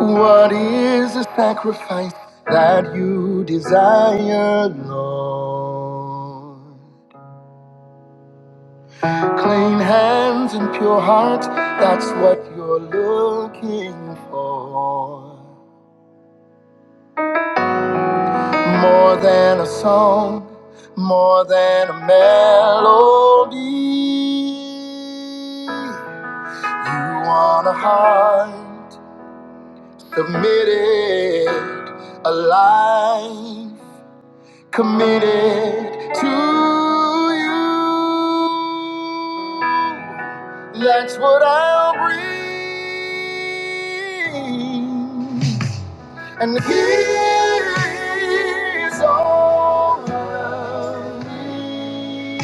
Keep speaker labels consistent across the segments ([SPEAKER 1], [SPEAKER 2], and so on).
[SPEAKER 1] What is the sacrifice that you desire, Lord? Clean hands and pure heart, that's what you're looking for. More than a song, more than a melody. You want a heart submitted, alive. committed to you. That's what I'll bring. And here's all of me.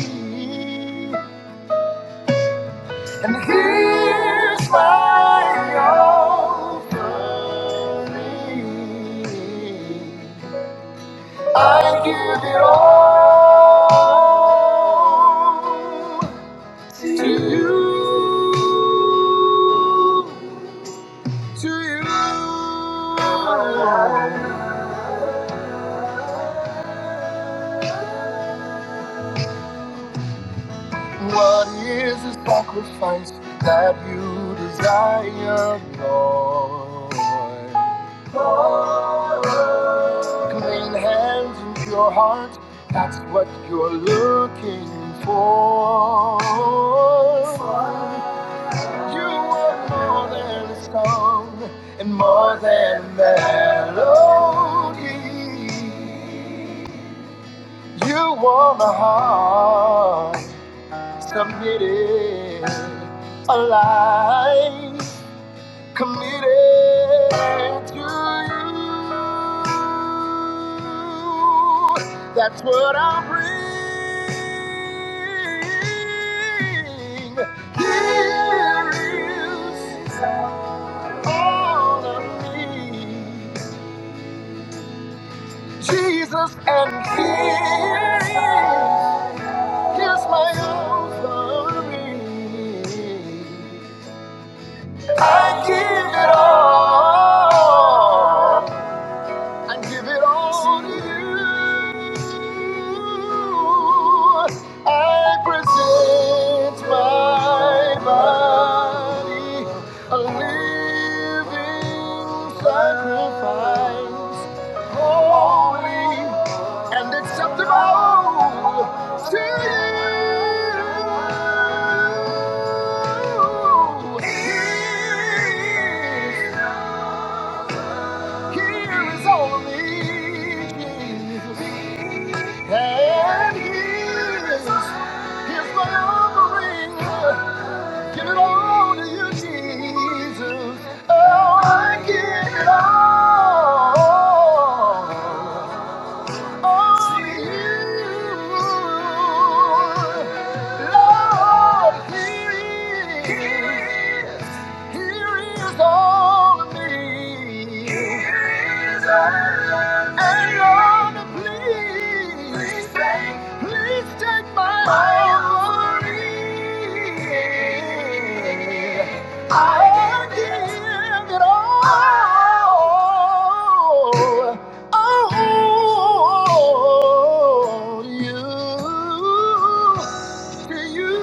[SPEAKER 1] And here's my offering. I give it all to you, to you. What is the sacrifice that you desire, Lord? Clean hands and pure heart, that's what you're looking for. You are more than a song and more than a melody. You want a heart submitted, alive, committed to you. That's what I bring. Here is all of me. Jesus and King. Here's my offering. I give it all and give it all to you. I present my body, a living sacrifice, holy and acceptable to you. Here is only Jesus. And here is here's my offering. Give it all to you, Jesus. Oh, I give it all. I give it all. Oh, you, to you.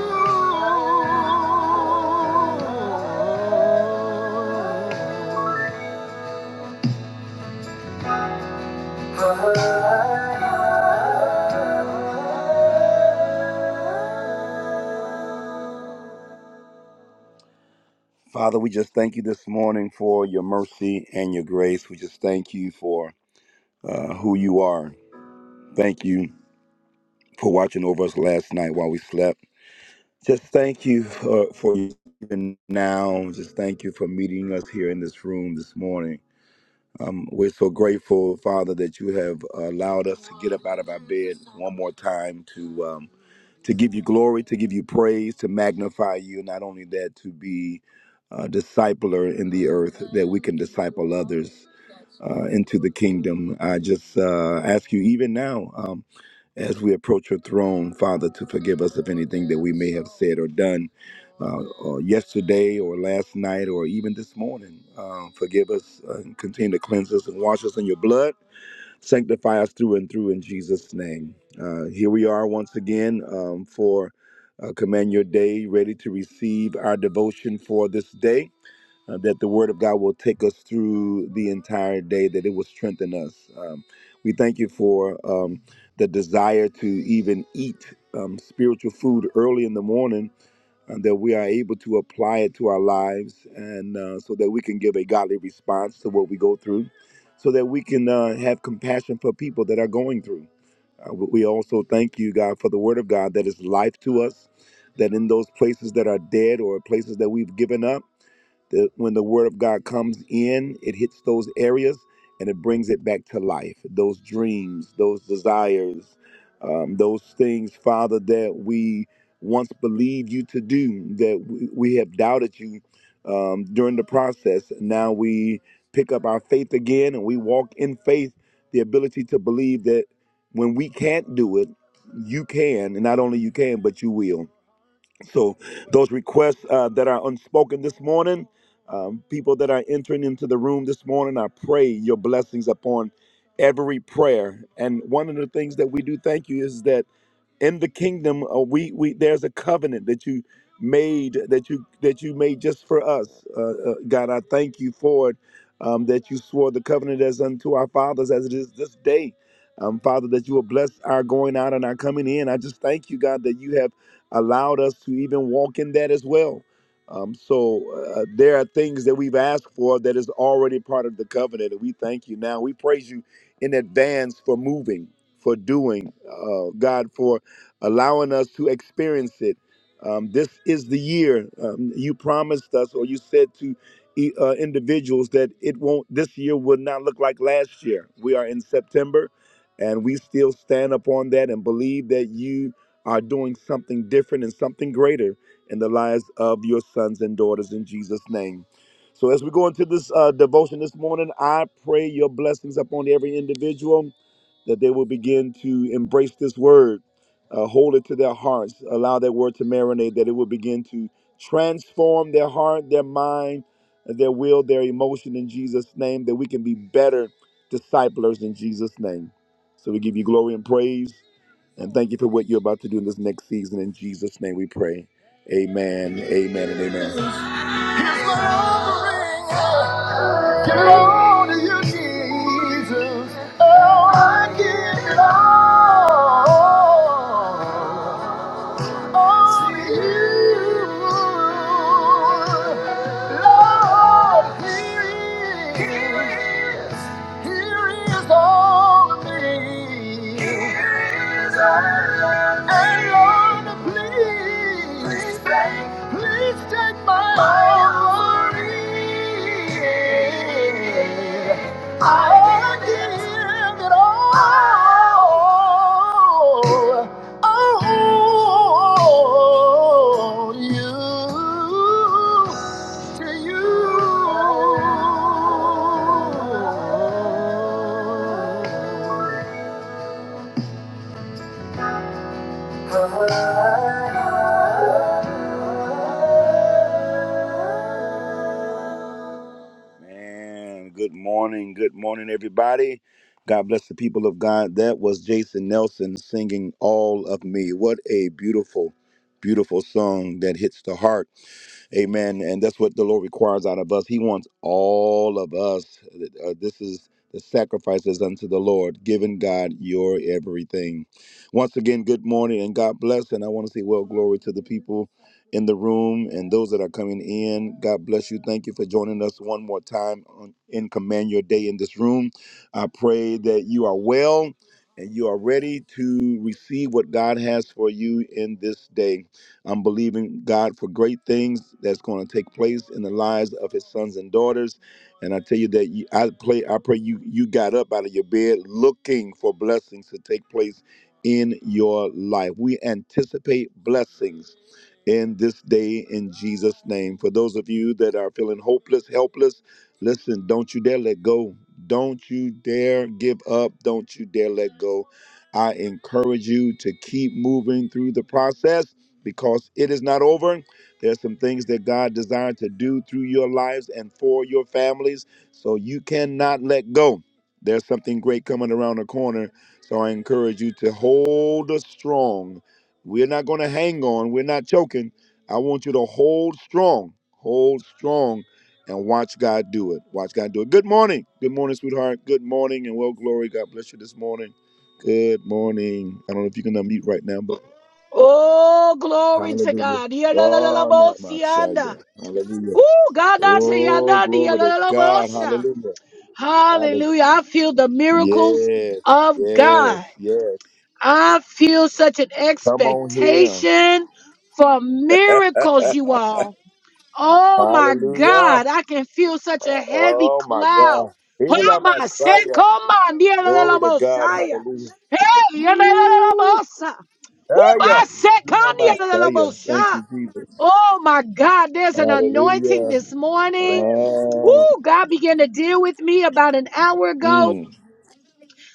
[SPEAKER 1] Father, we just thank you this morning for your mercy and your grace. We just thank you for uh, who you are. Thank you for watching over us last night while we slept. Just thank you for, for even now. Just thank you for meeting us here in this room this morning. Um, we're so grateful, Father, that you have allowed us to get up out of our bed one more time to um, to give you glory, to give you praise, to magnify you. Not only that, to be a discipler in the earth, that we can disciple others uh, into the kingdom. I just uh, ask you, even now. Um, as we approach your throne, Father, to forgive us of anything that we may have said or done uh, or yesterday or last night or even this morning. Um, forgive us uh, and continue to cleanse us and wash us in your blood. Sanctify us through and through in Jesus' name. Uh, here we are once again um, for uh, Command Your Day, ready to receive our devotion for this day uh, that the Word of God will take us through the entire day, that it will strengthen us. Um, we thank you for um, the desire to even eat um, spiritual food early in the morning, and that we are able to apply it to our lives, and uh, so that we can give a godly response to what we go through, so that we can uh, have compassion for people that are going through. Uh, we we also thank you, God, for the Word of God that is life to us. That in those places that are dead or places that we've given up, the, when the word of God comes in, it hits those areas and it brings it back to life. Those dreams, those desires, um, those things, Father, that we once believed you to do, that we, we have doubted you um, during the process. Now we pick up our faith again and we walk in faith, the ability to believe that when we can't do it, you can, and not only you can, but you will. So, those requests uh, that are unspoken this morning, um, people that are entering into the room this morning, I pray your blessings upon every prayer. And one of the things that we do thank you is that in the kingdom uh, we we there's a covenant that you made that you that you made just for us uh, uh, god i thank you for it um, that you swore the covenant as unto our fathers as it is this day um, father that you will bless our going out and our coming in i just thank you god that you have allowed us to even walk in that as well. Um, so uh, there are things that we've asked for that is already part of the covenant, and we thank you now. We praise you in advance for moving, for doing, uh, God, for allowing us to experience it. Um, this is the year um, you promised us, or you said to e- uh, individuals that it won't. This year will not look like last year. We are in September, and we still stand upon that and believe that you are doing something different and something greater in the lives of your sons and daughters in Jesus' name. So, as we go into this uh, devotion this morning, I pray your blessings upon every individual that they will begin to embrace this word, uh, hold it to their hearts, allow that word to marinate, that it will begin to transform their heart, their mind, their will, their emotion in Jesus' name, that we can be better disciplers in Jesus' name. So, we give you glory and praise. And thank you for what you're about to do in this next season. In Jesus' name we pray. Amen, amen, and amen. Here's my offering. Give it all to you, Jesus. Oh, I give it all on you, Lord, Lord, here is on me. here is on me. And Lord, please, please take please take my offering. I give it all. Oh, you to you. Man, good morning. Good morning, everybody. God bless the people of God. That was Jason Nelson singing All of Me. What a beautiful, beautiful song that hits the heart. Amen. And that's what the Lord requires out of us. He wants all of us. Uh, this is the sacrifices unto the Lord, giving God your everything. Once again, good morning and God bless. And I want to say, well, glory to the people in the room and those that are coming in. God bless you. Thank you for joining us one more time on, in Command Your Day in this room. I pray that you are well and you are ready to receive what God has for you in this day. I'm believing God for great things that's going to take place in the lives of His sons and daughters. And I tell you that you, I play. I pray you you got up out of your bed looking for blessings to take place in your life. We anticipate blessings in this day in Jesus' name. For those of you that are feeling hopeless, helpless, listen. Don't you dare let go. Don't you dare give up. Don't you dare let go. I encourage you to keep moving through the process because it is not over. There's some things that God desires to do through your lives and for your families, so you cannot let go. There's something great coming around the corner, so I encourage you to hold strong. We're not going to hang on, we're not choking. I want you to hold strong, hold strong, and watch God do it. Watch God do it. Good morning. Good morning, sweetheart. Good morning, and well, glory. God bless you this morning. Good morning. I don't know if you can unmute right now, but.
[SPEAKER 2] Oh, glory to
[SPEAKER 1] Hallelujah.
[SPEAKER 2] God.
[SPEAKER 1] Oh, not my
[SPEAKER 2] Yadadadadabosianda.
[SPEAKER 1] Shia. Hallelujah.
[SPEAKER 2] Ooh, God, not to
[SPEAKER 1] Oh,
[SPEAKER 2] yanadi,
[SPEAKER 1] glory to God.
[SPEAKER 2] yadadadabosha.
[SPEAKER 1] Hallelujah. Hallelujah.
[SPEAKER 2] Hallelujah. I feel the miracles
[SPEAKER 1] Yes,
[SPEAKER 2] of
[SPEAKER 1] yes,
[SPEAKER 2] God.
[SPEAKER 1] yes.
[SPEAKER 2] I feel such an
[SPEAKER 1] Come on here.
[SPEAKER 2] expectation for miracles, you all. Oh my
[SPEAKER 1] Hallelujah.
[SPEAKER 2] God, I can feel such a heavy
[SPEAKER 1] Oh, my
[SPEAKER 2] cloud.
[SPEAKER 1] God.
[SPEAKER 2] Oh
[SPEAKER 1] Hila
[SPEAKER 2] my, say,
[SPEAKER 1] Messiah.
[SPEAKER 2] come on, dear
[SPEAKER 1] Glory
[SPEAKER 2] little
[SPEAKER 1] to God.
[SPEAKER 2] Messiah.
[SPEAKER 1] Hallelujah.
[SPEAKER 2] Hey, dear little
[SPEAKER 1] Woo.
[SPEAKER 2] Messiah. Oh my,
[SPEAKER 1] Shia.
[SPEAKER 2] say, come,
[SPEAKER 1] Hila
[SPEAKER 2] dear little
[SPEAKER 1] Messiah. Thank
[SPEAKER 2] Messiah.
[SPEAKER 1] you, Jesus.
[SPEAKER 2] Oh my God, there's an anointing
[SPEAKER 1] Hallelujah.
[SPEAKER 2] this morning.
[SPEAKER 1] Oh,
[SPEAKER 2] Oh, God began to deal with me about an hour ago.
[SPEAKER 1] mm.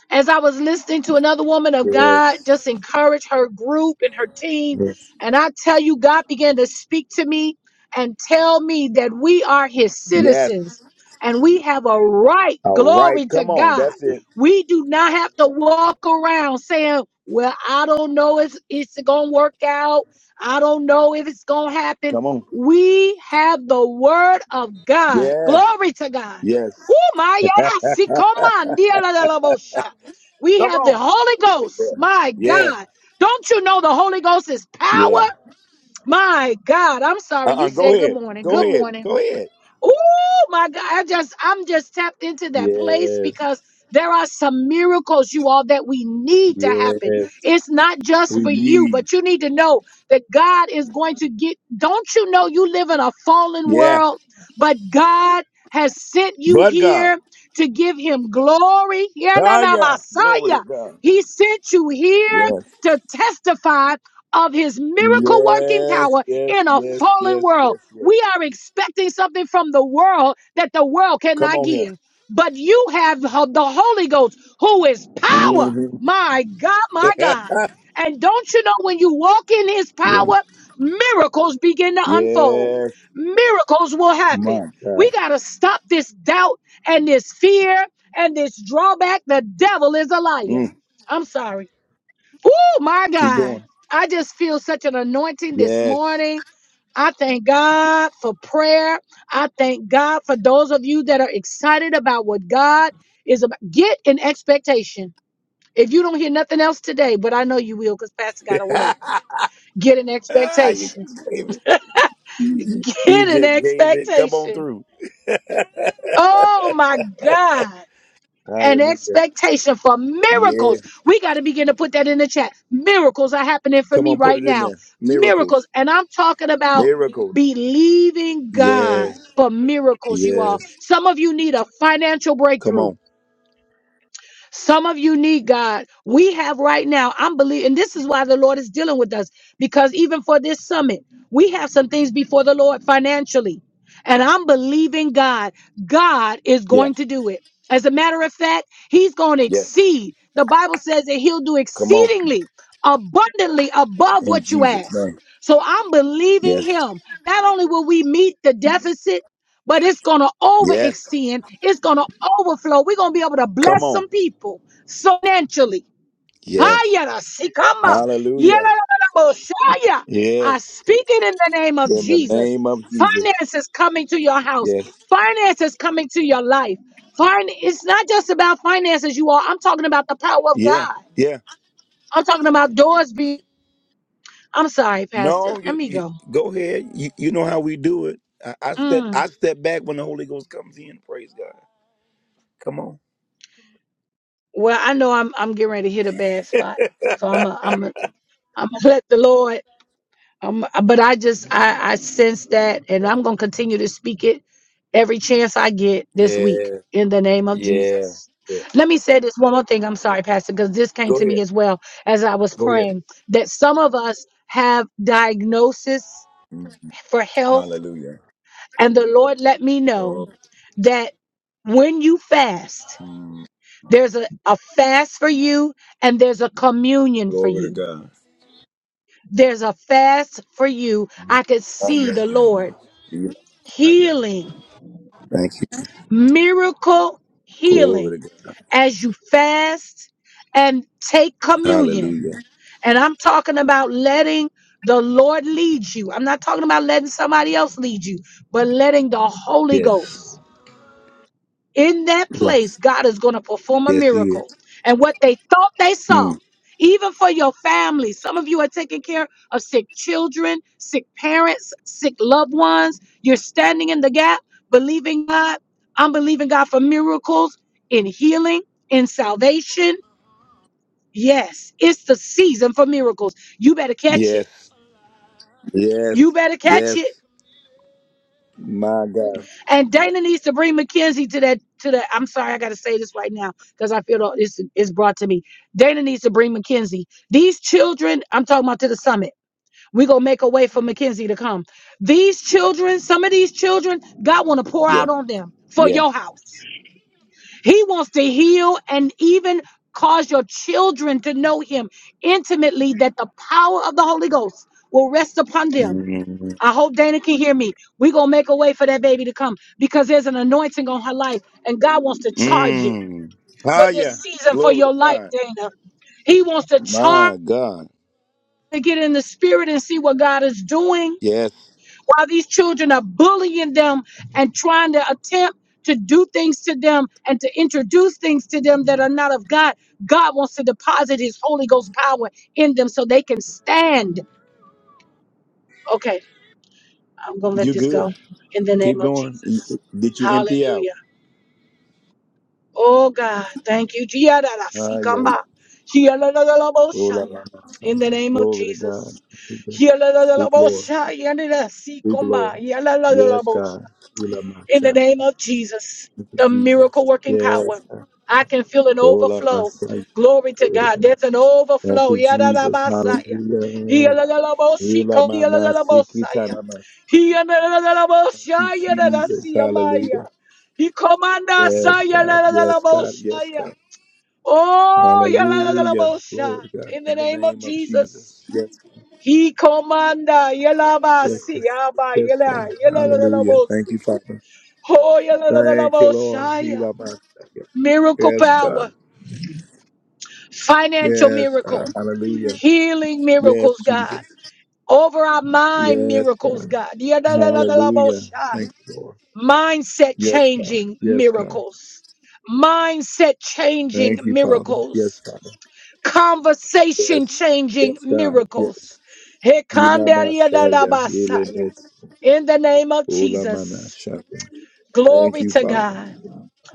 [SPEAKER 2] As I was listening to another woman of God,
[SPEAKER 1] Yes.
[SPEAKER 2] just encourage her group and her team.
[SPEAKER 1] Yes.
[SPEAKER 2] And I tell you, God began to speak to me and tell me that we are his
[SPEAKER 1] Yes.
[SPEAKER 2] citizens and we have a right,
[SPEAKER 1] All right,
[SPEAKER 2] glory to
[SPEAKER 1] come on.
[SPEAKER 2] God.
[SPEAKER 1] That's it.
[SPEAKER 2] We do not have to walk around saying, well, I don't know if it's going to work out. I don't know if it's going to happen.
[SPEAKER 1] Come on.
[SPEAKER 2] We have the word of God.
[SPEAKER 1] Yeah.
[SPEAKER 2] Glory to God.
[SPEAKER 1] Yes.
[SPEAKER 2] Oh my, yeah, I see. Come on, dear la Lord, Lord, Lord. We
[SPEAKER 1] Come
[SPEAKER 2] have the
[SPEAKER 1] on.
[SPEAKER 2] Holy Ghost. My
[SPEAKER 1] Yeah.
[SPEAKER 2] God. Don't you know the Holy Ghost is power?
[SPEAKER 1] Yeah.
[SPEAKER 2] My God. I'm sorry. You
[SPEAKER 1] Uh-uh. Go
[SPEAKER 2] said good
[SPEAKER 1] ahead.
[SPEAKER 2] morning.
[SPEAKER 1] Go
[SPEAKER 2] Good
[SPEAKER 1] ahead.
[SPEAKER 2] morning.
[SPEAKER 1] Go ahead.
[SPEAKER 2] Oh my God. I just, I'm just tapped into that place
[SPEAKER 1] Yes.
[SPEAKER 2] because there are some miracles, you all, that we need to
[SPEAKER 1] Yes.
[SPEAKER 2] happen. It's not just
[SPEAKER 1] We
[SPEAKER 2] for you,
[SPEAKER 1] need.
[SPEAKER 2] but you need to know that God is going to get, don't you know you live in a fallen
[SPEAKER 1] Yeah.
[SPEAKER 2] world, but God has sent you
[SPEAKER 1] But God.
[SPEAKER 2] here to give him glory. Yeah, na,
[SPEAKER 1] Ah,
[SPEAKER 2] na,
[SPEAKER 1] yeah. Glory to
[SPEAKER 2] Messiah.
[SPEAKER 1] God.
[SPEAKER 2] He sent you
[SPEAKER 1] Yes.
[SPEAKER 2] here to testify of his miracle working
[SPEAKER 1] Yes.
[SPEAKER 2] power
[SPEAKER 1] Yes.
[SPEAKER 2] in a
[SPEAKER 1] Yes.
[SPEAKER 2] fallen
[SPEAKER 1] Yes.
[SPEAKER 2] world.
[SPEAKER 1] Yes. Yes.
[SPEAKER 2] We are expecting something from the world that the world
[SPEAKER 1] Come
[SPEAKER 2] cannot
[SPEAKER 1] on here.
[SPEAKER 2] give. But you have the Holy Ghost, who is power.
[SPEAKER 1] hmm
[SPEAKER 2] My God, my God. And don't you know when you walk in his
[SPEAKER 1] yeah.
[SPEAKER 2] power, miracles begin to unfold?
[SPEAKER 1] Yes.
[SPEAKER 2] Miracles will happen.
[SPEAKER 1] My
[SPEAKER 2] We
[SPEAKER 1] God.
[SPEAKER 2] got to stop this doubt and this fear and this drawback. The devil is a liar.
[SPEAKER 1] Mm.
[SPEAKER 2] I'm sorry. Oh my
[SPEAKER 1] Keep
[SPEAKER 2] God.
[SPEAKER 1] going.
[SPEAKER 2] I just feel such an anointing this
[SPEAKER 1] Yes.
[SPEAKER 2] morning. I thank God for prayer. I thank God for those of you that are excited about what God is about. Get an expectation. If you don't hear nothing else today, but I know you will because Pastor got a word. Get an
[SPEAKER 1] Ah, you
[SPEAKER 2] expectation.
[SPEAKER 1] just gave it. You
[SPEAKER 2] Get an
[SPEAKER 1] just gave it. Come on
[SPEAKER 2] expectation.
[SPEAKER 1] through.
[SPEAKER 2] Oh my God. an
[SPEAKER 1] Hallelujah.
[SPEAKER 2] expectation for
[SPEAKER 1] Yeah.
[SPEAKER 2] miracles. We got to begin to put that in the chat. Miracles are happening for
[SPEAKER 1] Come
[SPEAKER 2] me
[SPEAKER 1] on, put
[SPEAKER 2] right
[SPEAKER 1] it in
[SPEAKER 2] now.
[SPEAKER 1] there. Miracles.
[SPEAKER 2] Miracles. And I'm talking about
[SPEAKER 1] Miracles.
[SPEAKER 2] believing God
[SPEAKER 1] Yes.
[SPEAKER 2] for miracles, you
[SPEAKER 1] Yes.
[SPEAKER 2] all. Some of you need a financial
[SPEAKER 1] Come
[SPEAKER 2] breakthrough.
[SPEAKER 1] on.
[SPEAKER 2] Some of you need God. We have right now, I'm believing, and this is why the Lord is dealing with us because even for this summit, we have some things before the Lord financially. And I'm believing God. God is
[SPEAKER 1] Yeah.
[SPEAKER 2] going to do it. As a matter of fact, He's going to
[SPEAKER 1] Yes.
[SPEAKER 2] exceed. The Bible says that He'll do
[SPEAKER 1] Come on.
[SPEAKER 2] exceedingly, abundantly above
[SPEAKER 1] In
[SPEAKER 2] what you
[SPEAKER 1] Jesus'
[SPEAKER 2] ask.
[SPEAKER 1] name.
[SPEAKER 2] So I'm believing
[SPEAKER 1] Yes.
[SPEAKER 2] Him. Not only will we meet the deficit, but it's going to
[SPEAKER 1] Yes.
[SPEAKER 2] overextend. It's going to overflow. We're going to be able to
[SPEAKER 1] Come
[SPEAKER 2] bless
[SPEAKER 1] on.
[SPEAKER 2] some people financially.
[SPEAKER 1] Yes.
[SPEAKER 2] Hayara, sikama,
[SPEAKER 1] Hallelujah.
[SPEAKER 2] yelalalaboshaya. I
[SPEAKER 1] Yes.
[SPEAKER 2] speak it in the name of
[SPEAKER 1] In the
[SPEAKER 2] Jesus.
[SPEAKER 1] name of Jesus.
[SPEAKER 2] Finance is coming to your house.
[SPEAKER 1] Yes.
[SPEAKER 2] Finance is coming to your life. Fin- it's not just about finances, you all. I'm talking about the power of
[SPEAKER 1] Yeah.
[SPEAKER 2] God.
[SPEAKER 1] Yeah.
[SPEAKER 2] I'm talking about doors being. I'm sorry, Pastor.
[SPEAKER 1] No,
[SPEAKER 2] Let
[SPEAKER 1] you,
[SPEAKER 2] me
[SPEAKER 1] you
[SPEAKER 2] go.
[SPEAKER 1] go ahead. You, you know how we do it. I, I step
[SPEAKER 2] Mm.
[SPEAKER 1] I step back when the Holy Ghost comes in. Praise God. Come on.
[SPEAKER 2] Well, I know I'm I'm getting ready to hit a bad spot. So I'm a, I'm a, I'm gonna let the Lord. Um, uh, but I just I, I sense that, and I'm gonna continue to speak it every chance I get this
[SPEAKER 1] Yeah.
[SPEAKER 2] week in the name of
[SPEAKER 1] Yeah.
[SPEAKER 2] Jesus.
[SPEAKER 1] yeah.
[SPEAKER 2] Let me say this one more thing. I'm sorry, Pastor, because this came
[SPEAKER 1] Go
[SPEAKER 2] to me
[SPEAKER 1] ahead.
[SPEAKER 2] as well as I was
[SPEAKER 1] Go ahead.
[SPEAKER 2] praying that some of us have diagnosis
[SPEAKER 1] Mhm.
[SPEAKER 2] for health,
[SPEAKER 1] Hallelujah.
[SPEAKER 2] and the Lord let me know
[SPEAKER 1] Oh,
[SPEAKER 2] that when you fast,
[SPEAKER 1] mm,
[SPEAKER 2] there's a, a fast for you and there's a communion for
[SPEAKER 1] glory to
[SPEAKER 2] you
[SPEAKER 1] God.
[SPEAKER 2] There's a fast for you. I could
[SPEAKER 1] Oh,
[SPEAKER 2] see
[SPEAKER 1] yeah,
[SPEAKER 2] the
[SPEAKER 1] yeah, yeah.
[SPEAKER 2] Lord
[SPEAKER 1] Yeah. Oh, yeah.
[SPEAKER 2] healing,
[SPEAKER 1] Thank you.
[SPEAKER 2] miracle healing
[SPEAKER 1] Glory to God.
[SPEAKER 2] as you fast and take communion.
[SPEAKER 1] Hallelujah.
[SPEAKER 2] And I'm talking about letting the Lord lead you. I'm not talking about letting somebody else lead you, but letting the Holy
[SPEAKER 1] Yes.
[SPEAKER 2] Ghost. in that
[SPEAKER 1] Yes,
[SPEAKER 2] place, God is going to perform a
[SPEAKER 1] yes he is.
[SPEAKER 2] miracle. And what they thought they saw,
[SPEAKER 1] Mm.
[SPEAKER 2] even for your family, some of you are taking care of sick children, sick parents, sick loved ones. You're standing in the gap, believing God. I'm believing God for miracles in healing, in salvation. Yes, it's the season for miracles. You better catch it.
[SPEAKER 1] Yes.
[SPEAKER 2] You
[SPEAKER 1] Yes.
[SPEAKER 2] better catch
[SPEAKER 1] Yes.
[SPEAKER 2] it.
[SPEAKER 1] My God.
[SPEAKER 2] And Dana needs to bring Mackenzie to that to that. I'm sorry, I gotta say this right now because I feel that this is brought to me. Dana needs to bring Mackenzie. These children, I'm talking about to the summit. We're gonna make a way for Mackenzie to come. These children, some of these children, God wanna pour
[SPEAKER 1] Yeah.
[SPEAKER 2] out on them for
[SPEAKER 1] Yeah.
[SPEAKER 2] your house. He wants to heal and even cause your children to know him intimately that the power of the Holy Ghost will rest upon them
[SPEAKER 1] Mm.
[SPEAKER 2] I hope Dana can hear me. We're going to make a way for that baby to come because there's an anointing on her life, and God wants to charge it
[SPEAKER 1] Mm.
[SPEAKER 2] for
[SPEAKER 1] Ah,
[SPEAKER 2] this
[SPEAKER 1] yeah.
[SPEAKER 2] season for
[SPEAKER 1] Glory to
[SPEAKER 2] your life,
[SPEAKER 1] God.
[SPEAKER 2] Dana. He wants to charge
[SPEAKER 1] My God.
[SPEAKER 2] to get in the spirit and see what God is doing
[SPEAKER 1] Yes.
[SPEAKER 2] while these children are bullying them and trying to attempt to do things to them and to introduce things to them that are not of God. God wants to deposit his Holy Ghost power in them so they can stand. Okay, I'm going to let
[SPEAKER 1] You
[SPEAKER 2] this
[SPEAKER 1] good.
[SPEAKER 2] go in the
[SPEAKER 1] Keep
[SPEAKER 2] name of
[SPEAKER 1] going.
[SPEAKER 2] Jesus.
[SPEAKER 1] You- Did you empty
[SPEAKER 2] Hallelujah.
[SPEAKER 1] out?
[SPEAKER 2] Oh God, thank you.
[SPEAKER 1] Ah, yeah,
[SPEAKER 2] Jiadarasiikamba.
[SPEAKER 1] Ola
[SPEAKER 2] Jialalalaboshaya.
[SPEAKER 1] mama
[SPEAKER 2] In the
[SPEAKER 1] Sunday.
[SPEAKER 2] name of
[SPEAKER 1] Glory to God.
[SPEAKER 2] Jesus.
[SPEAKER 1] Speak, Lord.
[SPEAKER 2] Jialalalaboshaya.
[SPEAKER 1] Speak,
[SPEAKER 2] Yadarasiikamba.
[SPEAKER 1] Lord. Yes,
[SPEAKER 2] Yalalalaboshaya
[SPEAKER 1] God. Ola my
[SPEAKER 2] in the
[SPEAKER 1] child.
[SPEAKER 2] name of Jesus,
[SPEAKER 1] Thank you,
[SPEAKER 2] the
[SPEAKER 1] Jesus.
[SPEAKER 2] miracle working power.
[SPEAKER 1] Yes, God.
[SPEAKER 2] I can feel an
[SPEAKER 1] Ola my
[SPEAKER 2] overflow.
[SPEAKER 1] Sunday.
[SPEAKER 2] Glory to
[SPEAKER 1] Glory to
[SPEAKER 2] God.
[SPEAKER 1] God.
[SPEAKER 2] There's an
[SPEAKER 1] Thank
[SPEAKER 2] overflow.
[SPEAKER 1] you, Jesus.
[SPEAKER 2] Yadadabasaya.
[SPEAKER 1] Hallelujah. Ola
[SPEAKER 2] Hiyalalalaboshiko.
[SPEAKER 1] mana sikita
[SPEAKER 2] Hiyalalabosaya.
[SPEAKER 1] nama. Thank you,
[SPEAKER 2] Hiyalalalaboshaya.
[SPEAKER 1] Jesus.
[SPEAKER 2] Dadasiyamaya.
[SPEAKER 1] Hallelujah. Yes,
[SPEAKER 2] Hikomandasaya.
[SPEAKER 1] God. Yes, God. Yes,
[SPEAKER 2] Lalalaboshaya.
[SPEAKER 1] God.
[SPEAKER 2] Oh,
[SPEAKER 1] Hallelujah.
[SPEAKER 2] yalalalabosha.
[SPEAKER 1] Glory to God.
[SPEAKER 2] in the
[SPEAKER 1] In the
[SPEAKER 2] name of
[SPEAKER 1] name of
[SPEAKER 2] Jesus.
[SPEAKER 1] Jesus. Yes,
[SPEAKER 2] He commanda
[SPEAKER 1] yes,
[SPEAKER 2] yelabasi
[SPEAKER 1] God.
[SPEAKER 2] yaba
[SPEAKER 1] Yes,
[SPEAKER 2] yela
[SPEAKER 1] God. Hallelujah.
[SPEAKER 2] yela
[SPEAKER 1] Thank you, Father.
[SPEAKER 2] Oh, yeah, la, la, la, la,
[SPEAKER 1] Thank you, Lord.
[SPEAKER 2] Messiah.
[SPEAKER 1] Heal my second.
[SPEAKER 2] Miracle
[SPEAKER 1] Yes, God.
[SPEAKER 2] power, financial
[SPEAKER 1] Yes, God.
[SPEAKER 2] miracle,
[SPEAKER 1] Hallelujah.
[SPEAKER 2] healing miracles,
[SPEAKER 1] Yes,
[SPEAKER 2] God.
[SPEAKER 1] Jesus.
[SPEAKER 2] Over our mind
[SPEAKER 1] Yes,
[SPEAKER 2] miracles,
[SPEAKER 1] God.
[SPEAKER 2] God. Yeah, la, la, la, la, la,
[SPEAKER 1] Hallelujah.
[SPEAKER 2] Messiah.
[SPEAKER 1] Thank you, Lord.
[SPEAKER 2] Mindset
[SPEAKER 1] Yes, God.
[SPEAKER 2] changing
[SPEAKER 1] Yes, God.
[SPEAKER 2] miracles. Mindset changing
[SPEAKER 1] Thank you, Father. Yes,
[SPEAKER 2] miracles.
[SPEAKER 1] Father.
[SPEAKER 2] Conversation
[SPEAKER 1] Yes.
[SPEAKER 2] changing
[SPEAKER 1] Yes, God.
[SPEAKER 2] miracles.
[SPEAKER 1] Yes.
[SPEAKER 2] Hekanda, yeah, la, la,
[SPEAKER 1] Yinamasaya.
[SPEAKER 2] Messiah.
[SPEAKER 1] Elemets.
[SPEAKER 2] In the name of
[SPEAKER 1] Ulamana
[SPEAKER 2] Jesus.
[SPEAKER 1] Shaka. Thank
[SPEAKER 2] Glory
[SPEAKER 1] you,
[SPEAKER 2] to
[SPEAKER 1] Father.
[SPEAKER 2] God.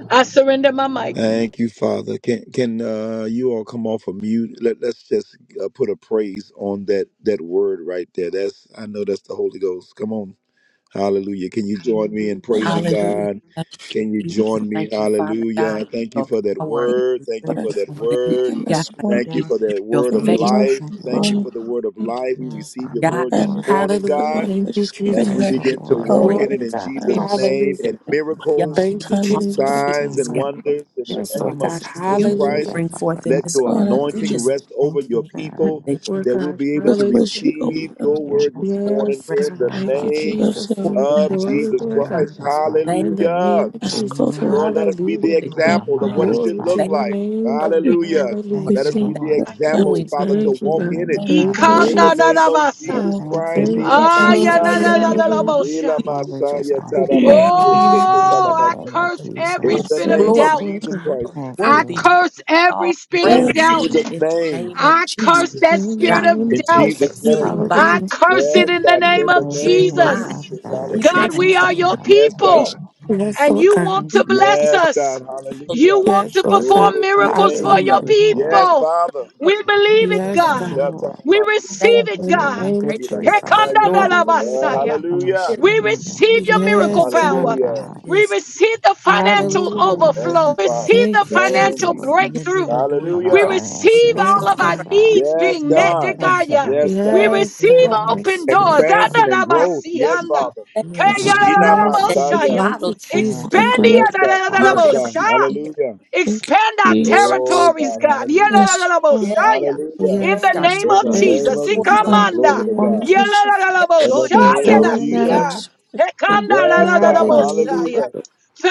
[SPEAKER 2] I surrender my mic.
[SPEAKER 1] Thank you, Father. Can can uh, you all come off of mute? Let Let's just uh, put a praise on that that word right there. That's I know that's the Holy Ghost. Come on, Hallelujah! Can you join me in
[SPEAKER 3] Heavenly
[SPEAKER 1] praising
[SPEAKER 4] Hallelujah.
[SPEAKER 1] God?
[SPEAKER 4] Thank
[SPEAKER 1] Can you
[SPEAKER 4] you,
[SPEAKER 1] join
[SPEAKER 4] Jesus.
[SPEAKER 1] me?
[SPEAKER 4] Thank you, Father God,
[SPEAKER 1] Hallelujah!
[SPEAKER 3] Father,
[SPEAKER 1] Thank
[SPEAKER 4] for
[SPEAKER 1] you
[SPEAKER 4] your
[SPEAKER 1] for that
[SPEAKER 4] power.
[SPEAKER 3] Thank you,
[SPEAKER 1] word.
[SPEAKER 5] Jesus.
[SPEAKER 1] Thank you
[SPEAKER 5] Thank
[SPEAKER 1] for
[SPEAKER 3] Lord,
[SPEAKER 5] you,
[SPEAKER 3] for
[SPEAKER 1] that
[SPEAKER 6] Thank
[SPEAKER 5] Lord.
[SPEAKER 4] Thank you,
[SPEAKER 1] word.
[SPEAKER 3] speaking
[SPEAKER 4] God,
[SPEAKER 5] Thank
[SPEAKER 3] this
[SPEAKER 5] you
[SPEAKER 4] that
[SPEAKER 1] Thank
[SPEAKER 3] morning.
[SPEAKER 5] right
[SPEAKER 4] we
[SPEAKER 1] you
[SPEAKER 5] now
[SPEAKER 1] for
[SPEAKER 5] for
[SPEAKER 4] see
[SPEAKER 5] the
[SPEAKER 1] that
[SPEAKER 4] your
[SPEAKER 1] word
[SPEAKER 3] Thank
[SPEAKER 1] of
[SPEAKER 3] you,
[SPEAKER 4] face.
[SPEAKER 5] confirmation,
[SPEAKER 3] Lord,
[SPEAKER 1] life.
[SPEAKER 6] you,
[SPEAKER 3] for
[SPEAKER 1] Thank
[SPEAKER 5] Father,
[SPEAKER 4] Show
[SPEAKER 1] you
[SPEAKER 6] Lord.
[SPEAKER 3] going
[SPEAKER 1] for the word of life. We
[SPEAKER 5] right now
[SPEAKER 6] Just
[SPEAKER 1] received
[SPEAKER 6] honor
[SPEAKER 1] your
[SPEAKER 6] you,
[SPEAKER 5] for
[SPEAKER 6] Simon,
[SPEAKER 4] God
[SPEAKER 1] word
[SPEAKER 5] the
[SPEAKER 1] this
[SPEAKER 3] and
[SPEAKER 6] Lord.
[SPEAKER 5] healing,
[SPEAKER 4] that
[SPEAKER 1] morning,
[SPEAKER 5] Father
[SPEAKER 3] the
[SPEAKER 7] Hallelujah.
[SPEAKER 1] God
[SPEAKER 5] God.
[SPEAKER 3] Lord for
[SPEAKER 7] Thank you,
[SPEAKER 3] just
[SPEAKER 5] Everything that
[SPEAKER 6] So
[SPEAKER 1] as
[SPEAKER 3] giving
[SPEAKER 5] you've
[SPEAKER 1] we
[SPEAKER 3] her
[SPEAKER 7] Jesus.
[SPEAKER 6] grateful,
[SPEAKER 5] done,
[SPEAKER 1] begin
[SPEAKER 4] that
[SPEAKER 1] to
[SPEAKER 4] your
[SPEAKER 5] Father
[SPEAKER 6] Lord,
[SPEAKER 3] a
[SPEAKER 5] God,
[SPEAKER 1] walk
[SPEAKER 4] pouring
[SPEAKER 1] in
[SPEAKER 7] Glory
[SPEAKER 1] it
[SPEAKER 3] word
[SPEAKER 7] to
[SPEAKER 1] in
[SPEAKER 7] God.
[SPEAKER 3] of
[SPEAKER 4] spirit,
[SPEAKER 1] Jesus'
[SPEAKER 5] comfort
[SPEAKER 3] us,
[SPEAKER 1] name
[SPEAKER 7] Hallelujah.
[SPEAKER 1] and
[SPEAKER 3] a
[SPEAKER 4] even on
[SPEAKER 6] for
[SPEAKER 5] in
[SPEAKER 4] the
[SPEAKER 5] the
[SPEAKER 4] young
[SPEAKER 5] mighty
[SPEAKER 1] miracles,
[SPEAKER 7] Thank
[SPEAKER 5] name
[SPEAKER 6] finishing
[SPEAKER 7] you,
[SPEAKER 5] of
[SPEAKER 4] people, on
[SPEAKER 3] timely
[SPEAKER 5] Jesus.
[SPEAKER 3] word.
[SPEAKER 7] Jesus.
[SPEAKER 4] the
[SPEAKER 1] signs,
[SPEAKER 6] 19
[SPEAKER 5] We
[SPEAKER 4] babies,
[SPEAKER 1] and
[SPEAKER 6] for
[SPEAKER 5] wrap
[SPEAKER 4] God,
[SPEAKER 6] the
[SPEAKER 1] wonders in the
[SPEAKER 7] Yes,
[SPEAKER 5] the
[SPEAKER 1] name
[SPEAKER 4] that
[SPEAKER 5] week
[SPEAKER 7] Lord
[SPEAKER 1] of
[SPEAKER 7] God.
[SPEAKER 5] in
[SPEAKER 6] promises
[SPEAKER 5] your
[SPEAKER 1] Jesus
[SPEAKER 6] that
[SPEAKER 4] you
[SPEAKER 6] you're
[SPEAKER 4] will
[SPEAKER 5] hands.
[SPEAKER 1] Christ.
[SPEAKER 7] Hallelujah.
[SPEAKER 6] giving,
[SPEAKER 4] bring
[SPEAKER 5] Thank you,
[SPEAKER 6] Father
[SPEAKER 4] forth in
[SPEAKER 1] Let
[SPEAKER 6] God.
[SPEAKER 4] this earth.
[SPEAKER 1] your
[SPEAKER 5] Father,
[SPEAKER 3] Lord,
[SPEAKER 7] Thank
[SPEAKER 3] I
[SPEAKER 7] you,
[SPEAKER 5] in
[SPEAKER 4] We
[SPEAKER 1] anointing
[SPEAKER 3] thank
[SPEAKER 7] Jesus.
[SPEAKER 3] you
[SPEAKER 4] just
[SPEAKER 5] time.
[SPEAKER 1] rest over
[SPEAKER 6] Thank
[SPEAKER 1] your
[SPEAKER 6] you,
[SPEAKER 1] people
[SPEAKER 6] God.
[SPEAKER 5] Thank
[SPEAKER 4] thank you, God, that you
[SPEAKER 7] Lord
[SPEAKER 5] you.
[SPEAKER 1] that we'll
[SPEAKER 7] God.
[SPEAKER 1] be able
[SPEAKER 5] Lord,
[SPEAKER 3] with
[SPEAKER 1] to
[SPEAKER 3] which
[SPEAKER 7] Hallelujah.
[SPEAKER 3] she
[SPEAKER 5] for Everything you've done, everything
[SPEAKER 1] receive
[SPEAKER 3] opened up
[SPEAKER 6] Thank
[SPEAKER 5] you've
[SPEAKER 1] your
[SPEAKER 6] you,
[SPEAKER 3] the
[SPEAKER 6] Lord,
[SPEAKER 1] word this
[SPEAKER 6] for
[SPEAKER 1] morning
[SPEAKER 7] Yes,
[SPEAKER 5] done,
[SPEAKER 3] door.
[SPEAKER 6] this
[SPEAKER 1] in
[SPEAKER 7] God.
[SPEAKER 1] the
[SPEAKER 6] morning,
[SPEAKER 5] not
[SPEAKER 7] Thank you,
[SPEAKER 5] about
[SPEAKER 6] Father
[SPEAKER 1] name
[SPEAKER 6] God.
[SPEAKER 3] Lord,
[SPEAKER 4] for
[SPEAKER 7] Jesus.
[SPEAKER 5] about
[SPEAKER 3] so
[SPEAKER 5] you,
[SPEAKER 4] your
[SPEAKER 3] I
[SPEAKER 1] of
[SPEAKER 6] Thank you
[SPEAKER 4] service,
[SPEAKER 7] Glory,
[SPEAKER 6] for
[SPEAKER 1] Jesus
[SPEAKER 7] Lord
[SPEAKER 6] the
[SPEAKER 4] God.
[SPEAKER 7] God.
[SPEAKER 1] Christ.
[SPEAKER 6] miracles, Father
[SPEAKER 4] Thank
[SPEAKER 5] but
[SPEAKER 4] you
[SPEAKER 7] In
[SPEAKER 6] God.
[SPEAKER 5] everything
[SPEAKER 7] the
[SPEAKER 6] Thank you
[SPEAKER 1] Hallelujah.
[SPEAKER 7] name of
[SPEAKER 5] you've
[SPEAKER 6] for the
[SPEAKER 3] ask, oh
[SPEAKER 7] Jesus.
[SPEAKER 3] Lord,
[SPEAKER 1] Lord,
[SPEAKER 5] right
[SPEAKER 6] renewing
[SPEAKER 1] let us
[SPEAKER 5] now,
[SPEAKER 1] be
[SPEAKER 4] Lord,
[SPEAKER 1] the
[SPEAKER 7] Hallelujah.
[SPEAKER 5] in
[SPEAKER 4] that
[SPEAKER 5] the mighty
[SPEAKER 6] of
[SPEAKER 4] you're
[SPEAKER 3] that
[SPEAKER 6] our
[SPEAKER 1] example of
[SPEAKER 3] we
[SPEAKER 1] what it
[SPEAKER 4] releasing.
[SPEAKER 6] minds,
[SPEAKER 1] should
[SPEAKER 7] Glory
[SPEAKER 6] Father.
[SPEAKER 7] to
[SPEAKER 1] look
[SPEAKER 4] Thank you,
[SPEAKER 6] God.
[SPEAKER 7] your
[SPEAKER 1] like.
[SPEAKER 7] name,
[SPEAKER 4] showing
[SPEAKER 7] God.
[SPEAKER 3] do.
[SPEAKER 4] your
[SPEAKER 1] Hallelujah.
[SPEAKER 5] name of
[SPEAKER 4] work.
[SPEAKER 6] Thank
[SPEAKER 3] we
[SPEAKER 7] Hallelujah.
[SPEAKER 1] Let us
[SPEAKER 6] you,
[SPEAKER 1] be
[SPEAKER 3] thank
[SPEAKER 4] Thank
[SPEAKER 1] the
[SPEAKER 5] Jesus.
[SPEAKER 6] Lord.
[SPEAKER 3] you
[SPEAKER 5] That is
[SPEAKER 4] you,
[SPEAKER 3] that
[SPEAKER 5] a
[SPEAKER 6] We
[SPEAKER 1] example,
[SPEAKER 4] doing
[SPEAKER 5] huge
[SPEAKER 6] just
[SPEAKER 1] Father, to
[SPEAKER 7] Thank
[SPEAKER 6] praise
[SPEAKER 7] you,
[SPEAKER 6] your
[SPEAKER 1] walk
[SPEAKER 7] God.
[SPEAKER 1] in it.
[SPEAKER 6] name,
[SPEAKER 3] one
[SPEAKER 7] Thank
[SPEAKER 6] Father
[SPEAKER 7] you,
[SPEAKER 1] In
[SPEAKER 3] day,
[SPEAKER 6] God.
[SPEAKER 1] the name
[SPEAKER 7] Jesus.
[SPEAKER 1] of
[SPEAKER 4] for
[SPEAKER 5] blessing.
[SPEAKER 2] Ikananabasa.
[SPEAKER 1] Jesus
[SPEAKER 3] oh,
[SPEAKER 6] Thank you,
[SPEAKER 1] Christ,
[SPEAKER 5] Believe in
[SPEAKER 7] Thank you,
[SPEAKER 1] Ela
[SPEAKER 6] Lord
[SPEAKER 5] us.
[SPEAKER 3] Lord,
[SPEAKER 7] Jesus.
[SPEAKER 1] Messiah.
[SPEAKER 6] Jesus.
[SPEAKER 5] Right in the
[SPEAKER 7] Hallelujah.
[SPEAKER 5] mighty name
[SPEAKER 2] Ayanananabosha.
[SPEAKER 1] Ila
[SPEAKER 4] we
[SPEAKER 6] Oh, we just
[SPEAKER 1] Masaya
[SPEAKER 5] of God.
[SPEAKER 6] honor
[SPEAKER 1] Tara
[SPEAKER 4] holy
[SPEAKER 6] you,
[SPEAKER 3] you
[SPEAKER 5] Have
[SPEAKER 6] Lord
[SPEAKER 5] your
[SPEAKER 3] have
[SPEAKER 1] Mamiyo
[SPEAKER 5] divine
[SPEAKER 6] Jesus
[SPEAKER 3] your
[SPEAKER 6] in the
[SPEAKER 5] way.
[SPEAKER 6] name
[SPEAKER 5] Right
[SPEAKER 2] Oh,
[SPEAKER 6] of
[SPEAKER 2] I
[SPEAKER 6] the
[SPEAKER 1] Masa.
[SPEAKER 6] Lord
[SPEAKER 5] in
[SPEAKER 2] curse
[SPEAKER 5] the
[SPEAKER 2] every
[SPEAKER 1] In
[SPEAKER 5] mighty
[SPEAKER 1] the
[SPEAKER 2] spirit
[SPEAKER 6] Jesus.
[SPEAKER 2] of
[SPEAKER 3] power.
[SPEAKER 1] name
[SPEAKER 7] Yes,
[SPEAKER 1] of
[SPEAKER 2] doubt.
[SPEAKER 4] glory.
[SPEAKER 7] Lord
[SPEAKER 1] Jesus
[SPEAKER 5] name
[SPEAKER 7] God.
[SPEAKER 4] You
[SPEAKER 1] Christ.
[SPEAKER 4] are
[SPEAKER 6] Thank you,
[SPEAKER 2] I
[SPEAKER 4] worthy to
[SPEAKER 6] Lord.
[SPEAKER 2] curse every
[SPEAKER 4] all
[SPEAKER 5] of
[SPEAKER 2] spirit of
[SPEAKER 1] In
[SPEAKER 6] Thank
[SPEAKER 4] praise
[SPEAKER 6] you,
[SPEAKER 3] Hallelujah.
[SPEAKER 2] doubt.
[SPEAKER 6] God.
[SPEAKER 1] Jesus'
[SPEAKER 4] in the
[SPEAKER 1] name.
[SPEAKER 4] name of
[SPEAKER 2] I
[SPEAKER 4] Jesus.
[SPEAKER 2] curse
[SPEAKER 1] Jesus.
[SPEAKER 2] that
[SPEAKER 7] In the
[SPEAKER 4] God.
[SPEAKER 2] spirit of
[SPEAKER 7] name
[SPEAKER 1] In
[SPEAKER 7] of
[SPEAKER 4] for
[SPEAKER 2] doubt.
[SPEAKER 1] Jesus'
[SPEAKER 7] Jesus.
[SPEAKER 1] name.
[SPEAKER 4] healing
[SPEAKER 6] Hallelujah.
[SPEAKER 2] I
[SPEAKER 4] body.
[SPEAKER 7] Hallelujah.
[SPEAKER 2] curse
[SPEAKER 4] We
[SPEAKER 2] it
[SPEAKER 1] Yes,
[SPEAKER 2] in the
[SPEAKER 1] God.
[SPEAKER 2] name
[SPEAKER 1] In
[SPEAKER 4] thank
[SPEAKER 1] the
[SPEAKER 2] of
[SPEAKER 6] Praise
[SPEAKER 4] you
[SPEAKER 6] your
[SPEAKER 4] for healing
[SPEAKER 1] name of
[SPEAKER 6] name,
[SPEAKER 4] mind.
[SPEAKER 2] Jesus.
[SPEAKER 6] Father
[SPEAKER 1] Jesus.
[SPEAKER 6] God.
[SPEAKER 4] We
[SPEAKER 1] Hallelujah.
[SPEAKER 2] God,
[SPEAKER 4] thank you
[SPEAKER 2] we
[SPEAKER 6] Thank
[SPEAKER 4] for
[SPEAKER 6] you,
[SPEAKER 2] are your
[SPEAKER 4] healing
[SPEAKER 6] God.
[SPEAKER 1] Yes,
[SPEAKER 2] people.
[SPEAKER 1] God.
[SPEAKER 4] nation.
[SPEAKER 5] Jesus.
[SPEAKER 7] Yes,
[SPEAKER 2] and
[SPEAKER 7] Lord
[SPEAKER 2] you
[SPEAKER 7] God.
[SPEAKER 2] want
[SPEAKER 4] We
[SPEAKER 6] Thank
[SPEAKER 2] to
[SPEAKER 6] you,
[SPEAKER 4] thank you
[SPEAKER 6] God.
[SPEAKER 2] bless
[SPEAKER 1] Yes,
[SPEAKER 4] for
[SPEAKER 1] God.
[SPEAKER 2] us.
[SPEAKER 4] people.
[SPEAKER 2] You
[SPEAKER 1] Hallelujah.
[SPEAKER 2] want
[SPEAKER 7] Yes,
[SPEAKER 2] to
[SPEAKER 7] Lord God.
[SPEAKER 2] perform
[SPEAKER 1] Glory to your
[SPEAKER 2] miracles
[SPEAKER 1] name,
[SPEAKER 2] for
[SPEAKER 6] Thank
[SPEAKER 4] Your
[SPEAKER 2] your
[SPEAKER 7] Hallelujah.
[SPEAKER 6] you,
[SPEAKER 1] Jesus.
[SPEAKER 6] Lord.
[SPEAKER 1] Yes,
[SPEAKER 2] people.
[SPEAKER 1] Father.
[SPEAKER 4] love.
[SPEAKER 2] We believe it,
[SPEAKER 1] Ila
[SPEAKER 7] Yes,
[SPEAKER 6] Thank
[SPEAKER 2] God.
[SPEAKER 6] you,
[SPEAKER 7] God.
[SPEAKER 1] Masha Tara
[SPEAKER 6] Lord.
[SPEAKER 2] We
[SPEAKER 4] thank
[SPEAKER 6] I
[SPEAKER 2] receive
[SPEAKER 4] you,
[SPEAKER 2] it,
[SPEAKER 6] just
[SPEAKER 7] In the
[SPEAKER 6] walk
[SPEAKER 2] God.
[SPEAKER 6] in
[SPEAKER 7] name
[SPEAKER 4] praise,
[SPEAKER 7] of
[SPEAKER 1] Ila
[SPEAKER 6] victory,
[SPEAKER 7] Jesus.
[SPEAKER 6] Father
[SPEAKER 1] Masaya.
[SPEAKER 4] the Lord. We
[SPEAKER 6] God.
[SPEAKER 1] Uh,
[SPEAKER 7] Hallelujah.
[SPEAKER 2] Hekandadalabasaya.
[SPEAKER 6] I'm
[SPEAKER 1] hallelujah.
[SPEAKER 4] hear it.
[SPEAKER 2] We
[SPEAKER 6] ashamed of
[SPEAKER 2] receive your
[SPEAKER 6] God,
[SPEAKER 2] miracle
[SPEAKER 7] Yes,
[SPEAKER 6] Father
[SPEAKER 2] power.
[SPEAKER 7] God.
[SPEAKER 1] Hallelujah.
[SPEAKER 6] God.
[SPEAKER 2] We
[SPEAKER 5] Yes,
[SPEAKER 2] receive the
[SPEAKER 5] yes,
[SPEAKER 6] Thank
[SPEAKER 2] financial
[SPEAKER 6] you,
[SPEAKER 5] right
[SPEAKER 7] Hallelujah.
[SPEAKER 5] now
[SPEAKER 6] Lord.
[SPEAKER 5] in the
[SPEAKER 1] Thank
[SPEAKER 2] overflow.
[SPEAKER 1] you,
[SPEAKER 5] name of
[SPEAKER 1] Father.
[SPEAKER 2] Receive the
[SPEAKER 4] We
[SPEAKER 7] Thank
[SPEAKER 5] Jesus,
[SPEAKER 7] you,
[SPEAKER 6] Thank
[SPEAKER 1] Thank
[SPEAKER 6] you,
[SPEAKER 2] financial
[SPEAKER 1] you,
[SPEAKER 7] Jesus.
[SPEAKER 6] Lord.
[SPEAKER 5] we
[SPEAKER 1] Jesus.
[SPEAKER 5] love
[SPEAKER 2] breakthrough.
[SPEAKER 5] you, we
[SPEAKER 6] For
[SPEAKER 5] adore
[SPEAKER 6] covering
[SPEAKER 5] you,
[SPEAKER 6] our
[SPEAKER 1] Hallelujah.
[SPEAKER 2] We
[SPEAKER 5] God.
[SPEAKER 4] Thank you for
[SPEAKER 5] We
[SPEAKER 2] receive
[SPEAKER 4] your
[SPEAKER 5] walk
[SPEAKER 6] finances,
[SPEAKER 2] all
[SPEAKER 7] Yes,
[SPEAKER 5] into
[SPEAKER 2] of our
[SPEAKER 6] Father
[SPEAKER 5] your
[SPEAKER 4] favor.
[SPEAKER 7] God.
[SPEAKER 6] God.
[SPEAKER 5] food
[SPEAKER 2] needs
[SPEAKER 1] Yes,
[SPEAKER 2] being
[SPEAKER 5] in the
[SPEAKER 4] Thank you
[SPEAKER 2] met,
[SPEAKER 5] name
[SPEAKER 2] dear
[SPEAKER 1] God.
[SPEAKER 5] of
[SPEAKER 4] for
[SPEAKER 5] Jesus.
[SPEAKER 2] God.
[SPEAKER 6] Thank you,
[SPEAKER 4] faith.
[SPEAKER 2] yeah.
[SPEAKER 6] Lord.
[SPEAKER 1] Yes,
[SPEAKER 2] We
[SPEAKER 5] We
[SPEAKER 1] God.
[SPEAKER 5] just
[SPEAKER 7] Yes,
[SPEAKER 5] thank
[SPEAKER 6] For
[SPEAKER 2] receive
[SPEAKER 5] you
[SPEAKER 4] Your
[SPEAKER 7] God.
[SPEAKER 4] power.
[SPEAKER 5] right now.
[SPEAKER 6] every
[SPEAKER 7] Thank you,
[SPEAKER 2] open
[SPEAKER 5] for your
[SPEAKER 2] doors.
[SPEAKER 7] Jesus.
[SPEAKER 5] forgiveness.
[SPEAKER 1] Expansion
[SPEAKER 6] spiritual
[SPEAKER 1] and growth.
[SPEAKER 4] God,
[SPEAKER 1] Yes,
[SPEAKER 2] Ananabasianda.
[SPEAKER 1] Father.
[SPEAKER 4] Thank you
[SPEAKER 5] Yes,
[SPEAKER 3] Yes.
[SPEAKER 6] knowledge,
[SPEAKER 1] Ina
[SPEAKER 6] Father
[SPEAKER 7] Yes,
[SPEAKER 4] that you
[SPEAKER 6] God.
[SPEAKER 7] God.
[SPEAKER 2] Kayalalalabosha,
[SPEAKER 1] Masaya.
[SPEAKER 2] yeah.
[SPEAKER 7] Thank you,
[SPEAKER 4] bottle
[SPEAKER 5] Lord,
[SPEAKER 2] Expand
[SPEAKER 6] Financial
[SPEAKER 7] Jesus.
[SPEAKER 3] Hallelujah.
[SPEAKER 1] Yes,
[SPEAKER 6] breakthrough,
[SPEAKER 1] God.
[SPEAKER 6] Father God.
[SPEAKER 4] heard
[SPEAKER 1] Yes,
[SPEAKER 4] every
[SPEAKER 1] God.
[SPEAKER 2] the
[SPEAKER 4] prayer.
[SPEAKER 1] Hallelujah.
[SPEAKER 3] Thank
[SPEAKER 2] Expand
[SPEAKER 3] you,
[SPEAKER 2] our
[SPEAKER 3] Jesus.
[SPEAKER 1] Oh,
[SPEAKER 2] territories,
[SPEAKER 1] God.
[SPEAKER 4] You
[SPEAKER 2] God.
[SPEAKER 1] Hallelujah.
[SPEAKER 3] Yes, Lord,
[SPEAKER 4] yes,
[SPEAKER 2] Yeleleleboshaya.
[SPEAKER 1] Hallelujah.
[SPEAKER 2] In
[SPEAKER 7] Yes,
[SPEAKER 4] stand
[SPEAKER 2] the
[SPEAKER 4] our
[SPEAKER 3] yes,
[SPEAKER 7] God.
[SPEAKER 2] name
[SPEAKER 1] In
[SPEAKER 2] of
[SPEAKER 1] the
[SPEAKER 7] Thank
[SPEAKER 3] Lord,
[SPEAKER 1] name
[SPEAKER 7] you,
[SPEAKER 2] Jesus.
[SPEAKER 1] of
[SPEAKER 4] toward your
[SPEAKER 7] Jesus.
[SPEAKER 1] Jesus.
[SPEAKER 3] signs
[SPEAKER 7] In the
[SPEAKER 2] Ikamanda.
[SPEAKER 1] Glory to
[SPEAKER 7] name of
[SPEAKER 1] God.
[SPEAKER 3] wonders,
[SPEAKER 7] Jesus.
[SPEAKER 4] let
[SPEAKER 1] In
[SPEAKER 4] your
[SPEAKER 1] the
[SPEAKER 3] things
[SPEAKER 1] name
[SPEAKER 2] Yeleleleboshaya
[SPEAKER 3] that we
[SPEAKER 1] of
[SPEAKER 3] are
[SPEAKER 7] Glory,
[SPEAKER 3] not
[SPEAKER 2] dasiha.
[SPEAKER 1] Jesus.
[SPEAKER 7] God.
[SPEAKER 3] expecting.
[SPEAKER 4] the earth
[SPEAKER 2] Hekanda
[SPEAKER 1] Yes,
[SPEAKER 4] right
[SPEAKER 1] God.
[SPEAKER 3] Us,
[SPEAKER 7] Hallelujah.
[SPEAKER 3] God,
[SPEAKER 2] leleleleboshaya.
[SPEAKER 1] Hallelujah.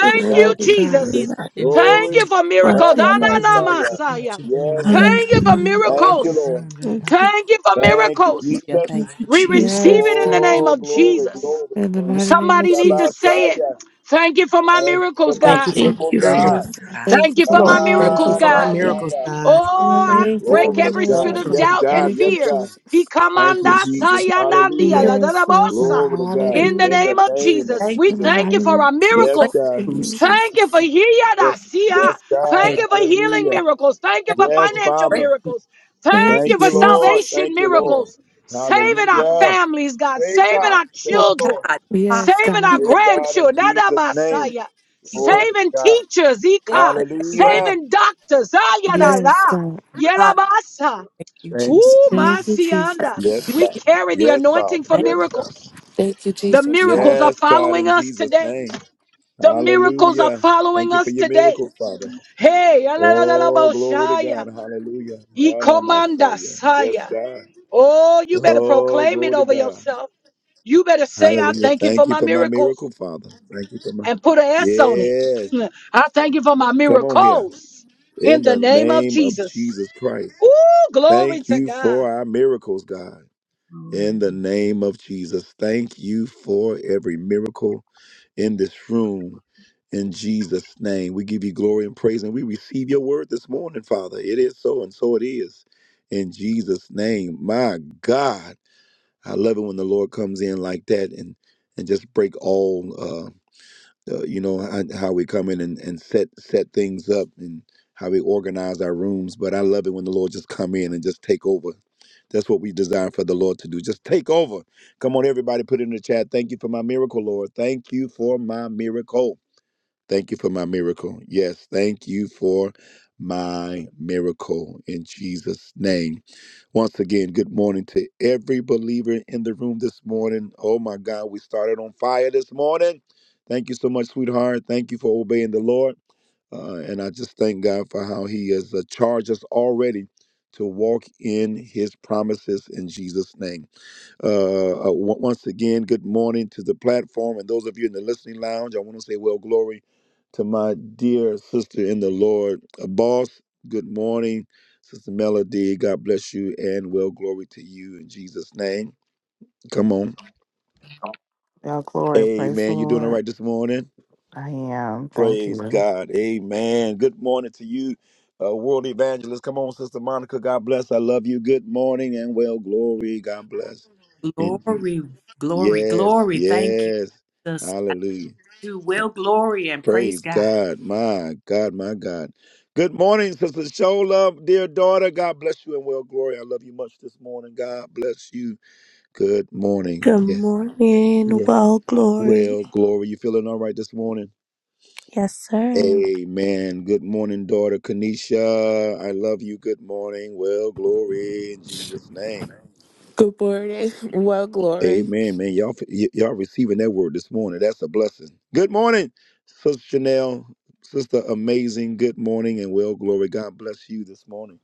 [SPEAKER 3] that
[SPEAKER 2] you,
[SPEAKER 1] Thank
[SPEAKER 7] Glory,
[SPEAKER 1] you,
[SPEAKER 3] we
[SPEAKER 7] God.
[SPEAKER 3] are
[SPEAKER 4] heal
[SPEAKER 2] Jesus.
[SPEAKER 1] Jesus.
[SPEAKER 3] not,
[SPEAKER 4] and
[SPEAKER 5] thank you,
[SPEAKER 2] Thank
[SPEAKER 1] Glory.
[SPEAKER 2] you
[SPEAKER 5] Jesus.
[SPEAKER 2] for
[SPEAKER 3] God,
[SPEAKER 2] miracles.
[SPEAKER 1] Ina
[SPEAKER 3] you
[SPEAKER 5] Thank you,
[SPEAKER 3] would.
[SPEAKER 5] Lord,
[SPEAKER 4] deliverance.
[SPEAKER 5] for
[SPEAKER 1] Masaya.
[SPEAKER 5] everything that
[SPEAKER 2] Ananamasaya.
[SPEAKER 5] you're doing
[SPEAKER 1] Yes,
[SPEAKER 5] right
[SPEAKER 7] Thank
[SPEAKER 1] God.
[SPEAKER 2] Thank
[SPEAKER 7] you,
[SPEAKER 2] you for
[SPEAKER 7] God.
[SPEAKER 3] Hallelujah.
[SPEAKER 4] Oh
[SPEAKER 5] that
[SPEAKER 1] Thank you,
[SPEAKER 5] you're
[SPEAKER 2] miracles.
[SPEAKER 1] Lord.
[SPEAKER 5] doing right
[SPEAKER 3] Thank
[SPEAKER 5] now for
[SPEAKER 3] you, Lord.
[SPEAKER 2] Thank you for
[SPEAKER 1] Thank you,
[SPEAKER 5] this
[SPEAKER 2] miracles.
[SPEAKER 4] yeah,
[SPEAKER 1] Jesus.
[SPEAKER 5] time.
[SPEAKER 4] thank
[SPEAKER 3] Thank you,
[SPEAKER 4] you,
[SPEAKER 2] We
[SPEAKER 4] Jesus.
[SPEAKER 3] Jesus.
[SPEAKER 2] receive
[SPEAKER 7] Yes,
[SPEAKER 2] it in the
[SPEAKER 7] God.
[SPEAKER 2] name
[SPEAKER 4] Thank
[SPEAKER 1] Oh,
[SPEAKER 2] of
[SPEAKER 1] glory,
[SPEAKER 2] Jesus.
[SPEAKER 1] glory,
[SPEAKER 7] In the
[SPEAKER 4] you.
[SPEAKER 1] glory.
[SPEAKER 4] Thank you.
[SPEAKER 7] mighty name of
[SPEAKER 2] Somebody need to
[SPEAKER 7] Jesus.
[SPEAKER 2] say it.
[SPEAKER 1] Yabasaya.
[SPEAKER 2] Thank you for my
[SPEAKER 1] Thank you for
[SPEAKER 2] miracles,
[SPEAKER 1] my
[SPEAKER 5] Thank
[SPEAKER 2] God.
[SPEAKER 4] thank
[SPEAKER 5] you
[SPEAKER 4] you,
[SPEAKER 5] for my
[SPEAKER 3] Thank
[SPEAKER 1] beautiful
[SPEAKER 3] you for
[SPEAKER 5] miracles.
[SPEAKER 4] Miracle
[SPEAKER 3] my
[SPEAKER 1] God.
[SPEAKER 7] Yes, God.
[SPEAKER 4] God.
[SPEAKER 7] Thank
[SPEAKER 2] Thank
[SPEAKER 7] you
[SPEAKER 2] you
[SPEAKER 7] for
[SPEAKER 2] for
[SPEAKER 7] my
[SPEAKER 2] my
[SPEAKER 3] Lord.
[SPEAKER 5] Thank you
[SPEAKER 2] miracles,
[SPEAKER 7] miracle,
[SPEAKER 1] Ah,
[SPEAKER 5] for my
[SPEAKER 2] God.
[SPEAKER 1] God,
[SPEAKER 7] God.
[SPEAKER 3] Thank
[SPEAKER 1] my
[SPEAKER 3] you
[SPEAKER 5] miracles,
[SPEAKER 1] God.
[SPEAKER 5] God.
[SPEAKER 3] for my
[SPEAKER 2] Oh, I
[SPEAKER 3] real
[SPEAKER 7] Thank you for
[SPEAKER 2] break
[SPEAKER 1] Glory
[SPEAKER 7] my
[SPEAKER 1] to
[SPEAKER 2] every spirit
[SPEAKER 1] God.
[SPEAKER 7] miracles,
[SPEAKER 5] Thank
[SPEAKER 2] of
[SPEAKER 5] you.
[SPEAKER 1] Yes,
[SPEAKER 7] God.
[SPEAKER 2] doubt
[SPEAKER 1] God.
[SPEAKER 2] and
[SPEAKER 7] Thank
[SPEAKER 1] Yes,
[SPEAKER 7] you,
[SPEAKER 2] fear.
[SPEAKER 1] God.
[SPEAKER 2] He
[SPEAKER 7] Jesus.
[SPEAKER 1] Thank you,
[SPEAKER 2] commandas
[SPEAKER 1] Jesus.
[SPEAKER 3] Jesus.
[SPEAKER 4] Miracle,
[SPEAKER 2] hayanandia
[SPEAKER 1] Hallelujah.
[SPEAKER 2] la
[SPEAKER 4] miracle,
[SPEAKER 2] da da
[SPEAKER 7] Yes, Lord God.
[SPEAKER 2] bosa.
[SPEAKER 1] Glory to
[SPEAKER 4] and
[SPEAKER 1] God.
[SPEAKER 2] In the
[SPEAKER 4] do-
[SPEAKER 1] In
[SPEAKER 7] Hallelujah.
[SPEAKER 2] name
[SPEAKER 1] the
[SPEAKER 2] of
[SPEAKER 1] name of
[SPEAKER 2] Jesus,
[SPEAKER 4] Thank you.
[SPEAKER 2] we
[SPEAKER 7] In the
[SPEAKER 1] Jesus.
[SPEAKER 2] thank
[SPEAKER 7] mighty
[SPEAKER 2] you for
[SPEAKER 7] name
[SPEAKER 2] our
[SPEAKER 7] of
[SPEAKER 1] Yes,
[SPEAKER 2] miracles.
[SPEAKER 7] Jesus.
[SPEAKER 1] God.
[SPEAKER 7] Thank you,
[SPEAKER 4] breakthroughs.
[SPEAKER 3] Good
[SPEAKER 2] Thank you for
[SPEAKER 7] Jesus.
[SPEAKER 1] Yes,
[SPEAKER 2] hiyadasia.
[SPEAKER 4] People
[SPEAKER 1] yes,
[SPEAKER 4] from
[SPEAKER 1] God.
[SPEAKER 2] Thank
[SPEAKER 4] that,
[SPEAKER 2] you for healing
[SPEAKER 1] Hallelujah.
[SPEAKER 4] God,
[SPEAKER 2] miracles. Thank you
[SPEAKER 4] that
[SPEAKER 2] for
[SPEAKER 1] Yes,
[SPEAKER 2] financial
[SPEAKER 1] Father.
[SPEAKER 4] breakthrough.
[SPEAKER 2] miracles. Thank
[SPEAKER 7] Thank you,
[SPEAKER 2] you
[SPEAKER 1] Thank
[SPEAKER 2] for
[SPEAKER 1] you, Lord.
[SPEAKER 7] Jesus.
[SPEAKER 2] salvation
[SPEAKER 1] Thank you, Lord.
[SPEAKER 2] miracles. Saving our
[SPEAKER 1] Hallelujah.
[SPEAKER 2] families, God.
[SPEAKER 1] Save
[SPEAKER 2] Saving
[SPEAKER 1] God.
[SPEAKER 2] our
[SPEAKER 4] Oh
[SPEAKER 1] Save
[SPEAKER 2] children.
[SPEAKER 1] Lord.
[SPEAKER 4] God,
[SPEAKER 7] Yes,
[SPEAKER 2] Saving
[SPEAKER 7] God.
[SPEAKER 2] our
[SPEAKER 4] hallelujah.
[SPEAKER 1] Save
[SPEAKER 4] Break
[SPEAKER 1] God in
[SPEAKER 2] grandchildren. Da da
[SPEAKER 1] Jesus' name.
[SPEAKER 2] basaya.
[SPEAKER 4] me
[SPEAKER 1] Glory to
[SPEAKER 2] Saving
[SPEAKER 1] God.
[SPEAKER 2] teachers.
[SPEAKER 4] in
[SPEAKER 2] Ika
[SPEAKER 4] the name of
[SPEAKER 1] Hallelujah.
[SPEAKER 2] saving doctors. Ah, yada,
[SPEAKER 4] Jesus.
[SPEAKER 2] la.
[SPEAKER 7] Yes, God.
[SPEAKER 4] Father,
[SPEAKER 2] Yelabasa.
[SPEAKER 4] thank you,
[SPEAKER 1] Thank you,
[SPEAKER 4] Jesus.
[SPEAKER 2] Ooh,
[SPEAKER 7] Thank you,
[SPEAKER 1] Jesus.
[SPEAKER 7] Jesus.
[SPEAKER 4] Thank
[SPEAKER 2] masianda.
[SPEAKER 1] Yes,
[SPEAKER 4] you,
[SPEAKER 2] We
[SPEAKER 1] Father.
[SPEAKER 4] Jesus.
[SPEAKER 2] carry the
[SPEAKER 1] Yes,
[SPEAKER 2] anointing
[SPEAKER 1] Father.
[SPEAKER 2] for
[SPEAKER 4] Thank
[SPEAKER 1] Yes, God.
[SPEAKER 2] miracles.
[SPEAKER 7] Thank you,
[SPEAKER 2] The
[SPEAKER 7] Jesus. Hallelujah.
[SPEAKER 2] miracles are
[SPEAKER 1] Yes, God,
[SPEAKER 2] following
[SPEAKER 1] in
[SPEAKER 2] us
[SPEAKER 1] Jesus'
[SPEAKER 2] today.
[SPEAKER 1] name.
[SPEAKER 2] The miracles are
[SPEAKER 1] Hallelujah.
[SPEAKER 2] following
[SPEAKER 1] Thank you for
[SPEAKER 2] us
[SPEAKER 1] your
[SPEAKER 2] today.
[SPEAKER 1] miracle, Father.
[SPEAKER 2] Hey,
[SPEAKER 1] Oh, glory to
[SPEAKER 2] alalalaboshaya.
[SPEAKER 1] God. Hallelujah.
[SPEAKER 2] Ikomanda
[SPEAKER 1] Anamasaya. Yes,
[SPEAKER 2] saya.
[SPEAKER 1] God.
[SPEAKER 2] Oh, you better
[SPEAKER 1] Oh,
[SPEAKER 2] proclaim it
[SPEAKER 1] glory to
[SPEAKER 2] over
[SPEAKER 1] God.
[SPEAKER 2] yourself. You better say, I
[SPEAKER 1] Hallelujah.
[SPEAKER 2] thank you for
[SPEAKER 1] Thank you
[SPEAKER 2] my
[SPEAKER 1] for my
[SPEAKER 2] miracles
[SPEAKER 1] miracle, Father. Thank you for my.
[SPEAKER 2] and put an S on it.
[SPEAKER 1] Yes.
[SPEAKER 2] I thank you for my
[SPEAKER 1] Come on here.
[SPEAKER 2] miracles in
[SPEAKER 1] In
[SPEAKER 2] the
[SPEAKER 1] the
[SPEAKER 2] name of
[SPEAKER 1] name of
[SPEAKER 2] Jesus.
[SPEAKER 1] Jesus Christ.
[SPEAKER 2] Ooh, glory
[SPEAKER 1] Thank
[SPEAKER 2] to
[SPEAKER 1] you
[SPEAKER 2] God.
[SPEAKER 1] for our miracles, God. in the name of Jesus. Thank you for every miracle in this room. In Jesus' name, we give you glory and praise, and we receive your word this morning, Father. It is so, and so it is. In Jesus' name, my God, I love it when the Lord comes in like that and and just break all. uh, uh, you know and how we come in and, and set set things up and how we organize our rooms but i love it when the lord just come in and just take over that's what we designed for the lord to do just take over come on everybody put it in the chat thank you for my miracle lord thank you for my miracle Thank you for my miracle. Yes, thank you for my miracle in Jesus' name. Once again, good morning to every believer in the room this morning. Oh my God, we started on fire this morning. Thank you so much, sweetheart. Thank you for obeying the Lord. Uh, and I just thank God for how He has uh, charged us already to walk in His promises in Jesus' name. Uh, uh, on- once again, good morning to the platform. And those of you in the listening lounge, I want to say, well, glory to my dear sister in the Lord, uh, boss. Good morning, Sister Melody. God bless you, and well, glory to you in Jesus' name. Come on.
[SPEAKER 6] Your glory, praise the
[SPEAKER 1] Amen. You doing all
[SPEAKER 6] Lord.
[SPEAKER 1] right this morning?
[SPEAKER 6] I am. Thank
[SPEAKER 1] Praise
[SPEAKER 6] you.
[SPEAKER 1] God. Amen. Good morning to you, uh, world evangelist. Come on, Sister Monica. God bless. I love you. Good morning and well, glory. God bless.
[SPEAKER 4] you. Glory, glory,
[SPEAKER 1] Yes,
[SPEAKER 4] glory. Thank you,
[SPEAKER 1] yes.
[SPEAKER 4] Jesus. I
[SPEAKER 1] Hallelujah.
[SPEAKER 4] do well, glory, and praise
[SPEAKER 1] Praise
[SPEAKER 4] God.
[SPEAKER 1] God. My God, my God. Good morning, Sister Show Love, dear daughter. God bless you and well glory. I love you much this morning. God bless you. Good morning. Yes.
[SPEAKER 3] morning.
[SPEAKER 1] Yes.
[SPEAKER 3] Well, glory.
[SPEAKER 1] Well, glory. You feeling all right this morning?
[SPEAKER 3] Yes, sir.
[SPEAKER 1] Amen. Good morning, daughter Kanisha. I love you. Good morning. Well, glory in Jesus' name.
[SPEAKER 7] Good morning. Well, glory.
[SPEAKER 1] Amen, man. Y'all, y- y'all receiving that word this morning. That's a blessing. Good morning, Sister Chanel, Sister Amazing. Good morning and well glory. God bless you this morning.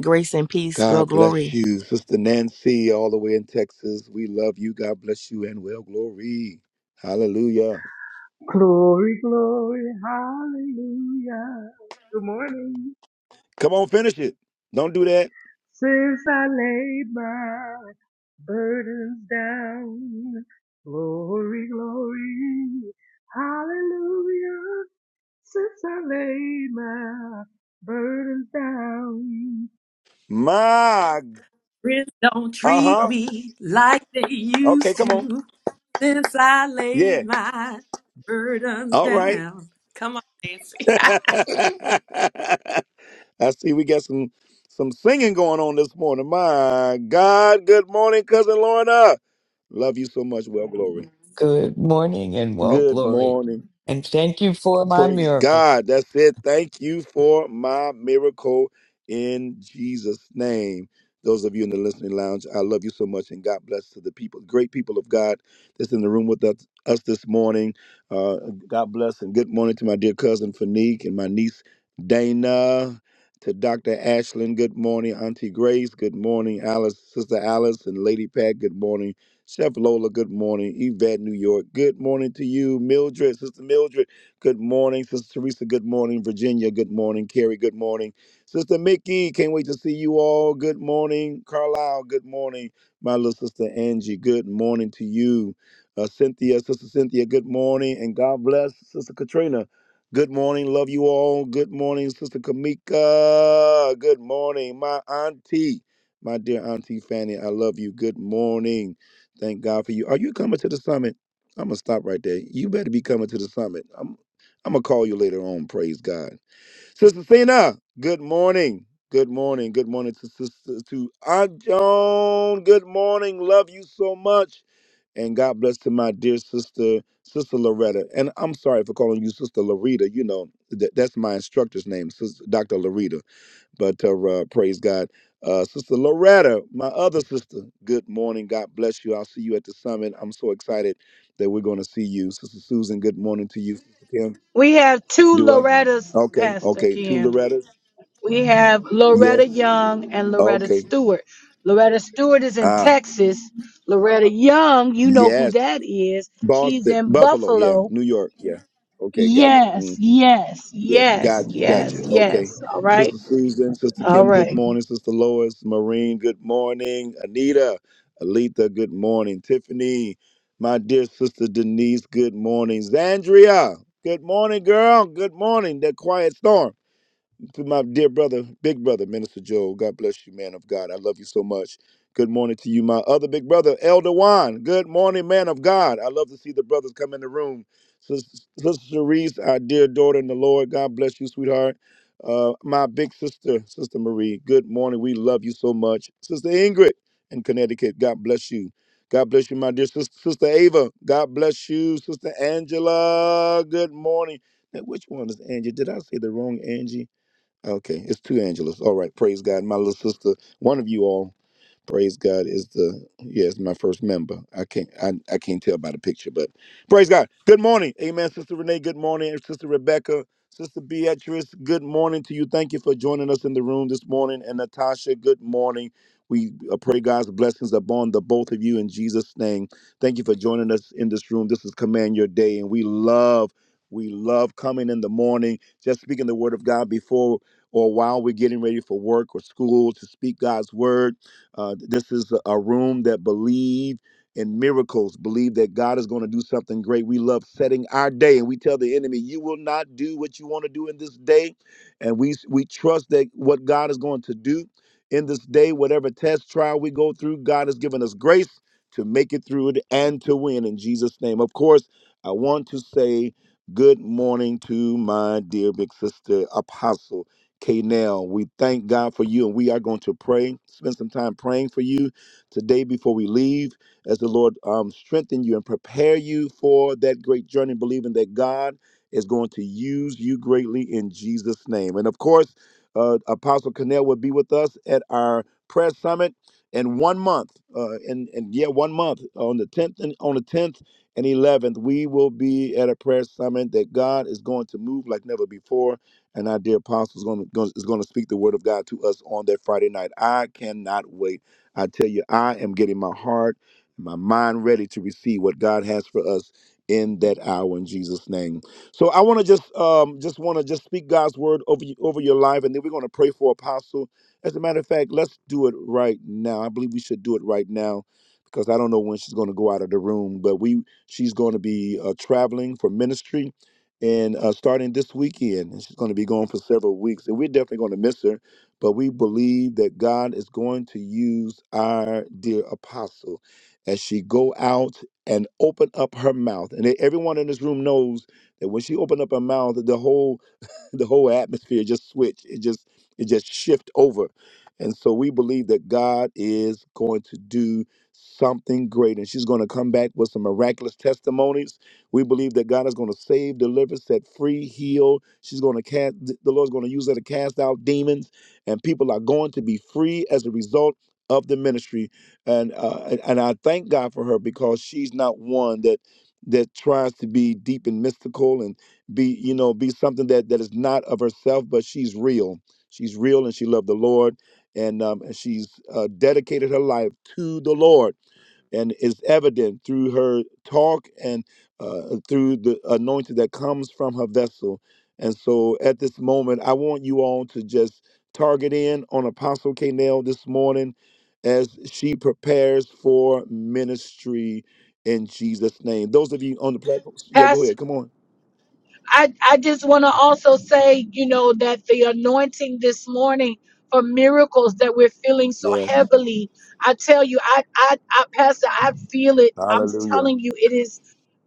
[SPEAKER 5] Grace and peace. Well,
[SPEAKER 1] God bless
[SPEAKER 5] glory.
[SPEAKER 1] you, Sister Nancy, all the way in Texas. We love you. God bless you and well glory. Hallelujah.
[SPEAKER 8] Glory, glory, hallelujah. Good morning.
[SPEAKER 1] Come on, finish it. Don't do that.
[SPEAKER 8] Since I laid my burdens down. Glory, glory, hallelujah. Since I laid my burdens down.
[SPEAKER 1] My,
[SPEAKER 4] Friends don't
[SPEAKER 1] uh
[SPEAKER 4] treat
[SPEAKER 1] huh.
[SPEAKER 4] me like they
[SPEAKER 1] Okay,
[SPEAKER 4] used
[SPEAKER 1] come on.
[SPEAKER 4] to. Since I
[SPEAKER 1] Yeah.
[SPEAKER 4] laid my burdens
[SPEAKER 1] All right.
[SPEAKER 4] down. Come on, Nancy.
[SPEAKER 1] I see we got some some singing going on this morning. My God. Good morning, cousin Lorna. Love you so much. Well, glory.
[SPEAKER 9] Good morning and well,
[SPEAKER 1] Good
[SPEAKER 9] glory.
[SPEAKER 1] morning.
[SPEAKER 9] And thank you for my
[SPEAKER 1] Praise
[SPEAKER 9] miracles.
[SPEAKER 1] God. That's it. Thank you for my miracle in Jesus' name. Those of you in the listening lounge, I love you so much, and God bless to the people, great people of God that's in the room with us, us this morning. Uh, God bless and good morning to my dear cousin Fanique and my niece Dana, to Dr. Ashlyn, good morning. Auntie Grace, good morning. Alice, Sister Alice, and Lady Pat, good morning. Chef Lola, good morning. Yvette, New York, good morning to you. Mildred, Sister Mildred. Good morning, Sister Teresa. Good morning, Virginia. Good morning, Carrie. Good morning, Sister Mickey. Can't wait to see you all. Good morning, Carlisle. Good morning, my little sister Angie. Good morning to you, uh, Cynthia. Sister Cynthia. Good morning, and God bless Sister Katrina. Good morning. Love you all. Good morning, Sister Kamika. Good morning, my auntie, my dear auntie Fanny. I love you. Good morning. Thank God for you. Are you coming to the summit? I'm gonna stop right there. You better be coming to the summit. I'm gonna call you later on. Praise God, Sister Cena. Good morning. Good morning. Good morning to Sister to Aunt Joan. Good morning. Love you so much, and God bless to my dear sister, Sister Loretta. And I'm sorry for calling you Sister Loretta. You know that that's my instructor's name, Sister Dr. Loretta. But uh, uh, praise God, uh, Sister Loretta, my other sister. Good morning. God bless you. I'll see you at the summit. I'm so excited that we're going to see you, Sister Susan. Good morning to you, Sister Kim.
[SPEAKER 2] We have two
[SPEAKER 1] Do I?
[SPEAKER 2] Loretta's,
[SPEAKER 1] Okay,
[SPEAKER 2] Pastor
[SPEAKER 1] okay. To
[SPEAKER 2] Kim.
[SPEAKER 1] Loretta?
[SPEAKER 2] We have Loretta
[SPEAKER 1] Yes.
[SPEAKER 2] Young and Loretta
[SPEAKER 1] Okay.
[SPEAKER 2] Stewart. Loretta Stewart is in
[SPEAKER 1] Ah,
[SPEAKER 2] Texas. Loretta Young, you know who
[SPEAKER 1] yes.
[SPEAKER 2] that is. She's
[SPEAKER 1] Boston,
[SPEAKER 2] in
[SPEAKER 1] Buffalo, yeah.
[SPEAKER 2] Buffalo.
[SPEAKER 1] New York, yeah. Okay, gotcha.
[SPEAKER 2] Yes,
[SPEAKER 1] hmm
[SPEAKER 2] yes,
[SPEAKER 1] Yeah,
[SPEAKER 2] yes,
[SPEAKER 1] gotcha, gotcha.
[SPEAKER 2] yes,
[SPEAKER 1] Okay.
[SPEAKER 2] yes. All right.
[SPEAKER 1] Sister Susan, Sister
[SPEAKER 2] All
[SPEAKER 1] Kim, good
[SPEAKER 2] right.
[SPEAKER 1] morning. Sister Lois, Maureen, good morning. Anita, Alita, good morning. Tiffany, my dear Sister Denise, good morning. Zandria, good morning, girl. Good morning. The Quiet Storm. to my dear brother, big brother, Minister Joel, God bless you, man of God. I love you so much. Good morning to you, my other big brother, Elder Juan. Good morning, man of God. I love to see the brothers come in the room. Sister Sister Cerise, our dear daughter in the Lord. God bless you, sweetheart. Uh, my big sister, Sister Marie. Good morning. We love you so much, Sister Ingrid in Connecticut. God bless you. God bless you, my dear sister, sister Ava. God bless you, Sister Angela. Good morning. Now, which one is Angie? Did I say the wrong Angie? Okay, it's two Angelas. All right, praise God. My little sister, one of you all Praise God is the yes, my first member. I can't I, I can't tell by the picture, but praise God. Good morning. Amen. Sister Renee, good morning. Sister Rebecca, Sister Beatrice, good morning to you. Thank you for joining us in the room this morning. And Natasha, good morning. We uh, pray God's blessings upon the both of you in Jesus' name. Thank you for joining us in this room. This is Command Your Day, and we love, we love coming in the morning, just speaking the word of God before or while we're getting ready for work or school to speak God's word uh, this is a room that believe in miracles, believe that God is going to do something great. We love setting our day, and we tell the enemy, "You will not do what you want to do in this day," and we we trust that what God is going to do in this day, whatever test trial we go through, God has given us grace to make it through it and to win in Jesus' name. Of course, I want to say good morning to my dear big sister apostle. K now. We thank God for you and we are going to pray. Spend some time praying for you today before we leave as the Lord um, strengthen you and prepare you for that great journey, believing that God is going to use you greatly in Jesus' name. And of course, uh, Apostle Connell will be with us at our prayer summit in one month. Uh, and, and yeah, one month on the 10th and on the 10th and 11th, we will be at a prayer summit that God is going to move like never before and our dear apostle is going to is going to speak the word of God to us on that Friday night. I cannot wait. I tell you, I am getting my heart and my mind ready to receive what God has for us in that hour in Jesus name. So I want to just um just want to just speak God's word over you, over your life and then we're going to pray for apostle. As a matter of fact, let's do it right now. I believe we should do it right now because I don't know when she's going to go out of the room, but we she's going to be uh, traveling for ministry and uh, starting this weekend, and she's going to be gone for several weeks. And we're definitely going to miss her, but we believe that God is going to use our dear apostle as she go out and open up her mouth. And everyone in this room knows that when she opened up her mouth, the whole the whole atmosphere just switch. It just it just shift over. And so we believe that God is going to do something great and she's going to come back with some miraculous testimonies. We believe that God is going to save, deliver, set free, heal. She's going to cast the Lord's going to use her to cast out demons and people are going to be free as a result of the ministry. And uh, and and I thank God for her because she's not one that that tries to be deep and mystical and be you know be something that that is not of herself but she's real she's real and she loved the lord and um and she's uh, dedicated her life to the lord and it's evident through her talk and uh, through the anointing that comes from her vessel and so at this moment i want you all to just target in on apostle Kanell this morning as she prepares for ministry in jesus name those of you on the platform yeah go
[SPEAKER 2] Pastor.
[SPEAKER 1] ahead come on
[SPEAKER 2] I, I just want to also say, you know, that the anointing this morning for miracles that we're feeling so
[SPEAKER 1] yes
[SPEAKER 2] heavily, I tell you, I, I, I, Pastor, I feel it. I'm
[SPEAKER 1] Hallelujah.
[SPEAKER 2] telling you, it is,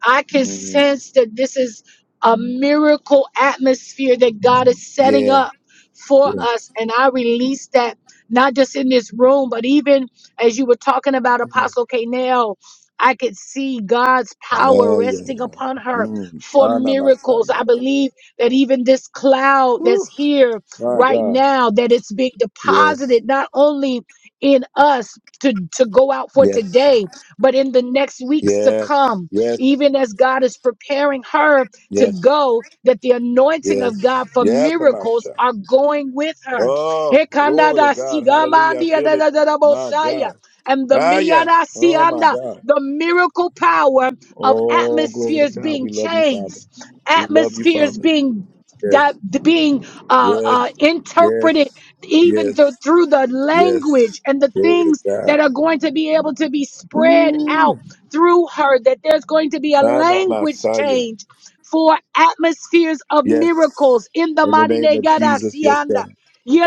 [SPEAKER 2] I can
[SPEAKER 1] Mm.
[SPEAKER 2] sense that this is a miracle atmosphere that God is setting
[SPEAKER 1] Yeah.
[SPEAKER 2] up for
[SPEAKER 1] Yeah.
[SPEAKER 2] us. And I release that not just in this room, but even as you were talking about
[SPEAKER 1] Yeah.
[SPEAKER 2] Apostle Canel, I could see God's power
[SPEAKER 1] Yeah.
[SPEAKER 2] resting
[SPEAKER 1] Yeah.
[SPEAKER 2] upon her
[SPEAKER 1] Mm.
[SPEAKER 2] for
[SPEAKER 1] Ana
[SPEAKER 2] miracles. I
[SPEAKER 1] Masaya.
[SPEAKER 2] believe that even this cloud that's
[SPEAKER 1] Woo.
[SPEAKER 2] here
[SPEAKER 1] My
[SPEAKER 2] right
[SPEAKER 1] God.
[SPEAKER 2] now, that it's being
[SPEAKER 1] Yes.
[SPEAKER 2] deposited not only in us. To, to go out for
[SPEAKER 1] Yes.
[SPEAKER 2] today, but in the next weeks to
[SPEAKER 1] Yes.
[SPEAKER 2] come,
[SPEAKER 1] Yes.
[SPEAKER 2] even as God is preparing her to
[SPEAKER 1] Yes.
[SPEAKER 2] go, that the anointing of
[SPEAKER 1] Yes.
[SPEAKER 2] God for
[SPEAKER 1] Yes,
[SPEAKER 2] miracles
[SPEAKER 1] Amasha.
[SPEAKER 2] are going with her.
[SPEAKER 1] Oh, glory to
[SPEAKER 2] Hekanada
[SPEAKER 1] God. Hallelujah. I
[SPEAKER 2] sigamandia
[SPEAKER 1] feel
[SPEAKER 2] da
[SPEAKER 1] it.
[SPEAKER 2] da da da
[SPEAKER 1] My
[SPEAKER 2] bosaya.
[SPEAKER 1] God.
[SPEAKER 2] And the
[SPEAKER 1] Ah, yeah.
[SPEAKER 2] miyada
[SPEAKER 1] Oh, my
[SPEAKER 2] sianda,
[SPEAKER 1] God.
[SPEAKER 2] the miracle power of
[SPEAKER 1] Oh, glory to
[SPEAKER 2] atmospheres
[SPEAKER 1] God. We
[SPEAKER 2] being
[SPEAKER 1] love you, Father.
[SPEAKER 2] changed,
[SPEAKER 1] We love you,
[SPEAKER 2] atmospheres
[SPEAKER 1] Father.
[SPEAKER 2] being di-
[SPEAKER 1] Yes.
[SPEAKER 2] being uh,
[SPEAKER 1] Yes.
[SPEAKER 2] uh, interpreted
[SPEAKER 1] Yes.
[SPEAKER 2] even through,
[SPEAKER 1] Yes.
[SPEAKER 2] through the
[SPEAKER 1] Yes.
[SPEAKER 2] language and the
[SPEAKER 1] Glory to
[SPEAKER 2] things
[SPEAKER 1] God.
[SPEAKER 2] that are going to be able to be spread out
[SPEAKER 1] Ooh.
[SPEAKER 2] through her, that there's going to be a
[SPEAKER 1] Ana
[SPEAKER 2] language
[SPEAKER 1] Messiah.
[SPEAKER 2] change for atmospheres of
[SPEAKER 1] Yes.
[SPEAKER 2] miracles in the
[SPEAKER 1] In the
[SPEAKER 2] mighty
[SPEAKER 1] name
[SPEAKER 2] name
[SPEAKER 1] of
[SPEAKER 2] God, I
[SPEAKER 1] Jesus.
[SPEAKER 2] see
[SPEAKER 1] Yes,
[SPEAKER 2] and-
[SPEAKER 1] God.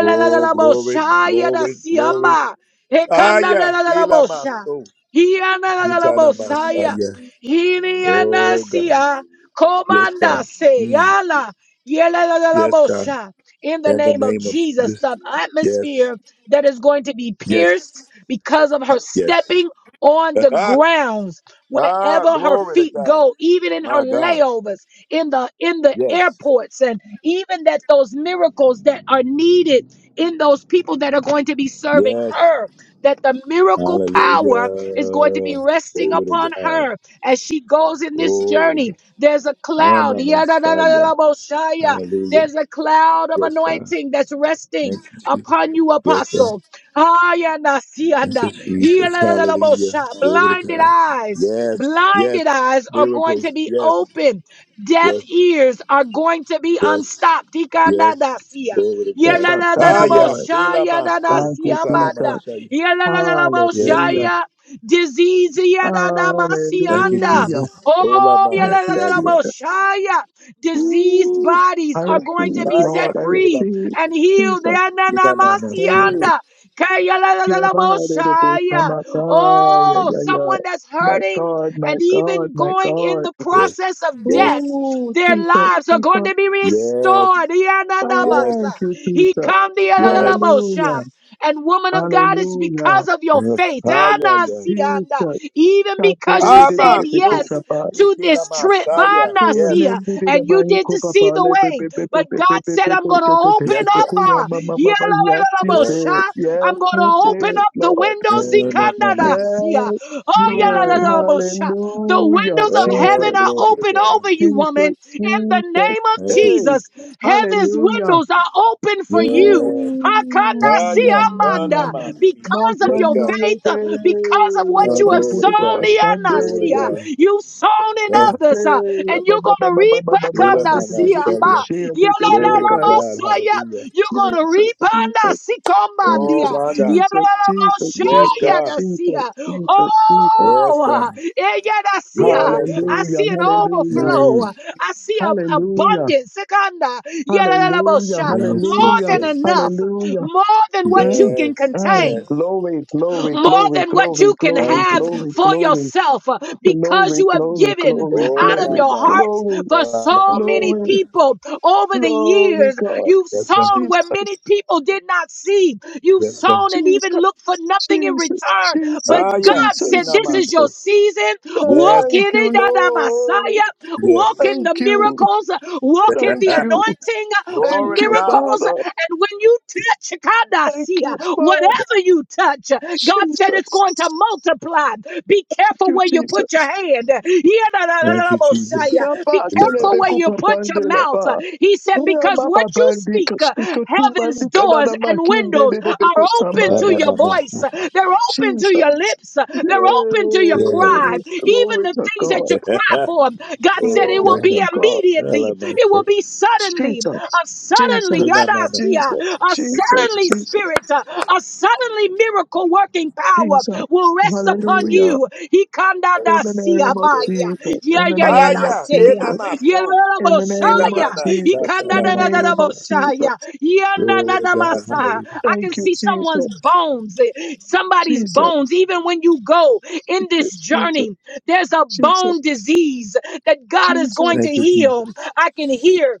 [SPEAKER 1] Oh, glory, glory, glory.
[SPEAKER 2] yedasiyama,
[SPEAKER 1] Ah, yeah. Ila Maso. Itana Messiah. Oh, God.
[SPEAKER 2] Hinianasia,
[SPEAKER 1] Yes,
[SPEAKER 2] Komanda
[SPEAKER 1] God. Mm.
[SPEAKER 2] seyala Yala,
[SPEAKER 1] Yes, God.
[SPEAKER 2] Yelalalabosha. In the
[SPEAKER 1] In the
[SPEAKER 2] name of
[SPEAKER 1] name of
[SPEAKER 2] Jesus,
[SPEAKER 1] Jesus.
[SPEAKER 2] the
[SPEAKER 1] Yes.
[SPEAKER 2] atmosphere that is going to be pierced
[SPEAKER 1] Yes.
[SPEAKER 2] because of her
[SPEAKER 1] Yes.
[SPEAKER 2] stepping on the grounds
[SPEAKER 1] ah,
[SPEAKER 2] wherever her
[SPEAKER 1] glory to
[SPEAKER 2] feet
[SPEAKER 1] God.
[SPEAKER 2] go even in her
[SPEAKER 1] My God.
[SPEAKER 2] layovers in the in the
[SPEAKER 1] Yes.
[SPEAKER 2] airports and even that those miracles that are needed in those people that are going to be serving
[SPEAKER 1] Yes.
[SPEAKER 2] her that the miracle power is going to be
[SPEAKER 1] Hallelujah.
[SPEAKER 2] resting
[SPEAKER 1] Glory
[SPEAKER 2] upon
[SPEAKER 1] to God.
[SPEAKER 2] her as she goes in this
[SPEAKER 1] Glory to God.
[SPEAKER 2] journey, there's a cloud.
[SPEAKER 1] Anna Messiah.
[SPEAKER 2] Yadadadadaboshaya.
[SPEAKER 1] Hallelujah.
[SPEAKER 2] There's a cloud of
[SPEAKER 1] Yes, God.
[SPEAKER 2] anointing that's resting
[SPEAKER 1] Thank you, Jesus.
[SPEAKER 2] upon you,
[SPEAKER 1] Yes, God.
[SPEAKER 2] apostle.
[SPEAKER 1] Thank you,
[SPEAKER 2] Hayanasianda.
[SPEAKER 1] Jesus. Hallelujah.
[SPEAKER 2] Yadadadadabosha.
[SPEAKER 1] Glory to
[SPEAKER 2] Blinded
[SPEAKER 1] God.
[SPEAKER 2] eyes.
[SPEAKER 1] Yes, yes.
[SPEAKER 2] Blinded eyes are going to
[SPEAKER 1] Miracles.
[SPEAKER 2] be
[SPEAKER 1] Yes,
[SPEAKER 2] open. Deaf
[SPEAKER 1] yes,
[SPEAKER 2] ears are going to be
[SPEAKER 1] yes,
[SPEAKER 2] unstopped.
[SPEAKER 1] yes.
[SPEAKER 2] Ikandadasia.
[SPEAKER 1] Glory to God.
[SPEAKER 10] Jesus. Thank
[SPEAKER 1] Ah,
[SPEAKER 10] you,
[SPEAKER 1] yeah.
[SPEAKER 10] Lord.
[SPEAKER 1] Ela
[SPEAKER 2] Yadadadadaboshaya.
[SPEAKER 1] maso.
[SPEAKER 10] Thank you,
[SPEAKER 1] Kutana
[SPEAKER 2] Dadasiamanda.
[SPEAKER 10] Jesus.
[SPEAKER 1] masaya. Yes,
[SPEAKER 10] Hallelujah.
[SPEAKER 1] God.
[SPEAKER 2] Yadadadadaboshaya disease.
[SPEAKER 1] Thank you,
[SPEAKER 2] Yadadamasianda.
[SPEAKER 10] Hallelujah.
[SPEAKER 1] Jesus. Ola
[SPEAKER 2] Oh,
[SPEAKER 10] Thank you,
[SPEAKER 1] manasaya.
[SPEAKER 10] Jesus.
[SPEAKER 2] yadadadadamoshaya. diseased
[SPEAKER 1] Ooh.
[SPEAKER 10] I
[SPEAKER 2] bodies are
[SPEAKER 1] Oh,
[SPEAKER 2] going to
[SPEAKER 10] receive,
[SPEAKER 2] be set
[SPEAKER 1] Messiah.
[SPEAKER 10] Lord. I
[SPEAKER 1] Ela
[SPEAKER 2] free
[SPEAKER 10] receive.
[SPEAKER 2] and healed.
[SPEAKER 10] Jesus.
[SPEAKER 1] Ela
[SPEAKER 10] Hey.
[SPEAKER 2] Yananamasianda. Kayadadadadamoshaya.
[SPEAKER 10] Kiabare-robo-shamataya,
[SPEAKER 2] Oh,
[SPEAKER 10] ya, ya.
[SPEAKER 2] someone that's
[SPEAKER 10] My
[SPEAKER 2] hurting
[SPEAKER 10] God, my
[SPEAKER 2] and
[SPEAKER 10] God,
[SPEAKER 2] even
[SPEAKER 10] my
[SPEAKER 2] going in
[SPEAKER 10] God.
[SPEAKER 2] the
[SPEAKER 1] Yes,
[SPEAKER 2] process of death,
[SPEAKER 1] yes,
[SPEAKER 10] Oh,
[SPEAKER 2] their
[SPEAKER 10] Jesus,
[SPEAKER 2] lives are going
[SPEAKER 10] Jesus. Thank
[SPEAKER 2] to be
[SPEAKER 1] yes,
[SPEAKER 2] restored. Yananamasa.
[SPEAKER 1] yes,
[SPEAKER 10] you,
[SPEAKER 2] He
[SPEAKER 10] Jesus.
[SPEAKER 2] come
[SPEAKER 1] yes.
[SPEAKER 2] the
[SPEAKER 10] Hallelujah.
[SPEAKER 2] and woman of God, it's
[SPEAKER 10] Hallelujah.
[SPEAKER 2] because of your
[SPEAKER 1] Yes.
[SPEAKER 2] faith.
[SPEAKER 1] Ah, yeah, yeah, yeah.
[SPEAKER 2] Anasianda.
[SPEAKER 10] Jesus.
[SPEAKER 2] Even because you
[SPEAKER 1] Ah,
[SPEAKER 2] said
[SPEAKER 1] my soul.
[SPEAKER 2] yes to
[SPEAKER 1] Nikila
[SPEAKER 2] this trip.
[SPEAKER 1] Masaya.
[SPEAKER 10] Oh,
[SPEAKER 1] Yes.
[SPEAKER 2] Anasia.
[SPEAKER 10] man, did it,
[SPEAKER 2] And
[SPEAKER 10] my
[SPEAKER 2] you
[SPEAKER 10] eco
[SPEAKER 2] didn't see
[SPEAKER 10] papa,
[SPEAKER 2] the
[SPEAKER 10] le- pe-
[SPEAKER 2] way.
[SPEAKER 10] pe- pe- pe-
[SPEAKER 2] But
[SPEAKER 10] pe- pe-
[SPEAKER 2] God
[SPEAKER 10] pe-
[SPEAKER 2] said,
[SPEAKER 10] pe-
[SPEAKER 2] I'm
[SPEAKER 10] pe-
[SPEAKER 2] going to
[SPEAKER 10] te- te- te- te-
[SPEAKER 2] open
[SPEAKER 1] Yes,
[SPEAKER 10] to-
[SPEAKER 1] God.
[SPEAKER 2] up.
[SPEAKER 10] ko- ya-
[SPEAKER 2] uh,
[SPEAKER 10] ma- ma- ma- ma- Yes, you
[SPEAKER 1] Yes.
[SPEAKER 10] did.
[SPEAKER 2] yalalalalalabosha.
[SPEAKER 10] Yes,
[SPEAKER 2] I'm going to
[SPEAKER 10] you
[SPEAKER 2] open
[SPEAKER 10] did,
[SPEAKER 2] up the
[SPEAKER 10] Lord.
[SPEAKER 1] God.
[SPEAKER 2] windows.
[SPEAKER 1] Oh, no, no, no.
[SPEAKER 2] Ikandanasia.
[SPEAKER 10] Yes,
[SPEAKER 2] Oh,
[SPEAKER 10] Lord.
[SPEAKER 1] Mm.
[SPEAKER 2] yalalalalalabosha. The
[SPEAKER 10] Hallelujah.
[SPEAKER 2] windows of
[SPEAKER 1] Oh,
[SPEAKER 2] heaven
[SPEAKER 10] Jesus,
[SPEAKER 2] are
[SPEAKER 1] glory to
[SPEAKER 2] open
[SPEAKER 1] God.
[SPEAKER 2] over you,
[SPEAKER 10] Jesus,
[SPEAKER 2] woman. In the
[SPEAKER 10] Jesus.
[SPEAKER 2] name of
[SPEAKER 1] Thank you.
[SPEAKER 10] Hey,
[SPEAKER 2] Jesus, heaven's
[SPEAKER 10] hallelujah.
[SPEAKER 2] windows are open for you.
[SPEAKER 1] Yes.
[SPEAKER 2] Hakanda
[SPEAKER 1] Ah, yeah. Ah, no,
[SPEAKER 2] siamanda.
[SPEAKER 1] my
[SPEAKER 10] Mm.
[SPEAKER 1] feet.
[SPEAKER 2] Because of
[SPEAKER 1] Yes,
[SPEAKER 2] your
[SPEAKER 1] God.
[SPEAKER 2] faith,
[SPEAKER 10] Masandorege,
[SPEAKER 2] uh, because of what
[SPEAKER 1] Ah,
[SPEAKER 2] you have
[SPEAKER 10] abandu
[SPEAKER 1] glory to
[SPEAKER 10] to
[SPEAKER 2] sown,
[SPEAKER 1] God. Glory to
[SPEAKER 10] the
[SPEAKER 2] ianasia,
[SPEAKER 1] God.
[SPEAKER 2] you've sown
[SPEAKER 10] Jesus, Jesus,
[SPEAKER 2] in
[SPEAKER 1] Ah,
[SPEAKER 2] others, uh,
[SPEAKER 10] Jesus,
[SPEAKER 2] and
[SPEAKER 10] Jesus, Jesus,
[SPEAKER 2] you're going to reap.
[SPEAKER 1] Ila
[SPEAKER 2] hakanda siamba.
[SPEAKER 1] Masaya. Glory to God.
[SPEAKER 2] Yalalalabasaya,
[SPEAKER 1] Hallelujah.
[SPEAKER 2] You're going to reap. handa
[SPEAKER 1] Oh,
[SPEAKER 2] sikomandia.
[SPEAKER 1] my God.
[SPEAKER 10] Jesus,
[SPEAKER 1] Yes,
[SPEAKER 2] Yalalabashaya
[SPEAKER 10] Jesus,
[SPEAKER 1] God.
[SPEAKER 10] Jesus,
[SPEAKER 2] dasia.
[SPEAKER 10] Jesus.
[SPEAKER 1] Yes,
[SPEAKER 2] Oh, uh,
[SPEAKER 1] God. Yes,
[SPEAKER 2] eyadasia.
[SPEAKER 1] God.
[SPEAKER 2] I
[SPEAKER 10] Hallelujah,
[SPEAKER 2] see an
[SPEAKER 10] hallelujah,
[SPEAKER 1] Mm.
[SPEAKER 2] overflow. I see an
[SPEAKER 10] hallelujah,
[SPEAKER 2] abundance. Sekanda.
[SPEAKER 10] hallelujah,
[SPEAKER 2] Yalalabasha.
[SPEAKER 1] Yes,
[SPEAKER 2] More
[SPEAKER 1] yes,
[SPEAKER 10] hallelujah,
[SPEAKER 2] than
[SPEAKER 1] yes.
[SPEAKER 2] enough
[SPEAKER 10] hallelujah.
[SPEAKER 2] more than what you
[SPEAKER 10] Mm,
[SPEAKER 2] can
[SPEAKER 1] Yes,
[SPEAKER 10] mm.
[SPEAKER 1] yes.
[SPEAKER 2] contain,
[SPEAKER 10] Glory, glory,
[SPEAKER 2] more
[SPEAKER 10] glory,
[SPEAKER 2] than what
[SPEAKER 10] glory,
[SPEAKER 2] you can
[SPEAKER 10] glory,
[SPEAKER 1] Thank you,
[SPEAKER 2] have
[SPEAKER 10] glory,
[SPEAKER 1] Jesus.
[SPEAKER 2] for
[SPEAKER 10] glory,
[SPEAKER 2] yourself, uh, because
[SPEAKER 10] glory,
[SPEAKER 2] you have
[SPEAKER 10] glory,
[SPEAKER 2] given
[SPEAKER 10] glory,
[SPEAKER 1] Oh
[SPEAKER 2] out of
[SPEAKER 1] my
[SPEAKER 2] your
[SPEAKER 10] glory,
[SPEAKER 1] God.
[SPEAKER 10] glory,
[SPEAKER 2] heart for so
[SPEAKER 1] Ah,
[SPEAKER 2] many
[SPEAKER 10] glory,
[SPEAKER 1] yeah.
[SPEAKER 2] people over the
[SPEAKER 10] Glory,
[SPEAKER 2] years.
[SPEAKER 10] God.
[SPEAKER 2] You've
[SPEAKER 1] Yes, sir.
[SPEAKER 2] sown
[SPEAKER 10] Jesus,
[SPEAKER 2] where many people did not see. You've
[SPEAKER 1] Yes, sir.
[SPEAKER 2] sown and
[SPEAKER 10] Jesus,
[SPEAKER 2] even looked for nothing in
[SPEAKER 10] Jesus,
[SPEAKER 2] return.
[SPEAKER 10] Jesus,
[SPEAKER 2] But
[SPEAKER 1] Ah, yeah.
[SPEAKER 2] God said,
[SPEAKER 10] Jesus,
[SPEAKER 1] Ina
[SPEAKER 2] This is your
[SPEAKER 10] Jesus.
[SPEAKER 2] season.
[SPEAKER 1] Yes,
[SPEAKER 2] Walk
[SPEAKER 10] Thank
[SPEAKER 2] in
[SPEAKER 10] you,
[SPEAKER 2] it, Dada
[SPEAKER 10] Lord.
[SPEAKER 2] Messiah.
[SPEAKER 1] yes.
[SPEAKER 2] Walk in the
[SPEAKER 10] Thank you.
[SPEAKER 2] miracles. Walk in the
[SPEAKER 10] Thank you.
[SPEAKER 2] anointing for
[SPEAKER 1] Glory
[SPEAKER 10] Thank
[SPEAKER 1] to
[SPEAKER 10] you,
[SPEAKER 1] God.
[SPEAKER 2] miracles.
[SPEAKER 10] Father.
[SPEAKER 2] And when you touch,
[SPEAKER 10] Thank
[SPEAKER 2] Kadasia,
[SPEAKER 10] you, Father.
[SPEAKER 2] whatever you touch, God said it's going to
[SPEAKER 10] Jesus.
[SPEAKER 2] multiply. Be
[SPEAKER 10] Thank
[SPEAKER 2] careful
[SPEAKER 10] you,
[SPEAKER 2] where you put your
[SPEAKER 10] Jesus.
[SPEAKER 2] hand.
[SPEAKER 1] Thank you, Jesus.
[SPEAKER 2] Yadadadadabosaya. Be
[SPEAKER 10] Yaba
[SPEAKER 1] Ina
[SPEAKER 2] careful
[SPEAKER 1] maso.
[SPEAKER 2] where
[SPEAKER 10] telebeko
[SPEAKER 2] you put your
[SPEAKER 10] papandela
[SPEAKER 2] mouth.
[SPEAKER 10] ba.
[SPEAKER 2] He said, because
[SPEAKER 10] Rama
[SPEAKER 2] what you
[SPEAKER 10] babandi
[SPEAKER 2] speak, uh,
[SPEAKER 10] kashiko
[SPEAKER 2] heaven's
[SPEAKER 10] tumandi
[SPEAKER 2] doors
[SPEAKER 10] Yabatelebekupapandela. Ramapapandika,
[SPEAKER 2] and windows are
[SPEAKER 10] shikotumandika,
[SPEAKER 2] open to
[SPEAKER 1] Ana
[SPEAKER 10] samaya.
[SPEAKER 2] your
[SPEAKER 1] mama.
[SPEAKER 2] voice. They're open to your
[SPEAKER 10] Jesus.
[SPEAKER 2] lips. They're open to your
[SPEAKER 1] Yes.
[SPEAKER 2] cry.
[SPEAKER 10] Yeah.
[SPEAKER 2] Even
[SPEAKER 10] Glory
[SPEAKER 2] the
[SPEAKER 10] to
[SPEAKER 2] things
[SPEAKER 10] God.
[SPEAKER 2] that you cry for, God
[SPEAKER 1] Glory
[SPEAKER 2] said
[SPEAKER 1] to
[SPEAKER 2] it will
[SPEAKER 10] Glory
[SPEAKER 1] God.
[SPEAKER 2] be
[SPEAKER 10] to God.
[SPEAKER 2] immediately.
[SPEAKER 1] Ala
[SPEAKER 2] It will
[SPEAKER 1] maso.
[SPEAKER 2] be suddenly.
[SPEAKER 10] Jesus,
[SPEAKER 2] A suddenly,
[SPEAKER 1] Ina
[SPEAKER 10] Jesus,
[SPEAKER 1] mama.
[SPEAKER 2] Yadasia,
[SPEAKER 10] Jesus,
[SPEAKER 2] a
[SPEAKER 10] Jesus,
[SPEAKER 2] suddenly
[SPEAKER 10] Jesus,
[SPEAKER 2] spirit, a suddenly miracle working power
[SPEAKER 10] Jesus.
[SPEAKER 2] will rest upon
[SPEAKER 1] Oh,
[SPEAKER 10] Hallelujah.
[SPEAKER 2] you. He kanda
[SPEAKER 1] thank
[SPEAKER 10] In the
[SPEAKER 1] you,
[SPEAKER 2] dasia
[SPEAKER 10] name of
[SPEAKER 1] Jesus.
[SPEAKER 2] baya.
[SPEAKER 10] Jesus,
[SPEAKER 2] Yeah,
[SPEAKER 10] in the
[SPEAKER 2] yeah,
[SPEAKER 1] Ah,
[SPEAKER 2] yeah,
[SPEAKER 10] name of
[SPEAKER 2] that's
[SPEAKER 1] yeah.
[SPEAKER 2] it.
[SPEAKER 1] Ina
[SPEAKER 10] Jesus,
[SPEAKER 2] Yeah,
[SPEAKER 1] maso.
[SPEAKER 2] la,
[SPEAKER 10] in
[SPEAKER 2] la,
[SPEAKER 10] the
[SPEAKER 1] Ila
[SPEAKER 10] name of
[SPEAKER 2] Messiah. He
[SPEAKER 10] Jesus,
[SPEAKER 2] can da,
[SPEAKER 10] in the
[SPEAKER 2] da, da, da,
[SPEAKER 10] name
[SPEAKER 2] da,
[SPEAKER 10] of
[SPEAKER 2] Messiah.
[SPEAKER 10] Jesus.
[SPEAKER 2] Yeah, na, na,
[SPEAKER 1] Glory to
[SPEAKER 2] na,
[SPEAKER 1] God.
[SPEAKER 2] Messiah.
[SPEAKER 1] Hallelujah.
[SPEAKER 2] I can
[SPEAKER 10] Thank you,
[SPEAKER 2] see someone's
[SPEAKER 10] Jesus,
[SPEAKER 2] bones, eh, somebody's
[SPEAKER 10] Jesus,
[SPEAKER 2] bones. Even when you go in
[SPEAKER 10] Jesus,
[SPEAKER 2] this
[SPEAKER 10] Jesus,
[SPEAKER 2] journey, there's a
[SPEAKER 10] Jesus,
[SPEAKER 2] bone disease that God is going
[SPEAKER 10] Jesus.
[SPEAKER 2] to
[SPEAKER 1] Thank you,
[SPEAKER 2] heal.
[SPEAKER 1] Jesus.
[SPEAKER 2] I can hear.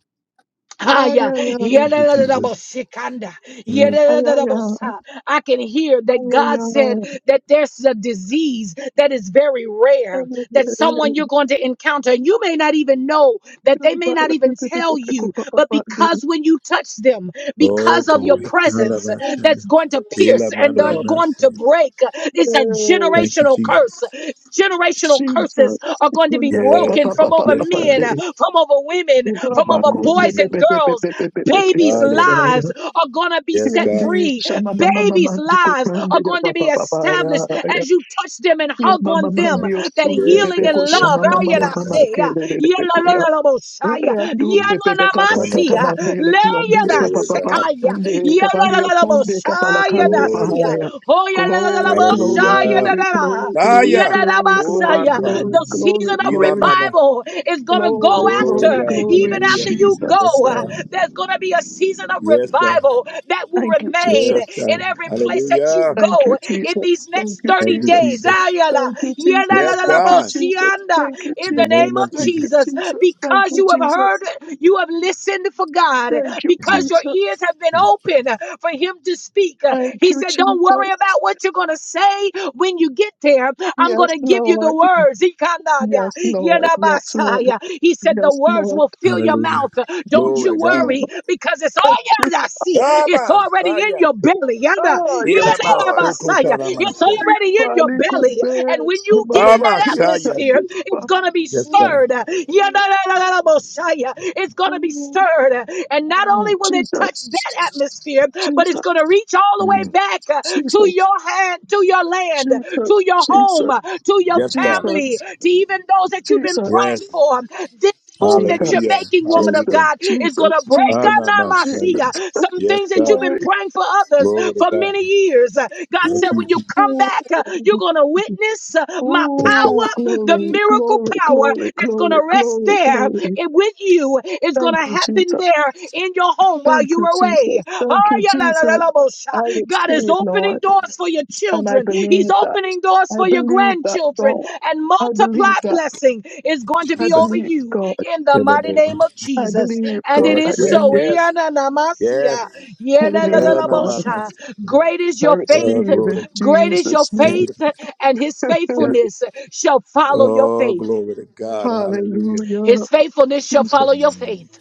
[SPEAKER 10] Ay,
[SPEAKER 2] Haya,
[SPEAKER 10] ay, ay.
[SPEAKER 1] Thank you, Jesus.
[SPEAKER 2] yedadadabosikanda,
[SPEAKER 1] Mm.
[SPEAKER 10] Ay, ay, ay,
[SPEAKER 2] yedadadabosa. I can hear
[SPEAKER 10] ay, ay,
[SPEAKER 2] that God said
[SPEAKER 10] ay.
[SPEAKER 2] that there's a disease that is very
[SPEAKER 10] Ay,
[SPEAKER 2] rare,
[SPEAKER 10] ay,
[SPEAKER 2] that someone you're going to encounter, and you may not even know that they may not even tell you, but
[SPEAKER 10] ay.
[SPEAKER 2] because when you touch them,
[SPEAKER 1] Oh,
[SPEAKER 2] because of
[SPEAKER 10] Ay,
[SPEAKER 2] your
[SPEAKER 1] glory.
[SPEAKER 10] ay,
[SPEAKER 2] presence,
[SPEAKER 1] Hallelujah.
[SPEAKER 10] ay.
[SPEAKER 2] that's going to
[SPEAKER 1] Ela
[SPEAKER 2] pierce and
[SPEAKER 10] God,
[SPEAKER 2] then
[SPEAKER 1] manana
[SPEAKER 2] going
[SPEAKER 1] se.
[SPEAKER 2] to break. It's a
[SPEAKER 10] Hey,
[SPEAKER 1] Thank you,
[SPEAKER 2] generational
[SPEAKER 1] Jesus.
[SPEAKER 2] curse Generational curses
[SPEAKER 10] Jesus.
[SPEAKER 2] are going to be
[SPEAKER 10] Kunda pa pa
[SPEAKER 1] Yes,
[SPEAKER 2] broken
[SPEAKER 10] pa
[SPEAKER 1] God.
[SPEAKER 10] pa
[SPEAKER 2] from
[SPEAKER 10] pa
[SPEAKER 2] over
[SPEAKER 10] pa
[SPEAKER 1] Yes,
[SPEAKER 10] pa
[SPEAKER 1] God.
[SPEAKER 2] men,
[SPEAKER 10] de.
[SPEAKER 2] from over women, from
[SPEAKER 10] Raba
[SPEAKER 2] over
[SPEAKER 10] kunde
[SPEAKER 2] boys
[SPEAKER 10] pe
[SPEAKER 2] and
[SPEAKER 10] pe
[SPEAKER 1] Mm.
[SPEAKER 10] pe pe
[SPEAKER 2] girls.
[SPEAKER 10] pe pe pe pe pe
[SPEAKER 2] Babies'
[SPEAKER 1] Oh,
[SPEAKER 10] kanda
[SPEAKER 1] yeah.
[SPEAKER 10] da ya.
[SPEAKER 2] lives are going to be
[SPEAKER 1] Yes,
[SPEAKER 2] set
[SPEAKER 1] God.
[SPEAKER 10] Yandi
[SPEAKER 2] free.
[SPEAKER 10] shama mama mama
[SPEAKER 2] Babies'
[SPEAKER 10] di
[SPEAKER 2] lives
[SPEAKER 10] kutunde
[SPEAKER 2] are
[SPEAKER 10] ya
[SPEAKER 2] going
[SPEAKER 10] pa
[SPEAKER 2] to be
[SPEAKER 10] pa pa pa ya
[SPEAKER 2] established
[SPEAKER 10] ya.
[SPEAKER 2] as you touch them and
[SPEAKER 10] Ya
[SPEAKER 2] hug on
[SPEAKER 10] mama mama
[SPEAKER 2] them.
[SPEAKER 1] Yes,
[SPEAKER 10] di
[SPEAKER 2] That
[SPEAKER 1] God.
[SPEAKER 10] osunde pe
[SPEAKER 1] Yes,
[SPEAKER 2] healing
[SPEAKER 10] pe
[SPEAKER 2] and
[SPEAKER 1] God.
[SPEAKER 10] ko
[SPEAKER 2] love.
[SPEAKER 10] shama
[SPEAKER 2] ah,
[SPEAKER 10] mama
[SPEAKER 2] yeah,
[SPEAKER 10] mama
[SPEAKER 2] I
[SPEAKER 1] Yes,
[SPEAKER 10] mama
[SPEAKER 1] God.
[SPEAKER 2] say,
[SPEAKER 10] ke
[SPEAKER 2] ah,
[SPEAKER 10] de de de
[SPEAKER 2] yeah,
[SPEAKER 10] pe ko
[SPEAKER 2] la, la,
[SPEAKER 10] ya.
[SPEAKER 2] la, la, bo- shy, ah, yeah, no,
[SPEAKER 10] Andu
[SPEAKER 1] Yes,
[SPEAKER 10] pepe
[SPEAKER 2] na, ma,
[SPEAKER 1] God. Na,
[SPEAKER 10] kapata
[SPEAKER 1] na,
[SPEAKER 2] see,
[SPEAKER 1] na.
[SPEAKER 2] ah,
[SPEAKER 10] kabandele
[SPEAKER 2] le,
[SPEAKER 10] ki
[SPEAKER 2] yeah,
[SPEAKER 10] andu sa
[SPEAKER 2] da,
[SPEAKER 1] Glory to
[SPEAKER 2] sick,
[SPEAKER 10] papapa
[SPEAKER 1] God.
[SPEAKER 2] ah, yeah,
[SPEAKER 10] sande
[SPEAKER 2] yeah,
[SPEAKER 10] kabali
[SPEAKER 2] la, la, la, la, bo-
[SPEAKER 10] otunde
[SPEAKER 2] shy,
[SPEAKER 10] kapala
[SPEAKER 2] ah,
[SPEAKER 10] kandu
[SPEAKER 2] da,
[SPEAKER 1] Glory to
[SPEAKER 2] see, ah,
[SPEAKER 10] pahaya.
[SPEAKER 1] God.
[SPEAKER 2] oh, yeah, la, la, la, la,
[SPEAKER 10] Glory,
[SPEAKER 2] bo- shy,
[SPEAKER 10] glory,
[SPEAKER 2] ah,
[SPEAKER 1] Hallelujah.
[SPEAKER 2] da,
[SPEAKER 10] glory,
[SPEAKER 2] da, da. ah,
[SPEAKER 10] glory, glory,
[SPEAKER 1] Fire.
[SPEAKER 10] glory,
[SPEAKER 1] Oh, my
[SPEAKER 10] glory,
[SPEAKER 2] Yadadabasaya.
[SPEAKER 1] son.
[SPEAKER 10] glory,
[SPEAKER 2] The
[SPEAKER 10] glory,
[SPEAKER 2] season of
[SPEAKER 1] Ina
[SPEAKER 10] glory,
[SPEAKER 1] mana.
[SPEAKER 2] revival is going to go
[SPEAKER 10] glory,
[SPEAKER 1] Glory to
[SPEAKER 10] glory,
[SPEAKER 2] after,
[SPEAKER 1] God.
[SPEAKER 10] glory,
[SPEAKER 2] even
[SPEAKER 1] Hallelujah.
[SPEAKER 2] after you go.
[SPEAKER 1] Yes,
[SPEAKER 10] Jesus.
[SPEAKER 2] uh,
[SPEAKER 1] God.
[SPEAKER 2] There's going to be a season of
[SPEAKER 1] Yes, God.
[SPEAKER 2] revival that will
[SPEAKER 10] Thank you,
[SPEAKER 2] remain
[SPEAKER 1] Yes,
[SPEAKER 10] Jesus.
[SPEAKER 2] in
[SPEAKER 1] God.
[SPEAKER 2] every place that you
[SPEAKER 1] Hallelujah.
[SPEAKER 10] Thank you,
[SPEAKER 2] go in
[SPEAKER 10] Jesus.
[SPEAKER 2] these
[SPEAKER 10] Thank
[SPEAKER 2] next
[SPEAKER 10] you,
[SPEAKER 2] 30
[SPEAKER 1] Thank you,
[SPEAKER 10] Jesus.
[SPEAKER 2] days.
[SPEAKER 1] Jesus.
[SPEAKER 2] Ayala.
[SPEAKER 10] Thank you, Jesus.
[SPEAKER 1] Yes,
[SPEAKER 10] Thank you,
[SPEAKER 1] God.
[SPEAKER 10] Jesus.
[SPEAKER 2] Yadadadaboshianda.
[SPEAKER 10] Thank you,
[SPEAKER 2] In
[SPEAKER 1] In the
[SPEAKER 2] the
[SPEAKER 10] Jesus.
[SPEAKER 1] name
[SPEAKER 2] name
[SPEAKER 1] of
[SPEAKER 2] of
[SPEAKER 10] Thank
[SPEAKER 1] Jesus.
[SPEAKER 10] you,
[SPEAKER 2] Jesus,
[SPEAKER 10] Jesus. Thank
[SPEAKER 2] because
[SPEAKER 10] you,
[SPEAKER 2] you have
[SPEAKER 10] Jesus.
[SPEAKER 2] heard, you have listened for God,
[SPEAKER 10] Thank you,
[SPEAKER 2] because
[SPEAKER 1] Mm,
[SPEAKER 2] your ears
[SPEAKER 10] Jesus.
[SPEAKER 2] have been
[SPEAKER 1] mm.
[SPEAKER 2] open uh, for him to speak. Uh,
[SPEAKER 10] Thank
[SPEAKER 2] He
[SPEAKER 10] you,
[SPEAKER 2] said, Don't worry
[SPEAKER 10] Jesus.
[SPEAKER 2] about what you're going to say when you get there. I'm going
[SPEAKER 10] Yes,
[SPEAKER 2] to give you the
[SPEAKER 10] Lord.
[SPEAKER 2] words. Ikananya,
[SPEAKER 10] Yes, Lord. Yes, Lord.
[SPEAKER 2] yenabasaya. He said, The
[SPEAKER 10] Yes,
[SPEAKER 2] words
[SPEAKER 10] Lord.
[SPEAKER 2] will fill your
[SPEAKER 1] Hallelujah.
[SPEAKER 2] mouth. Uh, Don't
[SPEAKER 1] Glory to
[SPEAKER 2] you
[SPEAKER 10] Yes, Lord.
[SPEAKER 1] God.
[SPEAKER 2] worry because it's all
[SPEAKER 10] Thank you.
[SPEAKER 2] yeah, I see. it's
[SPEAKER 1] Abba,
[SPEAKER 2] already in
[SPEAKER 1] Saya.
[SPEAKER 2] your belly. Yada,
[SPEAKER 10] Ah, yes,
[SPEAKER 1] Elama,
[SPEAKER 10] Lord.
[SPEAKER 2] yenabasaya.
[SPEAKER 1] Sokota,
[SPEAKER 2] It's
[SPEAKER 1] Namashaya.
[SPEAKER 2] already in your
[SPEAKER 10] Bali
[SPEAKER 2] belly. And
[SPEAKER 10] kumbe
[SPEAKER 2] when you
[SPEAKER 10] sama
[SPEAKER 2] get in
[SPEAKER 10] mama
[SPEAKER 2] that
[SPEAKER 10] kia
[SPEAKER 1] Amashaya.
[SPEAKER 2] atmosphere
[SPEAKER 10] kadipa.
[SPEAKER 2] it's going to be
[SPEAKER 1] Yes, God.
[SPEAKER 2] stirred. Yadadadadabosaya. It's going to be stirred. And not only will it touch
[SPEAKER 10] Jesus.
[SPEAKER 2] that atmosphere, but it's
[SPEAKER 10] Jesus.
[SPEAKER 2] going to reach all the way
[SPEAKER 1] Mm.
[SPEAKER 2] back uh, to
[SPEAKER 10] Jesus.
[SPEAKER 2] your hand, to your land,
[SPEAKER 10] Jesus.
[SPEAKER 2] to your home,
[SPEAKER 10] Jesus.
[SPEAKER 2] uh, to your
[SPEAKER 1] Yes, God.
[SPEAKER 2] family,
[SPEAKER 10] Jesus.
[SPEAKER 2] to even those that you've been
[SPEAKER 10] Jesus.
[SPEAKER 2] praying
[SPEAKER 1] Yes.
[SPEAKER 2] for. This
[SPEAKER 10] Jesus.
[SPEAKER 2] move that you're
[SPEAKER 1] Hallelujah.
[SPEAKER 2] making, woman of
[SPEAKER 10] Jesus.
[SPEAKER 1] Hallelujah.
[SPEAKER 2] God, is going to
[SPEAKER 10] Jesus.
[SPEAKER 2] break
[SPEAKER 10] Jesus.
[SPEAKER 2] Anamasia.
[SPEAKER 1] Anamashaya.
[SPEAKER 10] Jesus.
[SPEAKER 2] Some
[SPEAKER 1] Yes,
[SPEAKER 2] things that you've
[SPEAKER 1] God.
[SPEAKER 2] been
[SPEAKER 10] Glory.
[SPEAKER 2] praying for others
[SPEAKER 1] Glory to
[SPEAKER 2] for
[SPEAKER 1] God.
[SPEAKER 2] many years. Uh, God said,
[SPEAKER 1] Thank you,
[SPEAKER 2] when you
[SPEAKER 1] Jesus.
[SPEAKER 2] come back, uh, you're going to witness uh, my
[SPEAKER 1] Yes, God.
[SPEAKER 10] Ooh,
[SPEAKER 2] power, the
[SPEAKER 10] glory,
[SPEAKER 2] miracle
[SPEAKER 10] glory,
[SPEAKER 2] power
[SPEAKER 10] glory,
[SPEAKER 2] that's going
[SPEAKER 10] glory,
[SPEAKER 2] to rest
[SPEAKER 10] glory,
[SPEAKER 2] there
[SPEAKER 10] glory.
[SPEAKER 2] and with you. It's going
[SPEAKER 10] Thank
[SPEAKER 2] to
[SPEAKER 10] you,
[SPEAKER 2] happen
[SPEAKER 10] Jesus.
[SPEAKER 2] there in your home while
[SPEAKER 10] Thank you,
[SPEAKER 2] you're
[SPEAKER 10] Jesus.
[SPEAKER 2] away.
[SPEAKER 10] Thank
[SPEAKER 2] Oh,
[SPEAKER 10] you,
[SPEAKER 2] yeah, la, la, la,
[SPEAKER 10] Jesus.
[SPEAKER 2] la, bo-
[SPEAKER 10] I
[SPEAKER 2] sha. God is
[SPEAKER 10] receive,
[SPEAKER 2] opening
[SPEAKER 10] Lord,
[SPEAKER 2] doors for your
[SPEAKER 10] and I
[SPEAKER 2] children. He's
[SPEAKER 10] believe that.
[SPEAKER 2] opening doors
[SPEAKER 10] I
[SPEAKER 2] for your
[SPEAKER 10] believe that,
[SPEAKER 2] grandchildren.
[SPEAKER 10] God.
[SPEAKER 2] And
[SPEAKER 10] I
[SPEAKER 2] multiply
[SPEAKER 10] believe that.
[SPEAKER 2] blessing is going to
[SPEAKER 10] I
[SPEAKER 2] be over
[SPEAKER 10] believe,
[SPEAKER 2] you
[SPEAKER 10] God.
[SPEAKER 2] in the
[SPEAKER 1] In the
[SPEAKER 2] mighty
[SPEAKER 1] name
[SPEAKER 2] name
[SPEAKER 1] of
[SPEAKER 2] of
[SPEAKER 10] I
[SPEAKER 2] Jesus.
[SPEAKER 10] believe,
[SPEAKER 2] And it
[SPEAKER 10] God.
[SPEAKER 1] Yes,
[SPEAKER 10] I
[SPEAKER 2] is
[SPEAKER 1] yes,
[SPEAKER 2] so.
[SPEAKER 10] believe.
[SPEAKER 1] yes.
[SPEAKER 2] Yananamasia,
[SPEAKER 1] Yes.
[SPEAKER 10] I believe, God.
[SPEAKER 2] yelelelelebosha.
[SPEAKER 1] Anamashaya.
[SPEAKER 2] Great is
[SPEAKER 10] I
[SPEAKER 2] your
[SPEAKER 1] Oh,
[SPEAKER 2] faith.
[SPEAKER 10] receive in
[SPEAKER 1] glory.
[SPEAKER 2] Great is your
[SPEAKER 10] Jesus'
[SPEAKER 1] Thank
[SPEAKER 10] name.
[SPEAKER 1] you.
[SPEAKER 2] faith, and his
[SPEAKER 1] Yes.
[SPEAKER 2] faithfulness shall follow your
[SPEAKER 1] Oh,
[SPEAKER 2] faith.
[SPEAKER 1] glory to God. Hallelujah.
[SPEAKER 10] Hallelujah.
[SPEAKER 2] His faithfulness shall follow your
[SPEAKER 10] Jesus.
[SPEAKER 1] Mm,
[SPEAKER 2] faith.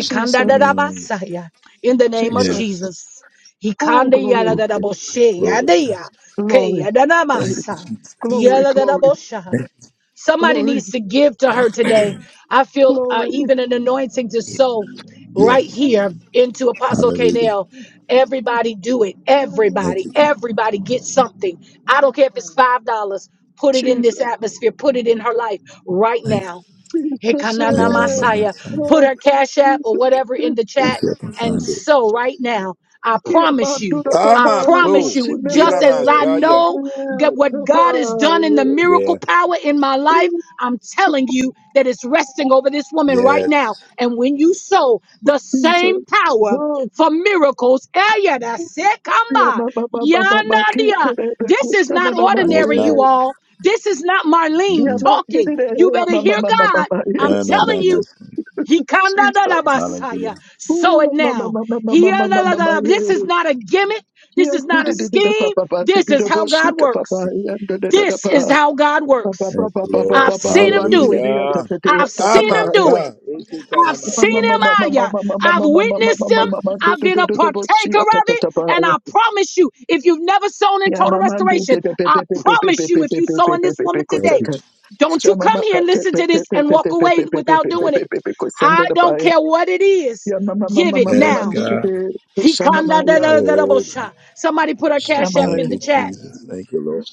[SPEAKER 10] Jesus.
[SPEAKER 1] mm.
[SPEAKER 2] In the name of
[SPEAKER 10] Jesus.
[SPEAKER 1] Yes.
[SPEAKER 2] Jesus.
[SPEAKER 10] Oh, glory,
[SPEAKER 1] Glory to God. Glory to God.
[SPEAKER 2] Hikandayaladabosheyadaya,
[SPEAKER 10] glory, glory.
[SPEAKER 1] Thank you.
[SPEAKER 2] keyadadamasa,
[SPEAKER 10] Glory, glory,
[SPEAKER 2] yeladadabosha.
[SPEAKER 1] Thank
[SPEAKER 2] Somebody
[SPEAKER 10] glory,
[SPEAKER 2] needs to give to her today. I feel uh,
[SPEAKER 10] glory.
[SPEAKER 2] even an anointing to sow
[SPEAKER 1] you.
[SPEAKER 2] right
[SPEAKER 1] Yes.
[SPEAKER 2] here into Apostle
[SPEAKER 1] Hallelujah.
[SPEAKER 2] Canel. Everybody do it.
[SPEAKER 1] Thank
[SPEAKER 2] Everybody,
[SPEAKER 1] you, Jesus.
[SPEAKER 2] everybody get something. I don't care if it's five dollars. Put it in this
[SPEAKER 10] Jesus,
[SPEAKER 2] atmosphere. Put it in her life right
[SPEAKER 1] Thank you.
[SPEAKER 2] now.
[SPEAKER 10] Jesus, I
[SPEAKER 2] Hekanana
[SPEAKER 1] No, no,
[SPEAKER 10] am.
[SPEAKER 1] no, no,
[SPEAKER 2] Masaya.
[SPEAKER 1] sorry. Let
[SPEAKER 2] Put
[SPEAKER 1] me
[SPEAKER 10] Oh,
[SPEAKER 2] her cash app or
[SPEAKER 10] Jesus.
[SPEAKER 2] whatever in the chat.
[SPEAKER 1] see if I can
[SPEAKER 2] And
[SPEAKER 1] find it.
[SPEAKER 2] so right now, I
[SPEAKER 10] Here,
[SPEAKER 2] promise you,
[SPEAKER 10] Bandura
[SPEAKER 1] Ah,
[SPEAKER 2] I
[SPEAKER 1] my
[SPEAKER 10] Babali
[SPEAKER 2] promise
[SPEAKER 1] soul.
[SPEAKER 2] you,
[SPEAKER 10] Kusimeme.
[SPEAKER 1] Ila
[SPEAKER 2] just as I
[SPEAKER 1] Mashaya.
[SPEAKER 2] know that what God has done in the
[SPEAKER 1] Yeah.
[SPEAKER 2] miracle power in my life,
[SPEAKER 10] Oh,
[SPEAKER 2] I'm telling you that it's resting over this woman right
[SPEAKER 1] Yes.
[SPEAKER 2] now. And when you sow the same
[SPEAKER 10] Jesus.
[SPEAKER 2] power
[SPEAKER 10] Oh,
[SPEAKER 2] for miracles,
[SPEAKER 10] here,
[SPEAKER 2] Eyadasekamba,
[SPEAKER 10] Mama, Mama, Mama,
[SPEAKER 2] yanadia.
[SPEAKER 10] Kitene,
[SPEAKER 2] this is not
[SPEAKER 10] Kusana, Mama,
[SPEAKER 1] No, it's
[SPEAKER 2] ordinary,
[SPEAKER 1] not.
[SPEAKER 2] you all. This is not Marlene
[SPEAKER 10] yeah,
[SPEAKER 1] Mm-mm.
[SPEAKER 2] talking. You
[SPEAKER 10] Baba Baba Baba Kitele Kusanamaye. Yeah,
[SPEAKER 2] better
[SPEAKER 10] Baba
[SPEAKER 2] hear
[SPEAKER 10] Baba
[SPEAKER 2] God
[SPEAKER 10] Baba.
[SPEAKER 2] I'm
[SPEAKER 1] No, no, no,
[SPEAKER 2] telling
[SPEAKER 1] no.
[SPEAKER 2] you, he kanda da da
[SPEAKER 10] Jesus.
[SPEAKER 1] Hallelujah.
[SPEAKER 2] basaya. Sow it now.
[SPEAKER 10] Mama,
[SPEAKER 2] He da da da da. This is not a gimmick. This is not a scheme. This is how God works. This is how God works.
[SPEAKER 1] Thank you, Lord.
[SPEAKER 2] I've seen him do it.
[SPEAKER 1] Hallelujah.
[SPEAKER 2] I've
[SPEAKER 1] Ah,
[SPEAKER 2] seen
[SPEAKER 1] my
[SPEAKER 2] him do it.
[SPEAKER 1] son. Ikita na
[SPEAKER 2] I've seen him
[SPEAKER 1] Mashaya.
[SPEAKER 2] out here. I've witnessed him. I've been a partaker of it. And I promise you, if you've never sown in total restoration, I promise you, if you sow in this woman
[SPEAKER 1] Thank
[SPEAKER 2] today,
[SPEAKER 1] you, Jesus.
[SPEAKER 2] don't you come here and listen to this and walk away without doing it. I don't care what it is. Give it
[SPEAKER 1] Yes,
[SPEAKER 2] now.
[SPEAKER 1] God.
[SPEAKER 2] He kanda da da da da bo
[SPEAKER 1] Oh, God.
[SPEAKER 2] sha. Somebody put our cash app
[SPEAKER 1] Thank
[SPEAKER 2] in the
[SPEAKER 1] you,
[SPEAKER 2] chat.
[SPEAKER 1] Jesus. Thank you, Lord.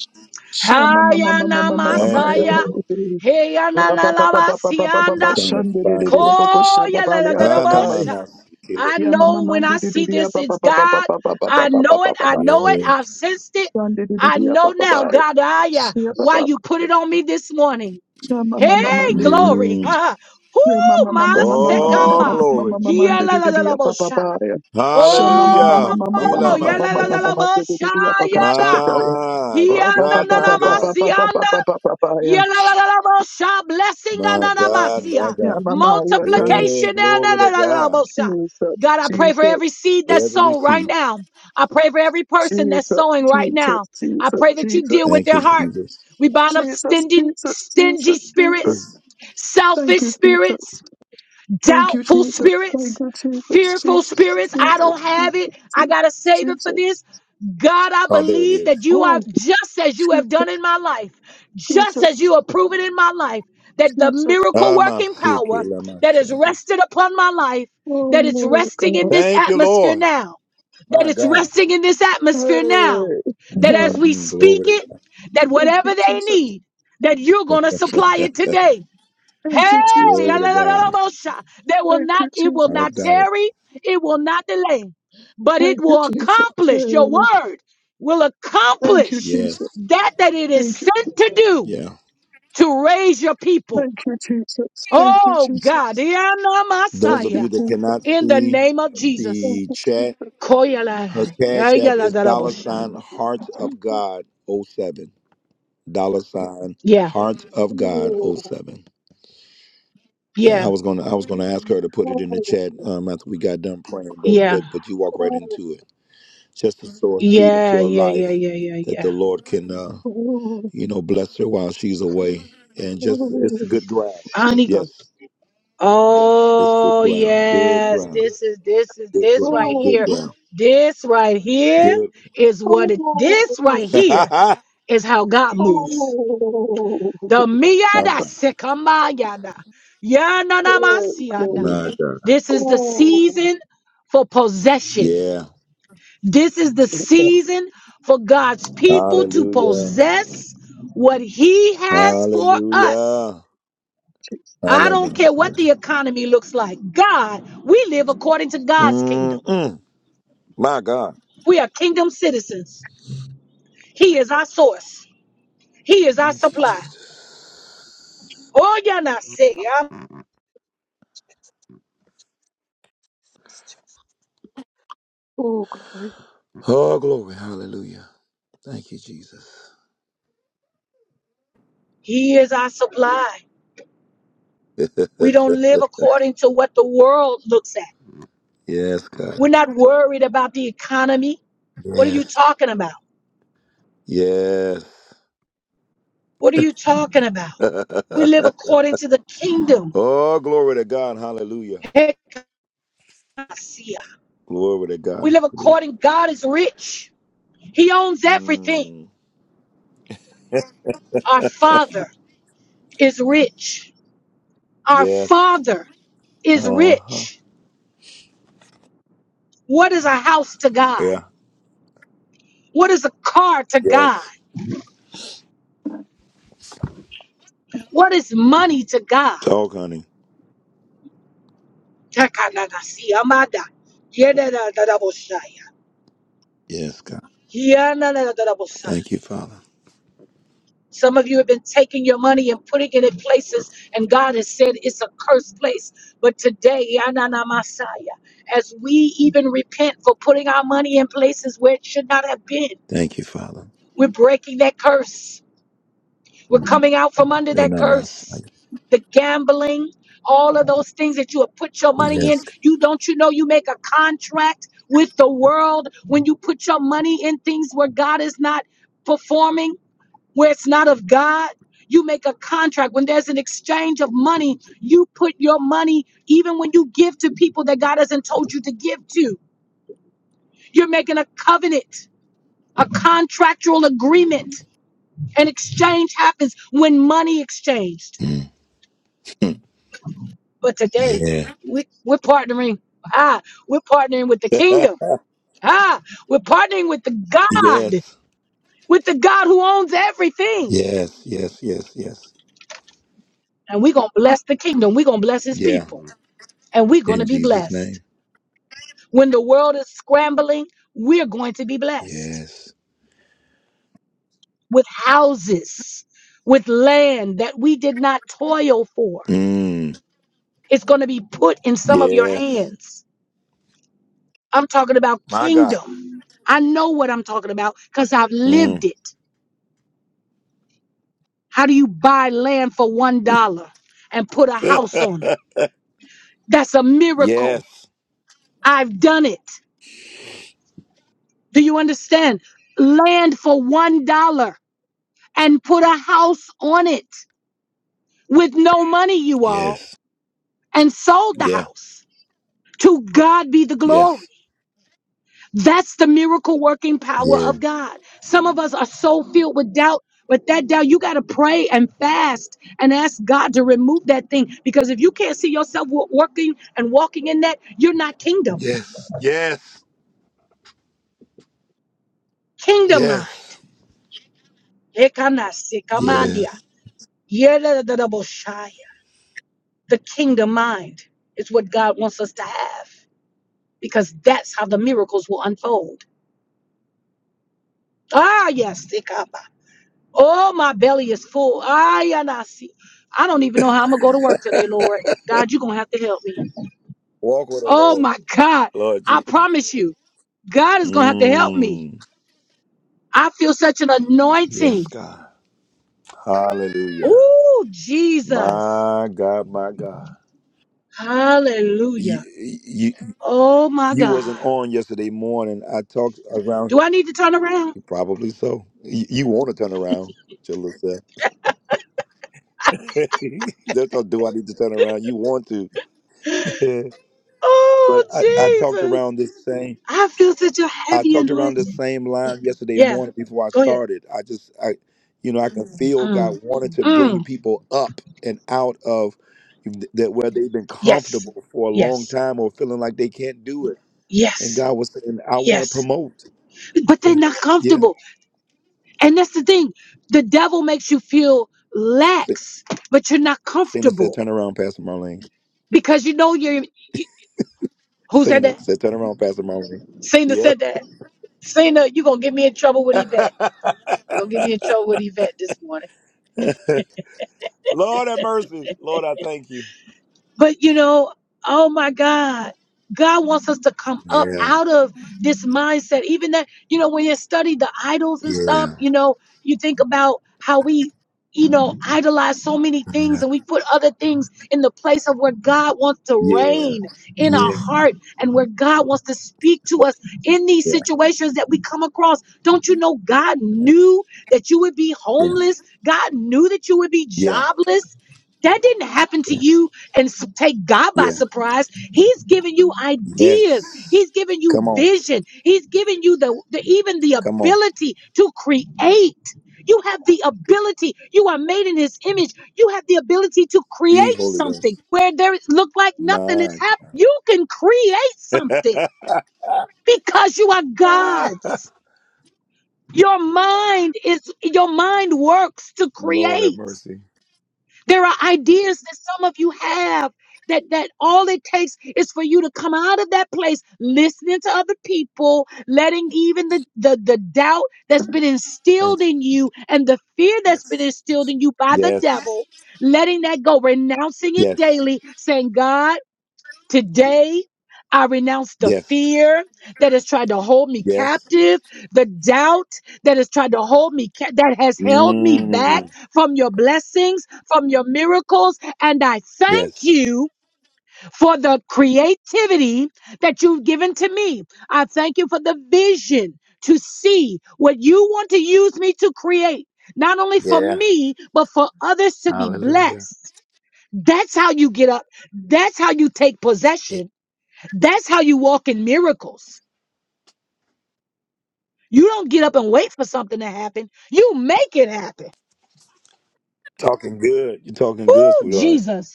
[SPEAKER 10] Shama mama mama
[SPEAKER 2] Hayana
[SPEAKER 10] mama mama
[SPEAKER 1] Thank you,
[SPEAKER 10] ya
[SPEAKER 2] Masaya.
[SPEAKER 1] Lord.
[SPEAKER 2] Hey, na la la la,
[SPEAKER 1] I'm
[SPEAKER 2] sianda.
[SPEAKER 1] trying to find it. Ah, na, ma,
[SPEAKER 2] Koyaladadabosha.
[SPEAKER 1] na, si,
[SPEAKER 2] I
[SPEAKER 10] mama
[SPEAKER 2] know when
[SPEAKER 10] mandi
[SPEAKER 2] I
[SPEAKER 10] de
[SPEAKER 2] see this, it's God. I know it. I know it.
[SPEAKER 1] Yeah.
[SPEAKER 2] I've sensed it. I know now, God, I, uh, why you put it on me this morning. Hey, glory.
[SPEAKER 1] Mm.
[SPEAKER 2] Oh, my
[SPEAKER 1] Oh,
[SPEAKER 2] sekamba.
[SPEAKER 1] glory.
[SPEAKER 2] Yaladadabosha. Oh,
[SPEAKER 1] Hallelujah. Ila, ma,
[SPEAKER 2] yaladadabosha, yada.
[SPEAKER 1] My God, my God.
[SPEAKER 2] Hiyananamasianda Yalalalabosha, Blessing
[SPEAKER 1] My God, my
[SPEAKER 2] ananamasia,
[SPEAKER 10] Yeah,
[SPEAKER 1] God.
[SPEAKER 10] Mama, your time.
[SPEAKER 1] Yeah.
[SPEAKER 2] multiplication
[SPEAKER 1] glory to God.
[SPEAKER 2] ananalabosa.
[SPEAKER 10] Jesus,
[SPEAKER 2] God, I pray for
[SPEAKER 10] Jesus,
[SPEAKER 2] every seed that's
[SPEAKER 1] Every
[SPEAKER 2] sown right
[SPEAKER 1] seat.
[SPEAKER 2] now. I pray for every person that's
[SPEAKER 10] Jesus,
[SPEAKER 2] sowing right
[SPEAKER 10] Jesus,
[SPEAKER 2] now. I
[SPEAKER 10] Jesus,
[SPEAKER 2] pray that you deal
[SPEAKER 10] Jesus,
[SPEAKER 2] with
[SPEAKER 1] Thank you,
[SPEAKER 2] their heart.
[SPEAKER 1] Jesus.
[SPEAKER 2] We bind up
[SPEAKER 10] Jesus,
[SPEAKER 2] stingy,
[SPEAKER 10] Jesus,
[SPEAKER 2] stingy
[SPEAKER 10] Jesus, Jesus.
[SPEAKER 2] spirits,
[SPEAKER 1] It's-
[SPEAKER 10] Thank
[SPEAKER 2] selfish
[SPEAKER 10] you, Jesus.
[SPEAKER 2] spirits,
[SPEAKER 10] Thank you,
[SPEAKER 2] doubtful
[SPEAKER 10] Jesus. Thank
[SPEAKER 2] spirits,
[SPEAKER 10] you, Jesus,
[SPEAKER 2] fearful
[SPEAKER 10] Jesus,
[SPEAKER 2] spirits. I
[SPEAKER 10] Jesus,
[SPEAKER 2] don't have
[SPEAKER 10] Jesus,
[SPEAKER 2] it. I
[SPEAKER 10] Jesus,
[SPEAKER 2] got to save it for
[SPEAKER 10] Jesus.
[SPEAKER 2] this. God, I
[SPEAKER 1] oh, there it
[SPEAKER 2] believe
[SPEAKER 1] is.
[SPEAKER 2] that you are
[SPEAKER 10] Oh,
[SPEAKER 2] just as you have
[SPEAKER 10] Jesus,
[SPEAKER 2] done in my life, just as
[SPEAKER 10] Jesus,
[SPEAKER 2] you have proven in my life, that the
[SPEAKER 10] Jesus.
[SPEAKER 2] miracle
[SPEAKER 1] Ah, ma,
[SPEAKER 2] working
[SPEAKER 1] si, ki,
[SPEAKER 2] power that is rested upon my life,
[SPEAKER 10] Oh,
[SPEAKER 2] that it's
[SPEAKER 10] Lord
[SPEAKER 2] resting in
[SPEAKER 10] God.
[SPEAKER 2] this
[SPEAKER 1] Thank you,
[SPEAKER 2] atmosphere
[SPEAKER 1] Lord.
[SPEAKER 2] now, that
[SPEAKER 1] My
[SPEAKER 2] it's
[SPEAKER 1] God.
[SPEAKER 2] resting in this atmosphere now,
[SPEAKER 10] Hey.
[SPEAKER 2] that
[SPEAKER 10] Uh,
[SPEAKER 2] as we
[SPEAKER 1] hmm
[SPEAKER 2] speak
[SPEAKER 1] Glory
[SPEAKER 2] it,
[SPEAKER 1] to
[SPEAKER 2] that
[SPEAKER 10] Thank you,
[SPEAKER 2] whatever they
[SPEAKER 10] Jesus.
[SPEAKER 2] need, that you're
[SPEAKER 1] God.
[SPEAKER 2] going to supply it today
[SPEAKER 10] Thank
[SPEAKER 2] Hey,
[SPEAKER 10] you,
[SPEAKER 1] Glory to
[SPEAKER 10] Jesus.
[SPEAKER 1] God.
[SPEAKER 2] yalalalabosa. they will
[SPEAKER 10] Thank you,
[SPEAKER 2] not, it will
[SPEAKER 1] I'd have
[SPEAKER 2] not
[SPEAKER 10] Jesus.
[SPEAKER 1] got it.
[SPEAKER 2] tarry, it will not delay, but it
[SPEAKER 10] Thank you,
[SPEAKER 2] will
[SPEAKER 10] Jesus.
[SPEAKER 2] accomplish your
[SPEAKER 10] Hey.
[SPEAKER 2] word, will
[SPEAKER 10] Thank you,
[SPEAKER 2] accomplish
[SPEAKER 1] Yes.
[SPEAKER 10] Jesus.
[SPEAKER 2] that that it is
[SPEAKER 10] Thank you, Jesus.
[SPEAKER 2] sent to do
[SPEAKER 1] Yeah.
[SPEAKER 2] to raise your people.
[SPEAKER 10] Thank you, Jesus. Thank you,
[SPEAKER 2] Oh
[SPEAKER 10] Jesus.
[SPEAKER 2] God,
[SPEAKER 10] Thank
[SPEAKER 1] Those of
[SPEAKER 10] you,
[SPEAKER 2] Messiah,
[SPEAKER 1] you that
[SPEAKER 10] Jesus.
[SPEAKER 1] cannot
[SPEAKER 2] in the
[SPEAKER 1] see
[SPEAKER 2] name of
[SPEAKER 10] Thank
[SPEAKER 2] Jesus.
[SPEAKER 1] the
[SPEAKER 10] you,
[SPEAKER 1] chat,
[SPEAKER 10] Jesus.
[SPEAKER 1] her
[SPEAKER 2] Koyala-
[SPEAKER 1] cash app is dollar sign
[SPEAKER 2] yalalalabosa.
[SPEAKER 1] heart of
[SPEAKER 10] Jesus.
[SPEAKER 1] God oh seven. Dollar sign
[SPEAKER 2] Yeah,
[SPEAKER 1] heart of God oh
[SPEAKER 10] Oh,
[SPEAKER 1] seven. Yeah,
[SPEAKER 2] yeah,
[SPEAKER 1] I was gonna I was gonna ask her to put it in the
[SPEAKER 10] oh,
[SPEAKER 1] chat um, after we got done praying, but
[SPEAKER 2] yeah,
[SPEAKER 1] but but you walk
[SPEAKER 10] oh,
[SPEAKER 1] right
[SPEAKER 10] oh,
[SPEAKER 1] into it. Just to sow a seed into
[SPEAKER 2] yeah,
[SPEAKER 1] a
[SPEAKER 2] yeah,
[SPEAKER 1] life
[SPEAKER 2] yeah, yeah,
[SPEAKER 1] that
[SPEAKER 2] yeah,
[SPEAKER 1] the Lord can uh,
[SPEAKER 10] oh,
[SPEAKER 1] you know, bless her while she's away. And just, it's good ground.
[SPEAKER 2] yeah.
[SPEAKER 10] Jesus.
[SPEAKER 1] Yes, it's good
[SPEAKER 2] Oh
[SPEAKER 1] ground. Good
[SPEAKER 2] yes,
[SPEAKER 1] ground.
[SPEAKER 2] this is this is
[SPEAKER 1] Good
[SPEAKER 2] this
[SPEAKER 1] ground.
[SPEAKER 2] right
[SPEAKER 10] Oh,
[SPEAKER 1] Good
[SPEAKER 2] here.
[SPEAKER 1] ground.
[SPEAKER 2] This right here
[SPEAKER 1] Good.
[SPEAKER 2] is what it this right here is how God
[SPEAKER 1] yeah.
[SPEAKER 2] moves.
[SPEAKER 10] oh,
[SPEAKER 2] The
[SPEAKER 10] oh,
[SPEAKER 1] All
[SPEAKER 2] miyada
[SPEAKER 10] Jesus.
[SPEAKER 1] right.
[SPEAKER 2] sekamayada.
[SPEAKER 10] Hey,
[SPEAKER 2] Yananamasiana.
[SPEAKER 10] glory.
[SPEAKER 1] My God.
[SPEAKER 2] This is the
[SPEAKER 10] Oh,
[SPEAKER 2] season for possession.
[SPEAKER 1] Yeah.
[SPEAKER 2] This is the
[SPEAKER 10] Jesus.
[SPEAKER 2] season for God's people to
[SPEAKER 1] Hallelujah.
[SPEAKER 2] possess what He has for us.
[SPEAKER 1] Hallelujah.
[SPEAKER 10] Jesus.
[SPEAKER 2] I don't care what
[SPEAKER 1] Hallelujah.
[SPEAKER 2] the economy looks like. God, we live according to God's kingdom.
[SPEAKER 1] Mm-mm. My God.
[SPEAKER 2] We are kingdom citizens. He is our source. He is our
[SPEAKER 1] Thank you,
[SPEAKER 2] supply.
[SPEAKER 1] Jesus.
[SPEAKER 2] Oh, yeah, not say yeah.
[SPEAKER 10] Oh, glory.
[SPEAKER 1] Oh, glory. Hallelujah. Thank you, Jesus.
[SPEAKER 2] He is our supply. We don't live according to what the world looks at.
[SPEAKER 1] yes, God.
[SPEAKER 2] We're not worried about the economy. What are you
[SPEAKER 1] Yes.
[SPEAKER 2] talking about?
[SPEAKER 1] Yes.
[SPEAKER 2] What are you talking about? We live according to the kingdom.
[SPEAKER 1] Oh, glory to God. Hallelujah.
[SPEAKER 2] We
[SPEAKER 1] Glory to God.
[SPEAKER 2] live
[SPEAKER 1] Hallelujah.
[SPEAKER 2] according. God is rich. He owns everything.
[SPEAKER 1] Mm,
[SPEAKER 2] Our Father. is rich. Our
[SPEAKER 1] yes.
[SPEAKER 2] Father is
[SPEAKER 1] Uh huh.
[SPEAKER 2] rich. What is a house to God?
[SPEAKER 1] Yeah.
[SPEAKER 2] What is a car to God?
[SPEAKER 1] Yes.
[SPEAKER 2] What is money to God?
[SPEAKER 1] Talk, honey. Yes, God. Thank you, Father.
[SPEAKER 2] Some of you have been taking your money and putting it in places, and God has said it's a cursed place. But today, as we even repent for putting our money in places where it should not have been,
[SPEAKER 1] Thank you, Father.
[SPEAKER 2] we're breaking that curse. We're coming out from under
[SPEAKER 1] They're
[SPEAKER 2] that
[SPEAKER 1] not my
[SPEAKER 2] curse.
[SPEAKER 1] sight.
[SPEAKER 2] The gambling, all of those things that you have put your money in.
[SPEAKER 1] Yes.
[SPEAKER 2] You don't you know you make a contract with the world when you put your money in things where God is not performing, where it's not of God. You make a contract when there's an exchange of money. You put your money, even when you give to people that God hasn't told you to give to. You're making a covenant, a contractual agreement. An exchange happens when money exchanged.
[SPEAKER 1] Mm. Mm.
[SPEAKER 2] But today,
[SPEAKER 1] Yeah.
[SPEAKER 2] we, we're partnering. Ah, we're partnering with the kingdom. Ah, we're partnering with the God,
[SPEAKER 1] yes.
[SPEAKER 2] with the God who owns everything.
[SPEAKER 1] Yes. Yes. Yes. Yes.
[SPEAKER 2] And we're going to bless the kingdom. We're going to bless his
[SPEAKER 1] Yeah.
[SPEAKER 2] people. And we're going
[SPEAKER 1] In
[SPEAKER 2] to be
[SPEAKER 1] Jesus'
[SPEAKER 2] blessed.
[SPEAKER 1] name.
[SPEAKER 2] When the world is scrambling, we're going to be blessed
[SPEAKER 1] Yes.
[SPEAKER 2] with houses, with land that we did not toil for.
[SPEAKER 1] Mm.
[SPEAKER 2] It's going to be put in some of your
[SPEAKER 1] Yes.
[SPEAKER 2] hands. I'm talking about
[SPEAKER 1] My God.
[SPEAKER 2] kingdom. I know what I'm talking about because I've lived
[SPEAKER 1] Mm.
[SPEAKER 2] it. How do you buy land for one dollar and put a house on it? That's a miracle.
[SPEAKER 1] yes.
[SPEAKER 2] I've done it. Do you understand? Land for one dollar and put a house on it with no money, you all,
[SPEAKER 1] Yes.
[SPEAKER 2] and sold the
[SPEAKER 1] Yeah.
[SPEAKER 2] house. To God be the glory.
[SPEAKER 1] Yes.
[SPEAKER 2] That's the miracle working
[SPEAKER 1] Yes.
[SPEAKER 2] power of God. Some of us are so filled with doubt, but that doubt, you got to pray and fast and ask God to remove that thing. Because if you can't see yourself wo- working and walking in that, you're not kingdom.
[SPEAKER 1] Yes. Yes.
[SPEAKER 2] Kingdom mind.
[SPEAKER 1] Yes.
[SPEAKER 2] Ekanasikamandia.
[SPEAKER 1] Yes.
[SPEAKER 2] Yeleleleboshaya. The kingdom mind is what God wants us to have because that's how the miracles will unfold. Ah, yes. Oh, my belly is full. I and I see. I don't even know how I'm gonna go to work today, Lord. God, you're gonna have to help me.
[SPEAKER 1] Walk with the
[SPEAKER 2] Oh
[SPEAKER 1] Lord,
[SPEAKER 2] my God.
[SPEAKER 1] Lord
[SPEAKER 2] I
[SPEAKER 1] Jesus.
[SPEAKER 2] promise you, God is gonna have to help me.
[SPEAKER 1] Mm.
[SPEAKER 2] I feel such an
[SPEAKER 1] Yes,
[SPEAKER 2] anointing.
[SPEAKER 1] God. Hallelujah.
[SPEAKER 2] Oh, Jesus.
[SPEAKER 1] My God, my God. You,
[SPEAKER 2] Hallelujah.
[SPEAKER 1] you
[SPEAKER 2] Oh my
[SPEAKER 1] you
[SPEAKER 2] God.
[SPEAKER 1] wasn't on yesterday morning. I talked around.
[SPEAKER 2] Do I need to turn around?
[SPEAKER 1] Probably so. You, you want to turn around, Jalissa. That's not do I need to turn around. You want to,
[SPEAKER 2] Oh,
[SPEAKER 1] but I, I talked
[SPEAKER 2] Jesus.
[SPEAKER 1] around this thing.
[SPEAKER 2] I feel such a
[SPEAKER 1] I
[SPEAKER 2] heavy
[SPEAKER 1] talked around the
[SPEAKER 2] anointing.
[SPEAKER 1] same line yesterday
[SPEAKER 2] Yeah.
[SPEAKER 1] morning before I
[SPEAKER 2] Go ahead.
[SPEAKER 1] started. I just, I, you know, I can feel God
[SPEAKER 2] Mm.
[SPEAKER 1] wanted to bring
[SPEAKER 2] Mm.
[SPEAKER 1] people up and out of that where they've been
[SPEAKER 2] Yes.
[SPEAKER 1] comfortable for a long
[SPEAKER 2] Yes.
[SPEAKER 1] time or feeling like they can't do it. And
[SPEAKER 2] Yes.
[SPEAKER 1] God was saying, I want to
[SPEAKER 2] Yes.
[SPEAKER 1] promote.
[SPEAKER 2] but they're
[SPEAKER 1] Yeah.
[SPEAKER 2] not
[SPEAKER 1] Yeah.
[SPEAKER 2] comfortable. And that's the thing. The devil makes you feel
[SPEAKER 1] Se-
[SPEAKER 2] lax, but you're not
[SPEAKER 1] Cena said,
[SPEAKER 2] comfortable
[SPEAKER 1] turn around, Pastor Marlene.
[SPEAKER 2] because you know you're. You, who said
[SPEAKER 1] Cena
[SPEAKER 2] that?
[SPEAKER 1] said, turn around, Pastor Marlene.
[SPEAKER 2] Cena
[SPEAKER 1] Yeah.
[SPEAKER 2] said that. Cena, you're going to get me in trouble with Yvette. You're going to get me in trouble with Yvette this morning.
[SPEAKER 1] Lord have mercy. Lord, I thank you.
[SPEAKER 2] But you know, oh my God, God wants us to come up
[SPEAKER 1] Yeah.
[SPEAKER 2] out of this mindset. Even that, you know, when you study the idols and
[SPEAKER 1] Yeah.
[SPEAKER 2] stuff,
[SPEAKER 1] Yeah.
[SPEAKER 2] you know, you think about how we, you know, idolize so many things and we put other things in the place of where God wants to
[SPEAKER 1] Yeah.
[SPEAKER 2] reign in
[SPEAKER 1] Yeah.
[SPEAKER 2] our heart and where God wants to speak to us in these
[SPEAKER 1] Yeah.
[SPEAKER 2] situations that we come across. Don't you know God knew that you would be homeless? God knew that you would be
[SPEAKER 1] Yeah.
[SPEAKER 2] jobless. That didn't happen to you and s- take God by
[SPEAKER 1] Yeah.
[SPEAKER 2] surprise. He's giving you ideas.
[SPEAKER 1] Yes.
[SPEAKER 2] He's giving you
[SPEAKER 1] Come on.
[SPEAKER 2] vision. He's giving you the, the even the
[SPEAKER 1] Come on.
[SPEAKER 2] ability to create. You have the ability. You are made in His image. You have the ability to
[SPEAKER 1] Big
[SPEAKER 2] create
[SPEAKER 1] Holy
[SPEAKER 2] something
[SPEAKER 1] Ghost.
[SPEAKER 2] where there look like nothing is
[SPEAKER 1] My
[SPEAKER 2] happening. You can create something because you are
[SPEAKER 1] God.
[SPEAKER 2] God's. Your mind is your mind works to
[SPEAKER 1] Lord have
[SPEAKER 2] create.
[SPEAKER 1] mercy.
[SPEAKER 2] There are ideas that some of you have that that all it takes is for you to come out of that place listening to other people, letting even the the, the doubt that's been
[SPEAKER 1] Thank
[SPEAKER 2] instilled
[SPEAKER 1] you,
[SPEAKER 2] in you and the fear that's
[SPEAKER 1] Jesus.
[SPEAKER 2] been instilled in you by the
[SPEAKER 1] Yes.
[SPEAKER 2] devil. Letting that go, renouncing it
[SPEAKER 1] Yes.
[SPEAKER 2] daily, saying, God, Today, I renounce the
[SPEAKER 1] Yes.
[SPEAKER 2] fear that has tried to hold me
[SPEAKER 1] Yes.
[SPEAKER 2] captive, the doubt that has tried to hold me, ca- that has held me back
[SPEAKER 1] Mm.
[SPEAKER 2] from your blessings, from your miracles. And I thank
[SPEAKER 1] Yes.
[SPEAKER 2] you for the creativity that you've given to me. I thank you for the vision to see what you want to use me to create, not only for
[SPEAKER 1] Yeah.
[SPEAKER 2] me, but for others to be
[SPEAKER 1] Hallelujah.
[SPEAKER 2] blessed. That's how you get up. That's how you take
[SPEAKER 1] Yeah.
[SPEAKER 2] possession that's how you walk in miracles. You don't get up and wait for something to happen. You make it happen.
[SPEAKER 1] Talking good. You're talking good,
[SPEAKER 2] Oh,
[SPEAKER 1] sweetheart.
[SPEAKER 2] Jesus.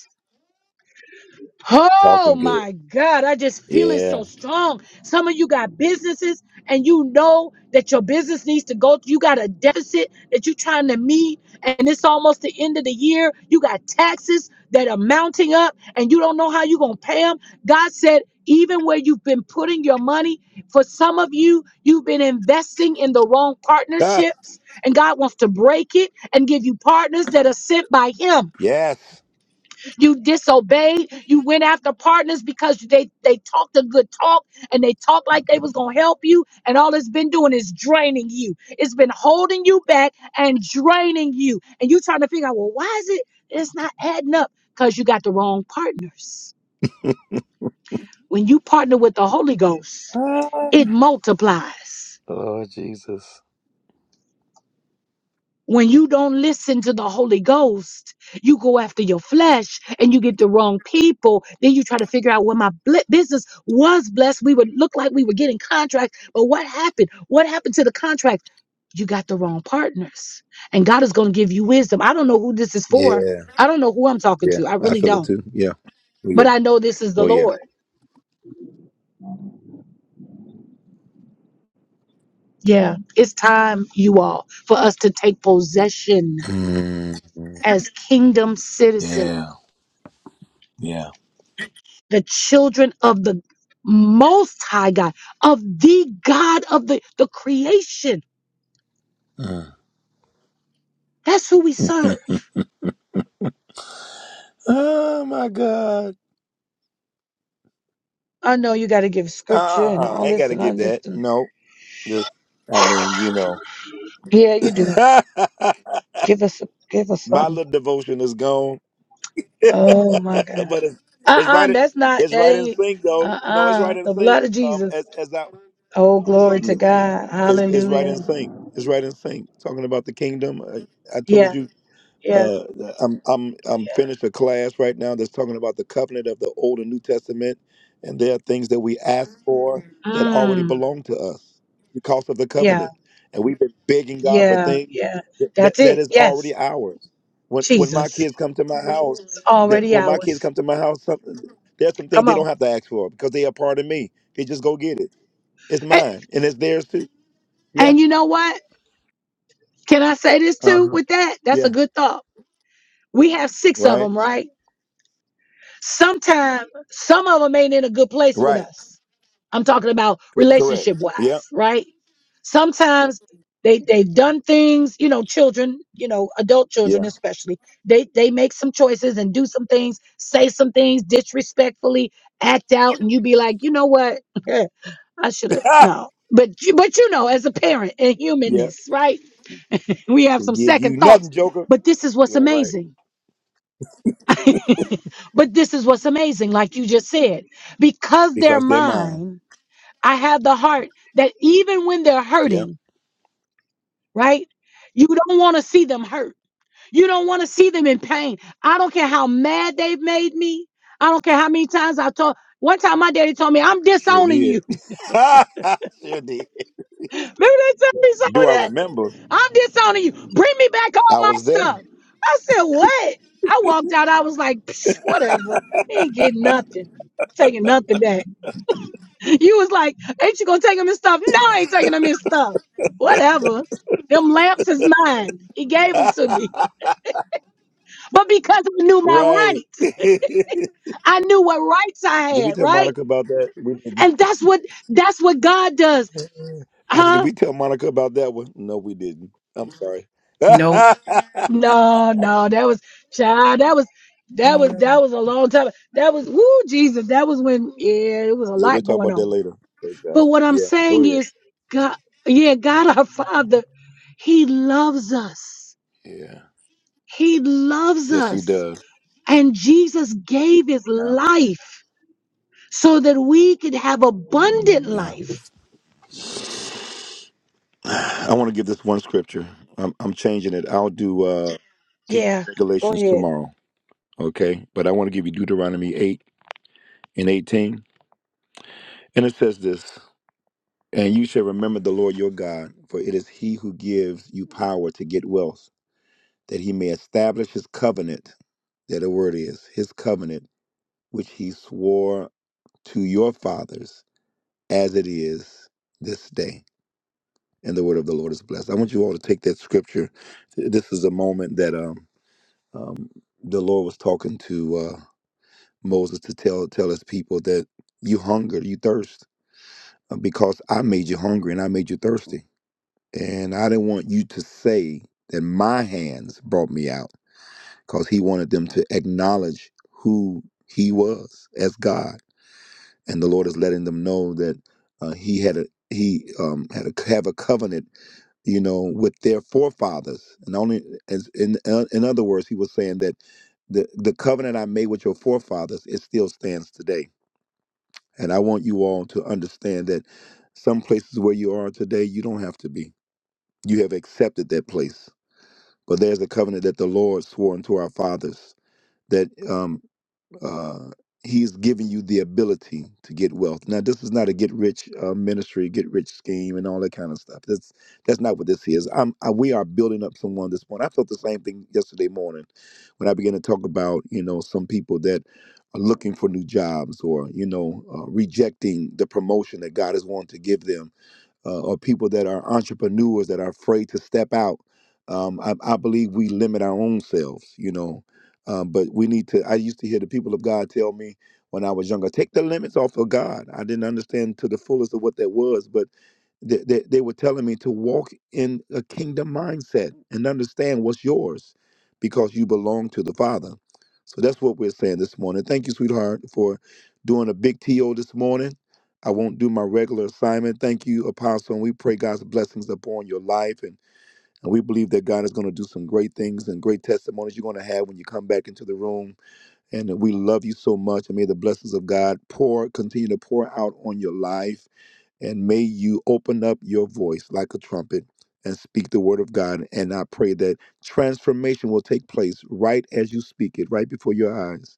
[SPEAKER 2] Oh
[SPEAKER 1] Talking good.
[SPEAKER 2] my God, I just feel it
[SPEAKER 1] Yeah.
[SPEAKER 2] so strong. Some of you got businesses and you know that your business needs to go. You got a deficit that you're trying to meet, and it's almost the end of the year. You got taxes that are mounting up and you don't know how you're going to pay them. God said, even where you've been putting your money, for some of you, you've been investing in the wrong
[SPEAKER 1] Ah,
[SPEAKER 2] partnerships, and God wants to break it and give you partners that are sent by Him
[SPEAKER 1] yes.
[SPEAKER 2] you disobeyed. You went after partners because they they talked a good talk and they talked like they was gonna help you. And all it's been doing is draining you. It's been holding you back and draining you. And you trying to figure out, well, why is it it's not adding up? Because you got the wrong partners. When you partner with the Holy Ghost, it multiplies.
[SPEAKER 1] Lord Jesus.
[SPEAKER 2] When you don't listen to the Holy Ghost, you go after your flesh and you get the wrong people. Then you try to figure out well, my bl- business was blessed. We would look like we were getting contracts, but what happened? What happened to the contract? You got the wrong partners. And God is going to give you wisdom. I don't know who this is for.
[SPEAKER 1] Yeah.
[SPEAKER 2] I don't know who I'm talking
[SPEAKER 1] Yeah.
[SPEAKER 2] to. I
[SPEAKER 1] I
[SPEAKER 2] really
[SPEAKER 1] feel it
[SPEAKER 2] don't.
[SPEAKER 1] too. Yeah. Oh
[SPEAKER 2] But
[SPEAKER 1] yeah.
[SPEAKER 2] I know this is the
[SPEAKER 1] Oh yeah.
[SPEAKER 2] Lord. Yeah, it's time, you all, for us to take possession
[SPEAKER 1] Mm.
[SPEAKER 2] as kingdom citizens.
[SPEAKER 1] Yeah. Yeah.
[SPEAKER 2] the children of the most high God, of the God of the, the creation.
[SPEAKER 1] Uh.
[SPEAKER 2] That's who we serve.
[SPEAKER 1] Oh my God.
[SPEAKER 2] I know you got to give
[SPEAKER 1] Uh,
[SPEAKER 2] scripture
[SPEAKER 1] uh,
[SPEAKER 2] and
[SPEAKER 1] uh,
[SPEAKER 2] all
[SPEAKER 1] I ain't got
[SPEAKER 2] this,
[SPEAKER 1] to
[SPEAKER 2] and I
[SPEAKER 1] give that.
[SPEAKER 2] just,
[SPEAKER 1] No, just I mean, you know,
[SPEAKER 2] yeah, you do. Give us, give us
[SPEAKER 1] my
[SPEAKER 2] something.
[SPEAKER 1] little devotion is gone,
[SPEAKER 2] Oh my God.
[SPEAKER 1] but it's,
[SPEAKER 2] Uh
[SPEAKER 1] it's
[SPEAKER 2] uh
[SPEAKER 1] right.
[SPEAKER 2] that's not,
[SPEAKER 1] It's
[SPEAKER 2] that
[SPEAKER 1] right in
[SPEAKER 2] ain't,
[SPEAKER 1] sync,
[SPEAKER 2] uh
[SPEAKER 1] though. No, it's
[SPEAKER 2] uh
[SPEAKER 1] right in
[SPEAKER 2] the blood
[SPEAKER 1] sync.
[SPEAKER 2] of
[SPEAKER 1] Um,
[SPEAKER 2] Jesus.
[SPEAKER 1] as as I,
[SPEAKER 2] Oh, glory to God.
[SPEAKER 1] it's, it's right in
[SPEAKER 2] Hallelujah.
[SPEAKER 1] sync. It's right in sync. Talking about the kingdom, I, I
[SPEAKER 2] Yeah,
[SPEAKER 1] told you.
[SPEAKER 2] yeah,
[SPEAKER 1] Uh, I'm I'm I'm
[SPEAKER 2] yeah.
[SPEAKER 1] finished a class right now that's talking about the covenant of the Old and New Testament, and there are things that we ask for that already
[SPEAKER 2] Mm,
[SPEAKER 1] belong to us because of the
[SPEAKER 2] yeah,
[SPEAKER 1] covenant, and we've been begging God for
[SPEAKER 2] yeah,
[SPEAKER 1] things
[SPEAKER 2] yeah.
[SPEAKER 1] that that,
[SPEAKER 2] That's
[SPEAKER 1] that
[SPEAKER 2] it.
[SPEAKER 1] is
[SPEAKER 2] Yes,
[SPEAKER 1] already ours. When when my
[SPEAKER 2] Jesus.
[SPEAKER 1] kids come to my house,
[SPEAKER 2] It's
[SPEAKER 1] that
[SPEAKER 2] already
[SPEAKER 1] when my kids
[SPEAKER 2] ours.
[SPEAKER 1] come to my house, some, there's some things
[SPEAKER 2] Come
[SPEAKER 1] they don't
[SPEAKER 2] on.
[SPEAKER 1] have to ask for because they are part of me. They just go get it. It's
[SPEAKER 2] And,
[SPEAKER 1] mine and it's theirs too. Yeah.
[SPEAKER 2] and you know what? Can I say this
[SPEAKER 1] Uh
[SPEAKER 2] too
[SPEAKER 1] huh.
[SPEAKER 2] with that? That's a
[SPEAKER 1] Yeah.
[SPEAKER 2] good thought. We have six of
[SPEAKER 1] Right.
[SPEAKER 2] them, right? Sometimes some of them ain't in a good place with
[SPEAKER 1] Right.
[SPEAKER 2] us. I'm talking about
[SPEAKER 1] Correct.
[SPEAKER 2] relationship
[SPEAKER 1] Yeah.
[SPEAKER 2] wise, right? Sometimes they they've done things, you know, children, you know, adult children
[SPEAKER 1] Yeah.
[SPEAKER 2] especially. They they make some choices and do some things, say some things disrespectfully, act out, and you be like, you know what? I should have no. But you but you know, as a parent and
[SPEAKER 1] Yeah,
[SPEAKER 2] humanness, right? we have
[SPEAKER 1] she'll
[SPEAKER 2] some
[SPEAKER 1] give
[SPEAKER 2] second
[SPEAKER 1] you
[SPEAKER 2] thoughts.
[SPEAKER 1] nothing, Joker.
[SPEAKER 2] But this is what's
[SPEAKER 1] Yeah, right.
[SPEAKER 2] amazing. But this is what's amazing, like you just said. Because they're
[SPEAKER 1] Because they're mine.
[SPEAKER 2] mine, I have the heart that even when they're
[SPEAKER 1] Yeah,
[SPEAKER 2] hurting, right? You don't want to see them hurt. You don't want to see them in pain. I don't care how mad they've made me. I don't care how many times I've told. One time my daddy told me, I'm
[SPEAKER 1] sure
[SPEAKER 2] disowning
[SPEAKER 1] did.
[SPEAKER 2] you.
[SPEAKER 1] sure did.
[SPEAKER 2] Remember they told me some
[SPEAKER 1] Do
[SPEAKER 2] of
[SPEAKER 1] I
[SPEAKER 2] that.
[SPEAKER 1] remember?
[SPEAKER 2] I'm disowning you. Bring me back all
[SPEAKER 1] I
[SPEAKER 2] my
[SPEAKER 1] was
[SPEAKER 2] stuff.
[SPEAKER 1] there.
[SPEAKER 2] I said, what? I walked out. I was like, Psh, whatever. ain't getting nothing. Taking nothing back. You was like, ain't you gonna take him his stuff? No, I ain't taking him his stuff. Whatever. Them lamps is mine. He gave them to me. But because I knew my
[SPEAKER 1] right.
[SPEAKER 2] rights,
[SPEAKER 1] did
[SPEAKER 2] I knew what rights I
[SPEAKER 1] we
[SPEAKER 2] had,
[SPEAKER 1] tell
[SPEAKER 2] right?
[SPEAKER 1] Monica about that? We didn't.
[SPEAKER 2] And that's what that's what God does.
[SPEAKER 1] I said,
[SPEAKER 2] Huh?
[SPEAKER 1] did we tell Monica about that one? No, we didn't. I'm sorry.
[SPEAKER 4] Nope.
[SPEAKER 1] yeah,
[SPEAKER 2] No, no, that was child. That was that was that was a long time. That was woo Jesus. That was when yeah, it was a
[SPEAKER 1] we'll
[SPEAKER 2] lot
[SPEAKER 1] talk
[SPEAKER 2] going
[SPEAKER 1] about that
[SPEAKER 2] on.
[SPEAKER 1] later. Praise God.
[SPEAKER 2] But what I'm
[SPEAKER 1] Yeah, go
[SPEAKER 2] saying
[SPEAKER 1] ahead.
[SPEAKER 2] is, God, yeah, God our Father, He loves us.
[SPEAKER 1] Yeah.
[SPEAKER 2] He loves
[SPEAKER 1] Yes, he
[SPEAKER 2] us,
[SPEAKER 1] does.
[SPEAKER 2] and Jesus gave His
[SPEAKER 1] Yeah.
[SPEAKER 2] life so that we could have abundant
[SPEAKER 1] Yeah.
[SPEAKER 2] life.
[SPEAKER 1] I want to give this one scripture. I'm, I'm changing it. I'll do uh, Kingdom
[SPEAKER 2] Yeah, go
[SPEAKER 1] Regulations
[SPEAKER 2] ahead.
[SPEAKER 1] tomorrow. Okay. But I want to give you Deuteronomy 8 and 18. And it says this And you shall remember the Lord your God, for it is he who gives you power to get wealth, that he may establish his covenant. That the word is his covenant, which he swore to your fathers as it is this day. And the word of the Lord is blessed. I want you all to take that scripture. This is a moment that um, um, the Lord was talking to uh, Moses to tell tell his people that you hunger, you thirst uh, because I made you hungry and I made you thirsty. And I didn't want you to say that my hands brought me out because he wanted them to acknowledge who he was as God. And the Lord is letting them know that uh, he had a he um, had a have a covenant, you know, with their forefathers. And only as in uh, in other words, he was saying that the the covenant I made with your forefathers it still stands today and I want you all to understand that some places where you are today, you don't have to be. You have accepted that place. But there's a covenant that the Lord swore unto our fathers that um, uh, he's giving you the ability to get wealth. Now, this is not a get rich uh, ministry, get rich scheme, and all that kind of stuff. That's that's not what this is. I'm, I, we are building up someone this morning. I felt the same thing yesterday morning when I began to talk about you know some people that are looking for new jobs or you know uh, rejecting the promotion that God has wanted to give them uh, or people that are entrepreneurs that are afraid to step out. Um, I, I believe we limit our own selves, you know. Um, but we need to. I used to hear the people of God tell me when I was younger, take the limits off of God. I didn't understand to the fullest of what that was, but they, they, they were telling me to walk in a kingdom mindset and understand what's yours because you belong to the Father. So that's what we're saying this morning. Thank you, sweetheart, for doing a big TO this morning. I won't do my regular assignment. Thank you, Apostle. And we pray God's blessings upon your life. And, and we believe that God is going to do some great things and great testimonies you're going to have when you come back into the room. And we love you so much. And may the blessings of God pour, continue to pour out on your life. And may you open up your voice like a trumpet and speak the word of God. And I pray that transformation will take place right as you speak it, right before your eyes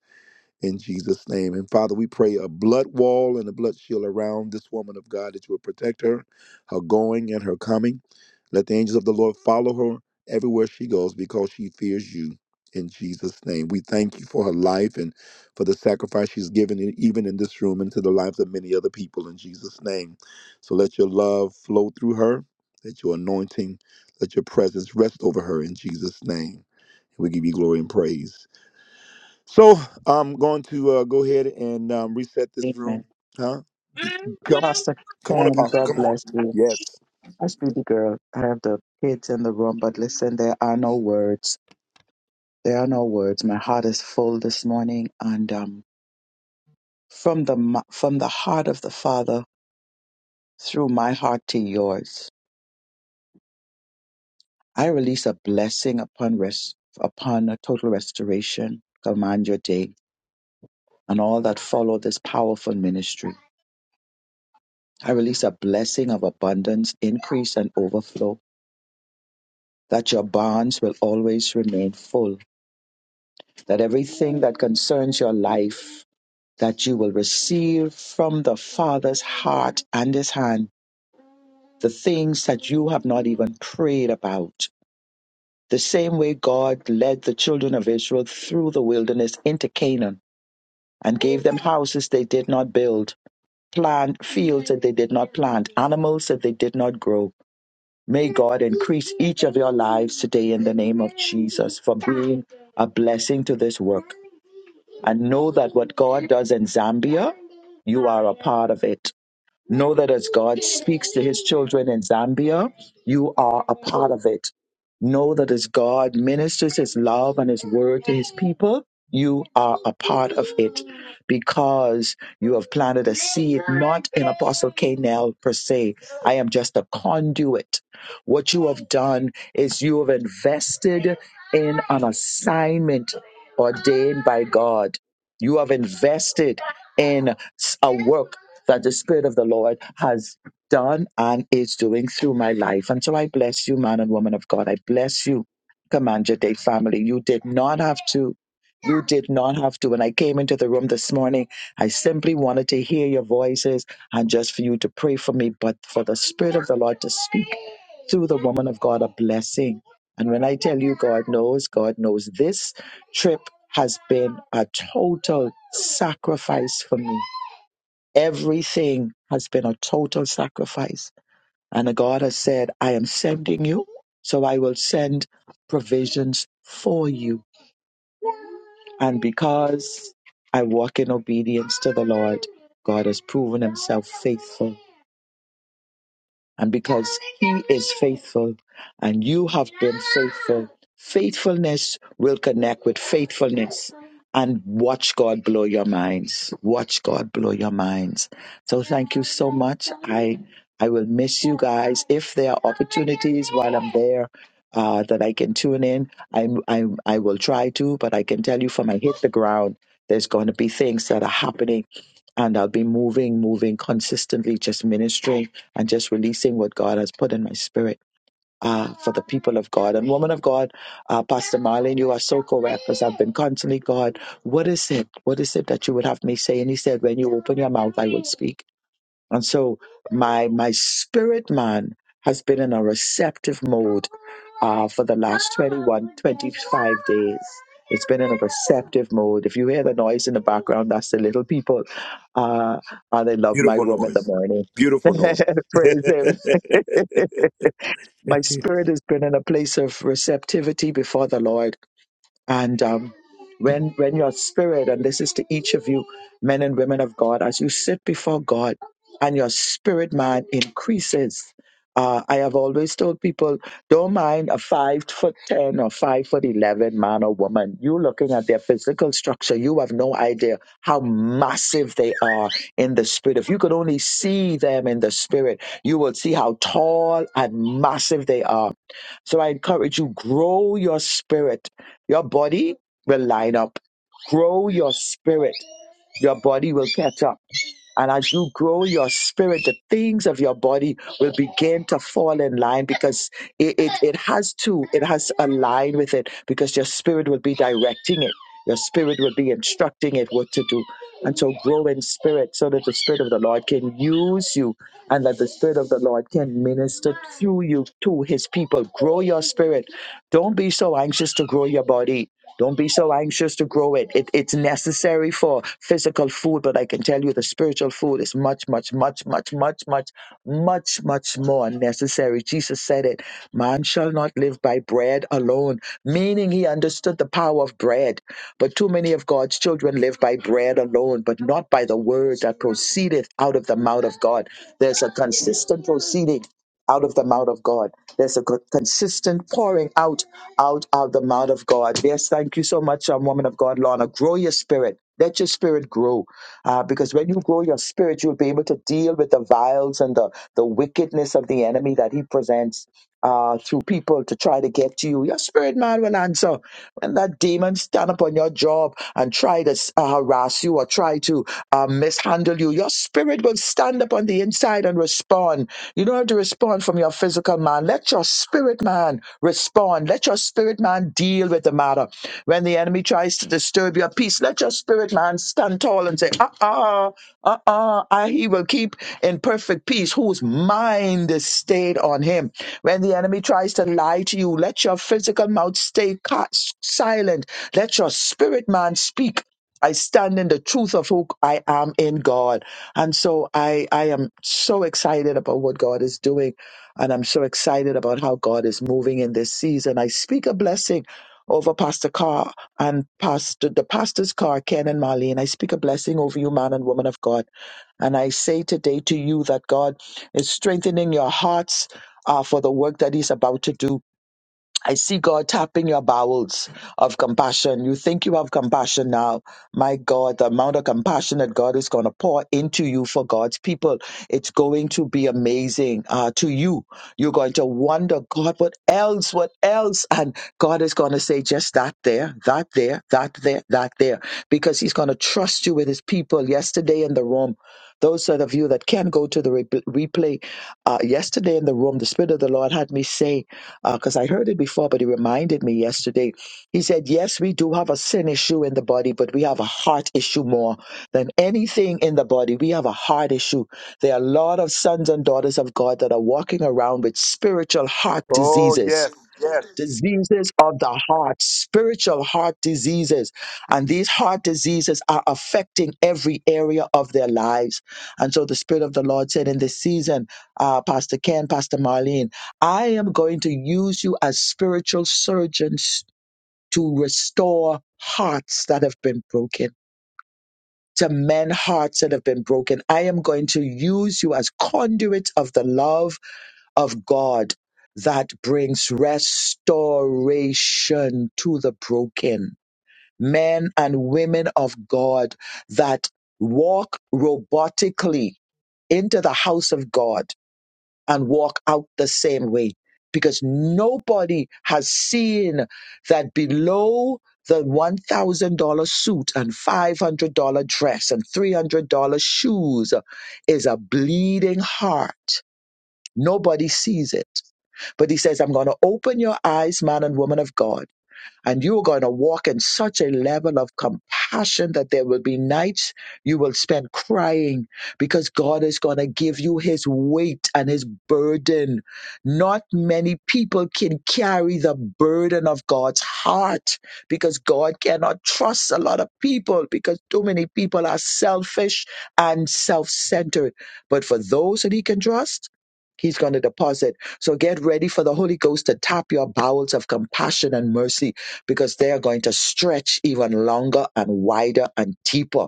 [SPEAKER 1] in Jesus' name. And Father, we pray a blood wall and a blood shield around this woman of God that you will protect her, her going and her coming. Let the angels of the Lord follow her everywhere she goes because she fears you. In Jesus' name, we thank you for her life and for the sacrifice she's given, in- even in this room, into the lives of many other people. In Jesus' name, so let your love flow through her, let your anointing, let your presence rest over her. In Jesus' name, we give you glory and praise. So I'm going to uh, go ahead and um, reset this
[SPEAKER 10] Amen.
[SPEAKER 1] room. Huh? Come,
[SPEAKER 10] Pastor
[SPEAKER 1] come on,
[SPEAKER 10] Ken,
[SPEAKER 1] Apostle.
[SPEAKER 10] God
[SPEAKER 1] Come on.
[SPEAKER 10] bless you.
[SPEAKER 1] Yes.
[SPEAKER 10] I speak the girl. I have the kids in the room, but listen, there are no words. There are no words. My heart is full this morning, and um, from the mo- from the heart of the Father through my heart to yours, I release a blessing upon rest upon a total restoration. Command your day and all that follow this powerful ministry. I release a blessing of abundance, increase, and overflow. That your barns will always remain full. That everything that concerns your life, that you will receive from the Father's heart and His hand the things that you have not even prayed about. The same way God led the children of Israel through the wilderness into Canaan and gave them houses they did not build, plant fields that they did not plant, animals that they did not grow. May God increase each of your lives today in the name of Jesus for being a blessing to this work. And know that what God does in Zambia, you are a part of it. Know that as God speaks to his children in Zambia, you are a part of it. Know that as God ministers his love and his word to his people, you are a part of it because you have planted a seed, not in Apostle Canel per se. I am just a conduit. What you have done is you have invested in an assignment ordained by God. You have invested in s- a work that the Spirit of the Lord has done and is doing through my life. And so I bless you, man and woman of God. I bless you, Commander Day family. You did not have to. You did not have to. When I came into the room this morning, I simply wanted to hear your voices and just for you to pray for me, but for the Spirit of the Lord to speak through the woman of God a blessing. And when I tell you, God knows, God knows this trip has been a total sacrifice for me Everything has been a total sacrifice. And God has said, I am sending you, so I will send provisions for you. And because I walk in obedience to the Lord, God has proven himself faithful And because He is faithful and you have been faithful, faithfulness will connect with faithfulness. And watch God blow your minds. Watch God blow your minds. So thank you so much. I I will miss you guys. If there are opportunities while I'm there uh, that I can tune in, I, I I will try to. But I can tell you from I hit the ground, there's going to be things that are happening, and I'll be moving, moving consistently, just ministering and just releasing what God has put in my spirit uh, for the people of God. And woman of God, uh, Pastor Marlene, you are so correct because I've been constantly, God, what is it? What is it that you would have me say? And he said, when you open your mouth, I will speak. And so my, my spirit man has been in a receptive mode uh, for the last 21, 25 days. It's been in a receptive mode. If you hear the noise in the background, that's the little people. Uh, and they love my
[SPEAKER 1] Beautiful
[SPEAKER 10] room in the
[SPEAKER 1] noise.
[SPEAKER 10] morning.
[SPEAKER 1] Beautiful noise.
[SPEAKER 10] Praise Him my spirit has been in a place of receptivity before the Lord. And um, when when your spirit, and this is to each of you, men and women of God, as you sit before God, and your spirit man increases. Uh, I have always told people, don't mind a five foot ten or five foot eleven man or woman. You looking at their physical structure, you have no idea how massive they are in the spirit. If you could only see them in the spirit, you will see how tall and massive they are so I encourage you, grow your spirit. Your body will line up. Grow your spirit. Your body will catch up. And as you grow your spirit, the things of your body will begin to fall in line because it, it, it has to, it has to align with it because your spirit will be directing it. Your spirit will be instructing it what to do. And so grow in spirit so that the spirit of the Lord can use you and that the spirit of the Lord can minister through you to his people. Grow your spirit. Don't be so anxious to grow your body don't be so anxious to grow it. it. It's necessary for physical food, but I can tell you the spiritual food is much, much, much, much, much, much, much, much more necessary. Jesus said it man shall not live by bread alone, meaning he understood the power of bread. But too many of God's children live by bread alone, but not by the word that proceedeth out of the mouth of God. There's a consistent proceeding out of the mouth of God. There's a co- consistent pouring out out of the mouth of God. Yes, thank you so much, um, woman of God, Lorna. Grow your spirit. Let your spirit grow. Uh, because when you grow your spirit, you'll be able to deal with the vials and the, the wickedness of the enemy that he presents uh, through people to try to get to you. Your spirit man will answer. When that demon stand up on your job and try to uh, harass you or try to uh, mishandle you, your spirit will stand up on the inside and respond. You don't have to respond from your physical man. Let your spirit man Respond. Let your spirit man deal with the matter. When the enemy tries to disturb your peace, let your spirit man stand tall and say, uh uh, uh uh, I he will keep in perfect peace whose mind is stayed on him. When the enemy tries to lie to you, let your physical mouth stay ca- silent. Let your spirit man speak. I stand in the truth of who I am in God. And so I, I am so excited about what God is doing and I'm so excited about how God is moving in this season. I speak a blessing over Pastor Carr and Pastor the pastor's car, Ken and Marlene. I speak a blessing over you, man and woman of God. And I say today to you that God is strengthening your hearts uh, for the work that He's about to do. I see God tapping your bowels of compassion. You think you have compassion now. My God, the amount of compassion that God is going to pour into you for God's people, it's going to be amazing uh, to you. You're going to wonder, God, what else? What else? And God is going to say, just that there, that there, that there, that there, because He's going to trust you with His people. Yesterday in the room, those of you that can go to the re- replay, uh, yesterday in the room, the Spirit of the Lord had me say, because I heard it before, but he reminded me yesterday. He said, Yes, we do have a sin issue in the body, but we have a heart issue more than anything in the body. We have a heart issue. There are a lot of sons and daughters of God that are walking around with spiritual heart
[SPEAKER 1] oh
[SPEAKER 10] diseases
[SPEAKER 1] yes, yes.
[SPEAKER 10] diseases of the heart, spiritual heart diseases. And these heart diseases are affecting every area of their lives. And so the Spirit of the Lord said in this season, uh, Pastor Ken, Pastor Marlene, I am going to use you as spiritual surgeons to restore hearts that have been broken. To mend hearts that have been broken. I am going to use you as conduits of the love of God that brings restoration to the broken. Men and women of God that walk robotically into the house of God and walk out the same way because nobody has seen that below the $1,000 suit and $500 dress and $300 shoes is a bleeding heart. Nobody sees it. But he says, I'm going to open your eyes, man and woman of God. And you are going to walk in such a level of compassion that there will be nights you will spend crying because God is going to give you his weight and his burden. Not many people can carry the burden of God's heart because God cannot trust a lot of people because too many people are selfish and self centered. But for those that he can trust, He's going to deposit. So get ready for the Holy Ghost to tap your bowels of compassion and mercy because they are going to stretch even longer and wider and deeper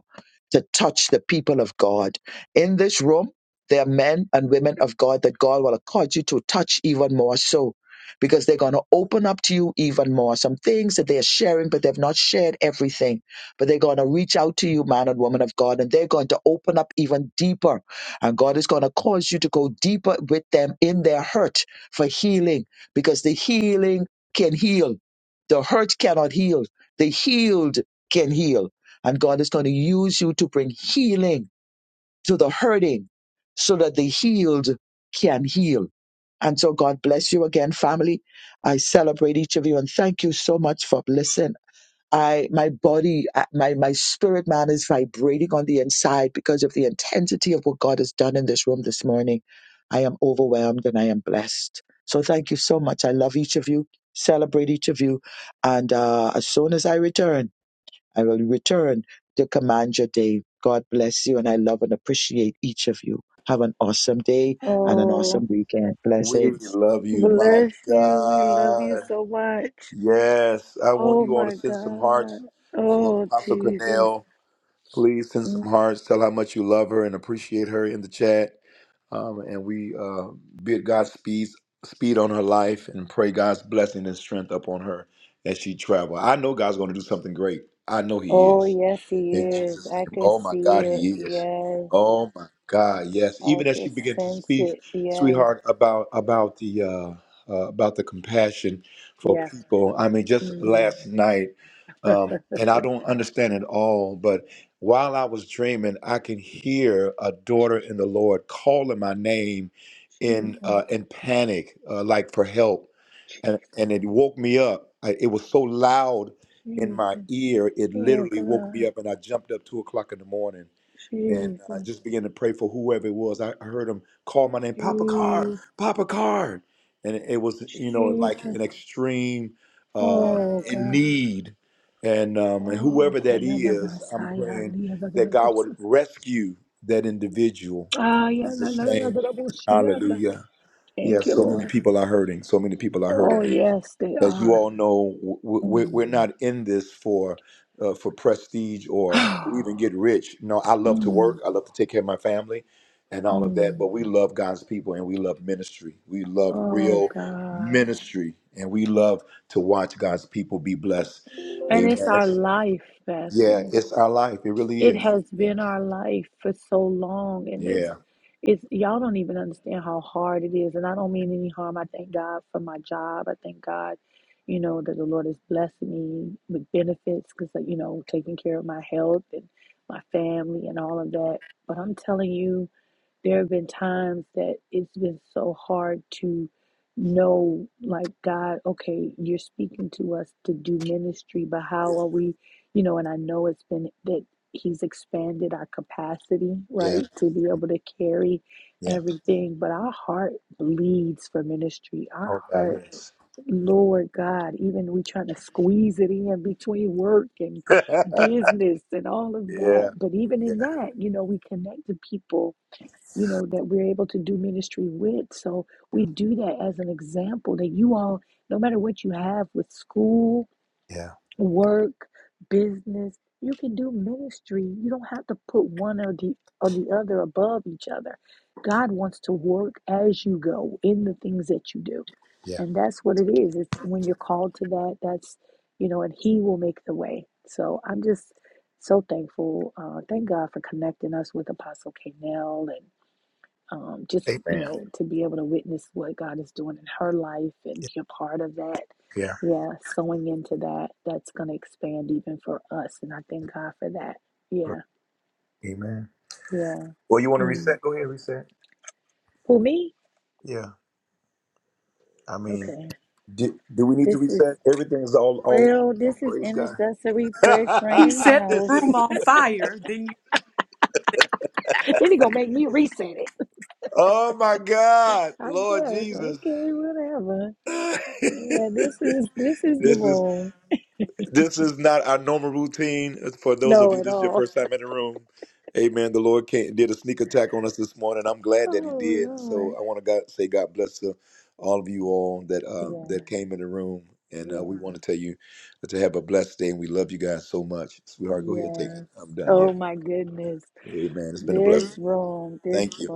[SPEAKER 10] to touch the people of God. In this room, there are men and women of God that God will cause you to touch even more so. Because they're going to open up to you even more. Some things that they are sharing, but they've not shared everything. But they're going to reach out to you, man and woman of God, and they're going to open up even deeper. And God is going to cause you to go deeper with them in their hurt for healing, because the healing can heal the hurt cannot heal. The healed can heal. And God is going to use you to bring healing to the hurting so that the healed can heal. And so God bless you again, family. I celebrate each of you and thank you so much for listening. I my body, uh, my my spirit man is vibrating on the inside because of the intensity of what God has done in this room this morning. I am overwhelmed and I am blessed. So thank you so much. I love each of you. Celebrate each of you. And uh, as soon as I return, I will return to command your day. God bless you, and I love and appreciate each of you. Have an awesome day and an
[SPEAKER 2] Oh,
[SPEAKER 10] awesome weekend.
[SPEAKER 1] We
[SPEAKER 10] Blessings.
[SPEAKER 1] love you, my
[SPEAKER 2] bless you. We love you
[SPEAKER 1] God.
[SPEAKER 2] so much.
[SPEAKER 1] Yes, I want
[SPEAKER 2] Oh
[SPEAKER 1] you all to
[SPEAKER 2] my
[SPEAKER 1] send some
[SPEAKER 2] God.
[SPEAKER 1] hearts for
[SPEAKER 2] Oh
[SPEAKER 1] Apostle
[SPEAKER 2] Jesus.
[SPEAKER 1] Cornell. Please send some hearts. Tell how much you love her and appreciate her in the chat. Um, and we uh, bid God's speed, speed on her life and pray God's blessing and strength upon her as she travel. I know God's going to do something great. I know He is. In Jesus' name. Oh my God, He is. Oh my God, yes. Even as you begin to speak, sweetheart, about about the uh, uh, about the compassion for people. I mean, just last night, um, and I don't understand it all, but while I was dreaming, I can hear a daughter in the Lord calling my name in uh, in panic, uh, like for help and,
[SPEAKER 2] Jesus.
[SPEAKER 1] and it woke me up. I, it was so loud in my
[SPEAKER 2] Jesus.
[SPEAKER 1] ear, it
[SPEAKER 2] Oh
[SPEAKER 1] literally woke me
[SPEAKER 2] God.
[SPEAKER 1] up, and I jumped up two o'clock in the morning and I
[SPEAKER 2] Jesus.
[SPEAKER 1] just began to pray for whoever it was. I, I heard him call my name, Papa Card,
[SPEAKER 2] Jesus.
[SPEAKER 1] Papa Card, and it, was you know like
[SPEAKER 2] Jesus.
[SPEAKER 1] an extreme uh,
[SPEAKER 2] Oh
[SPEAKER 1] in
[SPEAKER 2] God.
[SPEAKER 1] need, and um, and
[SPEAKER 2] Oh,
[SPEAKER 1] whoever
[SPEAKER 2] na
[SPEAKER 1] that
[SPEAKER 2] na na
[SPEAKER 1] is, I'm
[SPEAKER 2] Messiah,
[SPEAKER 1] praying that God would rescue that individual. In Jesus' name, Hallelujah. Yeah, so many people are hurting. So many people are hurting as you all know, w- w- we're, we're not in this for uh, for prestige or to even get rich. No, I love to work. I love to take care of my family and all of that. But we love God's people and we love ministry. We love real ministry and we love to watch God's people be blessed. Amen. That's- yeah, it's our life. It really is. Yeah. Yeah. Yeah. Yeah. Oh God, yes. yeah. Yeah. Yeah. Yeah. Amen. Yeah. Amen. Well, you want to reset? Go ahead, reset. Yeah. I mean, do, do we need to reset? Everything is all all you know, praise God.
[SPEAKER 4] he set the
[SPEAKER 1] this
[SPEAKER 4] room
[SPEAKER 1] is
[SPEAKER 4] on fire. Then
[SPEAKER 1] oh my God, Lord Jesus. this is. This is not our normal routine. For those of you, this is your first time in the room. Amen. The Lord came, did a sneak attack on us this morning. I'm glad that He did. So I want to God, say God bless to all of you all that uh, that came in the room, and uh, we want to tell you to have a blessed day. And we love you guys so much, sweetheart. Go ahead, take it. I'm done. Yeah. Amen. It's been a blessing. Thank you.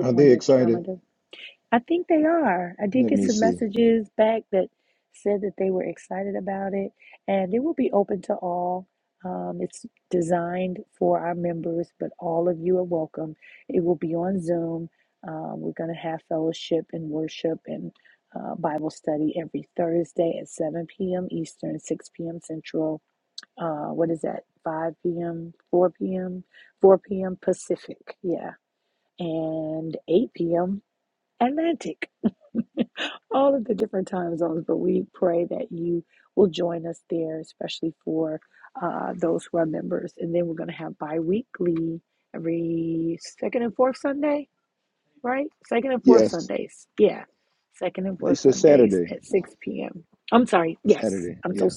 [SPEAKER 1] Are they excited? Let me see. Yes, they said Saturday. Saturday. Yeah,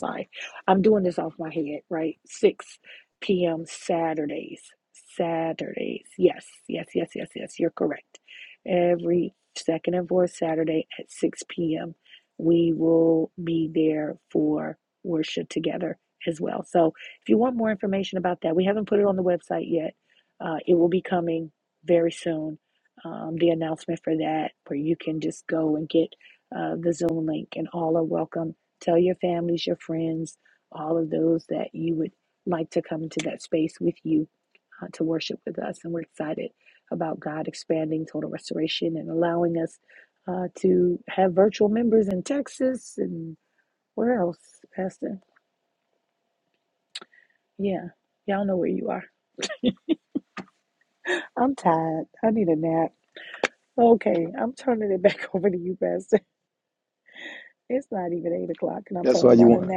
[SPEAKER 1] that's why you want.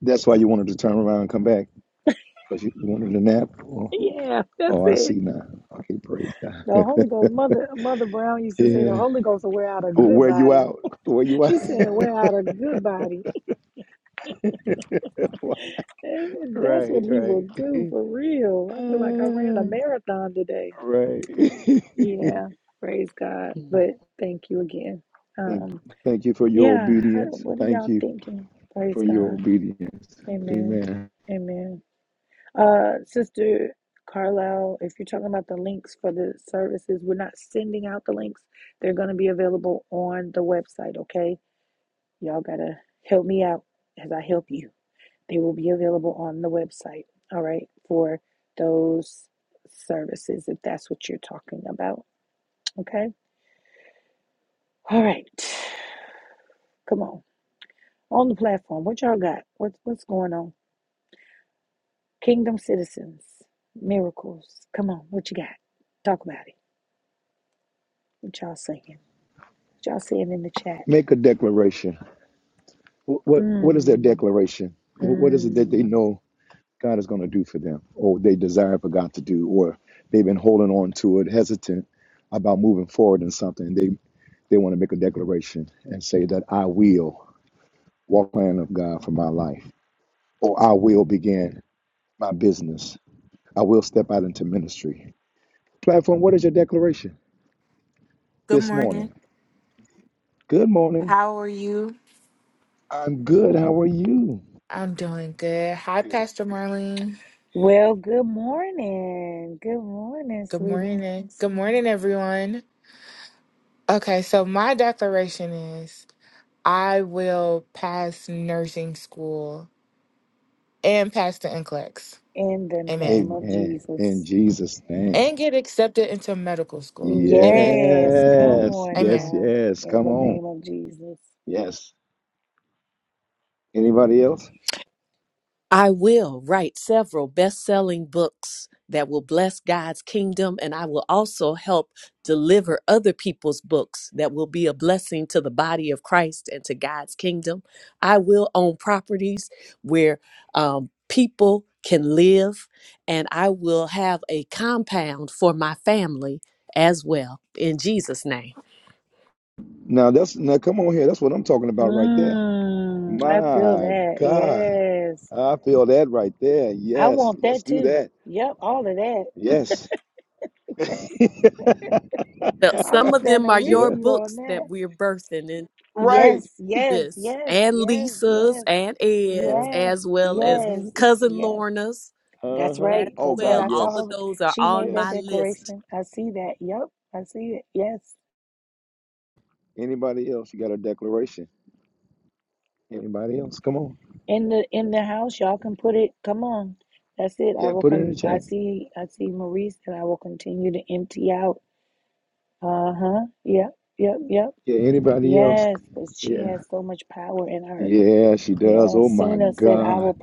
[SPEAKER 1] That's why you wanted to turn around and come back. Cause you wanted a nap? Oh, oh, I see now. Okay, praise God. yeah. Well, where you out? Where you out? right, right. Uh, right. thank, thank you for your obedience. Thank you for your obedience. Amen. Make a declaration. Wh- What What is their declaration? Wh- What is it that they know? God is going to do for them, or they desire for God to do, or they've been holding on to it, hesitant about moving forward in something. They they want to make a declaration and say that I will walk the plan of God for my life, or I will begin my business. I will step out into ministry. Platform, what is your declaration
[SPEAKER 7] Good
[SPEAKER 1] this
[SPEAKER 7] morning.
[SPEAKER 1] morning? Good morning.
[SPEAKER 7] How are you?
[SPEAKER 1] I'm good. How are you?
[SPEAKER 7] I'm doing good. Hi,
[SPEAKER 1] Good.
[SPEAKER 7] Pastor Marlene. Good morning. Good morning, everyone. Okay, so my declaration is I will pass nursing school and pass the NCLEX. Amen.
[SPEAKER 1] Amen. In Jesus' name.
[SPEAKER 7] And get accepted into medical school. Amen.
[SPEAKER 1] Yes. Yes.
[SPEAKER 7] Amen.
[SPEAKER 1] Yes. Come on. Yes. Anybody else?
[SPEAKER 4] I will write several best selling books that will bless God's kingdom, and I will also help deliver other people's books that will be a blessing to the body of Christ and to God's kingdom. I will own properties where um, people can live, and I will have a compound for my family as well in Jesus' name.
[SPEAKER 1] Now that's now come on here. That's what I'm talking about right there. My God, I feel that right there. Yes, let's do that. Yes.
[SPEAKER 4] Well, some of them are your
[SPEAKER 1] yeah.
[SPEAKER 4] books that we're birthing in.
[SPEAKER 1] Right.
[SPEAKER 4] this and Lisa's and
[SPEAKER 1] Uh
[SPEAKER 4] Ed's as well as
[SPEAKER 1] huh.
[SPEAKER 4] cousin Lorna's
[SPEAKER 1] Uh huh.
[SPEAKER 4] as
[SPEAKER 1] Oh God.
[SPEAKER 4] well. All
[SPEAKER 1] Yes.
[SPEAKER 4] of those are on my
[SPEAKER 1] Yes.
[SPEAKER 4] list
[SPEAKER 1] Anybody else? You got a declaration? Anybody else? Come on. Yeah. Put it in the chat. Yeah. Anybody else? Yeah. Yeah. She does. Oh my God.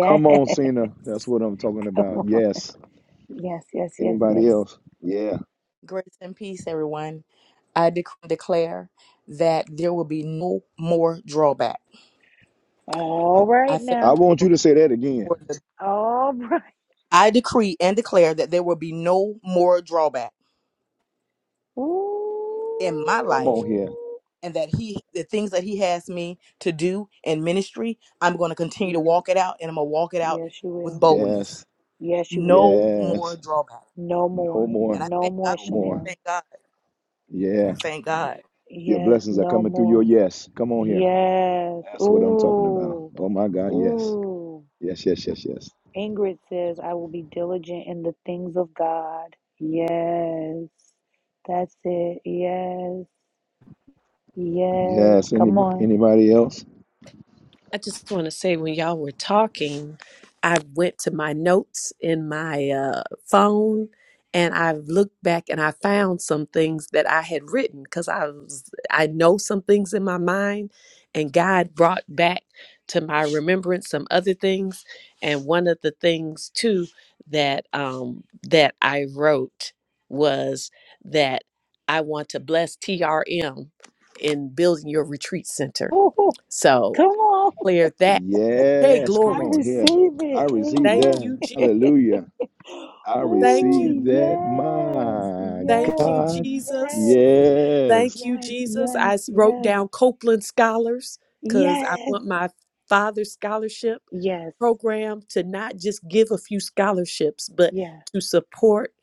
[SPEAKER 1] Come on, Cena. That's what I'm talking about. Yes. Anybody else? Yeah.
[SPEAKER 5] Grace and peace, everyone. I dec- declare that there will be no more drawback. I thank.
[SPEAKER 1] I want
[SPEAKER 5] you
[SPEAKER 1] you to say that again.
[SPEAKER 5] for the- I decree and declare that there will be no more drawback in my
[SPEAKER 1] Come on
[SPEAKER 5] life
[SPEAKER 1] here.
[SPEAKER 5] and that he the things that he has me to do in ministry, I'm going to continue to walk it out and I'm going to walk it out with boldness.
[SPEAKER 1] Yes.
[SPEAKER 5] No more
[SPEAKER 1] Yes.
[SPEAKER 5] drawback.
[SPEAKER 1] No
[SPEAKER 5] And I
[SPEAKER 1] more.
[SPEAKER 5] thank God.
[SPEAKER 1] No more.
[SPEAKER 5] Thank God.
[SPEAKER 1] Yeah.
[SPEAKER 5] I thank God.
[SPEAKER 1] Your blessings are coming through your yes. Come on here. That's what I'm talking about. Oh my God. Yes. Yes, yes, yes, yes. Yes. Anybody, anybody else?
[SPEAKER 4] I just want to say when y'all were talking, I went to my notes in my uh, phone and I looked back and I found some things that I had written because I was I know some things in my mind and God brought back to my remembrance some other things and one of the things too that um that I wrote was that I want to bless TRM in building your retreat center. So clear that Hey,
[SPEAKER 1] Yes. Come
[SPEAKER 4] glory.
[SPEAKER 1] on
[SPEAKER 4] to-
[SPEAKER 1] here. I received
[SPEAKER 4] Thank
[SPEAKER 1] that.
[SPEAKER 4] you, Jesus.
[SPEAKER 1] Hallelujah. I
[SPEAKER 4] Thank you.
[SPEAKER 1] received that. My
[SPEAKER 4] Thank you,
[SPEAKER 1] God.
[SPEAKER 4] Jesus.
[SPEAKER 1] Yes.
[SPEAKER 4] Thank you, Jesus. I s- wrote down Copeland Scholars because I want my father's scholarship program to not just give a few scholarships, but to support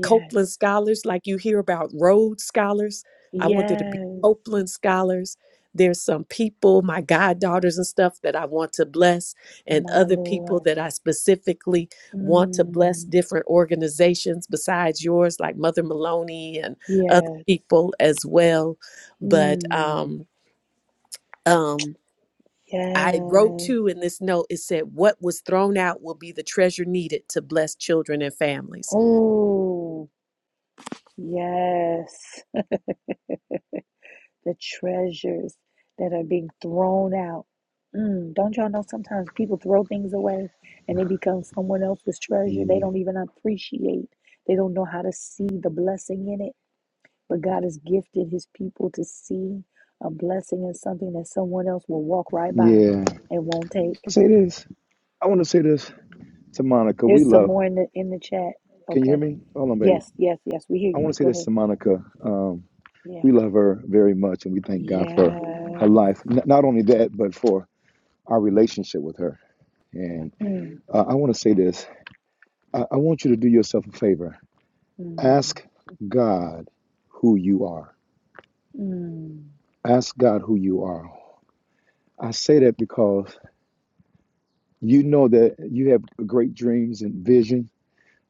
[SPEAKER 4] Copeland Scholars, like you hear about Rhodes Scholars. I want there to be Copeland Scholars. There's some people, my goddaughters and stuff, that I want to bless, and other people that I specifically want to bless different organizations besides yours, like Mother Maloney other people as well. But um, um, I wrote too in this note, it said, What was thrown out will be the treasure needed to bless children and families.
[SPEAKER 1] Yeah. Yeah. Say this. I want to say this to Monica. We love. Can you hear me? Hold on, baby. I want to say this to Monica. Um, we love her very much, and we thank God for her life. N- not only that, but for our relationship with her. And uh, I want to say this. I-, I want you to do yourself a favor. Ask God who you are. Ask God who you are. I say that because you know that you have great dreams and vision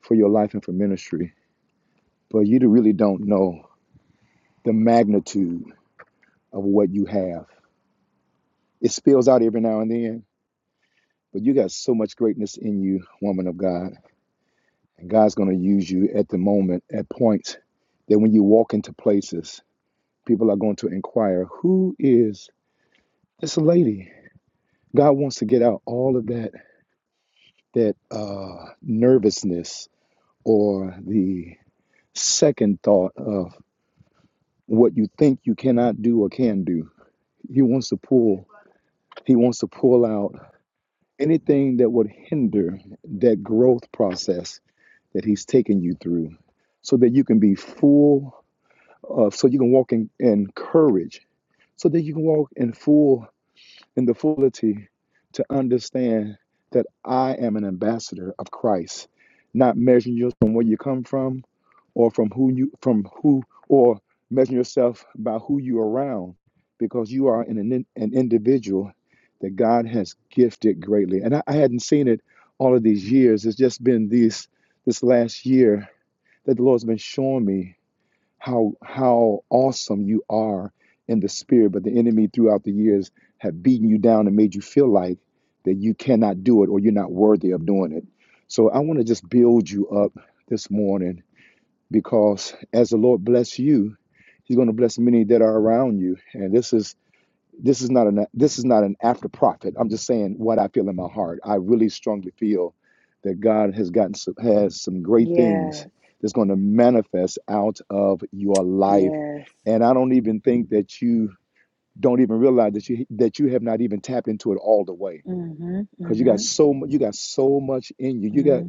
[SPEAKER 1] for your life and for ministry, but you really don't know the magnitude of what you have. It spills out every now and then, but you got so much greatness in you, woman of God. And God's going to use you at the moment, at points that when you walk into places, people are going to inquire, who is this lady? God wants to get out all of that that uh, nervousness or the second thought of what you think you cannot do or can do. He wants to pull. He wants to pull out anything that would hinder that growth process that he's taking you through so that you can be full of so you can walk in, in courage so that you can walk in full in the fullity to understand that I am an ambassador of Christ, not measuring yourself from where you come from or from who you from who or measuring yourself by who you're around because you are an, an an individual that God has gifted greatly. And I, I hadn't seen it all of these years. It's just been these this last year that the Lord's been showing me how how awesome you are in the spirit but the enemy throughout the years have beaten you down and made you feel like that you cannot do it or you're not worthy of doing it so i want to just build you up this morning because as the lord bless you he's going to bless many that are around you and this is this is not an this is not an after prophet. I'm just saying what I feel in my heart. I really strongly feel that God has gotten some, has some great things that's going to manifest out of your life, and I don't even think that you don't even realize that you that you have not even tapped into it all the way because you got so mu- you got so much in you. You got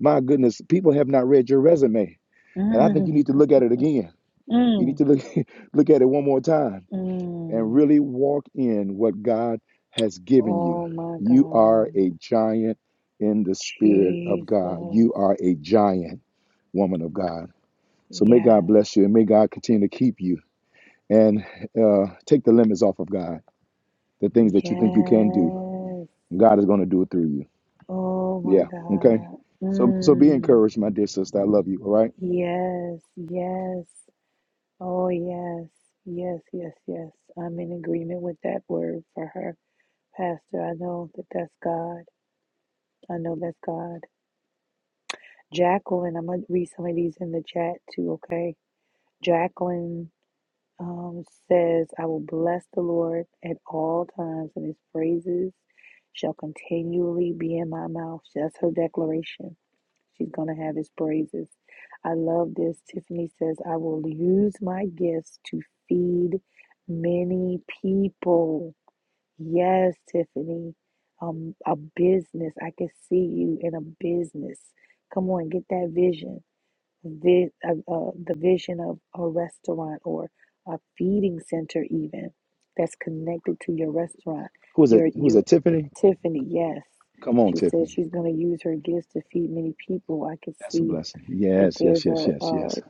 [SPEAKER 1] my goodness, people have not read your resume. And I think you need to look at it again. You need to look look at it one more time and really walk in what God has given you. You are a giant in the spirit of God. You are a giant woman of God. So may God bless you and may God continue to keep you and uh, take the limits off of God. The things that you think you can do, God is going to do it through you. Yeah. Okay. So so be encouraged, my dear sister. I love you. All right. Who's it? Who's it? Tiffany? Come on, Tiffany. That's a blessing. Yes. Yes. Yes. Yes. Yes.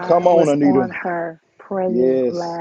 [SPEAKER 1] Come on, Anita. Yes.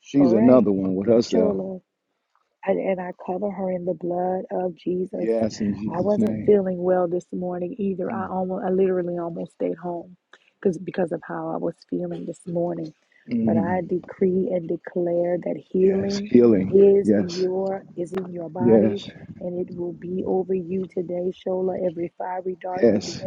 [SPEAKER 1] She's another one with herself. Yes, in Jesus' name. Mm, mm. Yes, healing. Yes, yes, yes.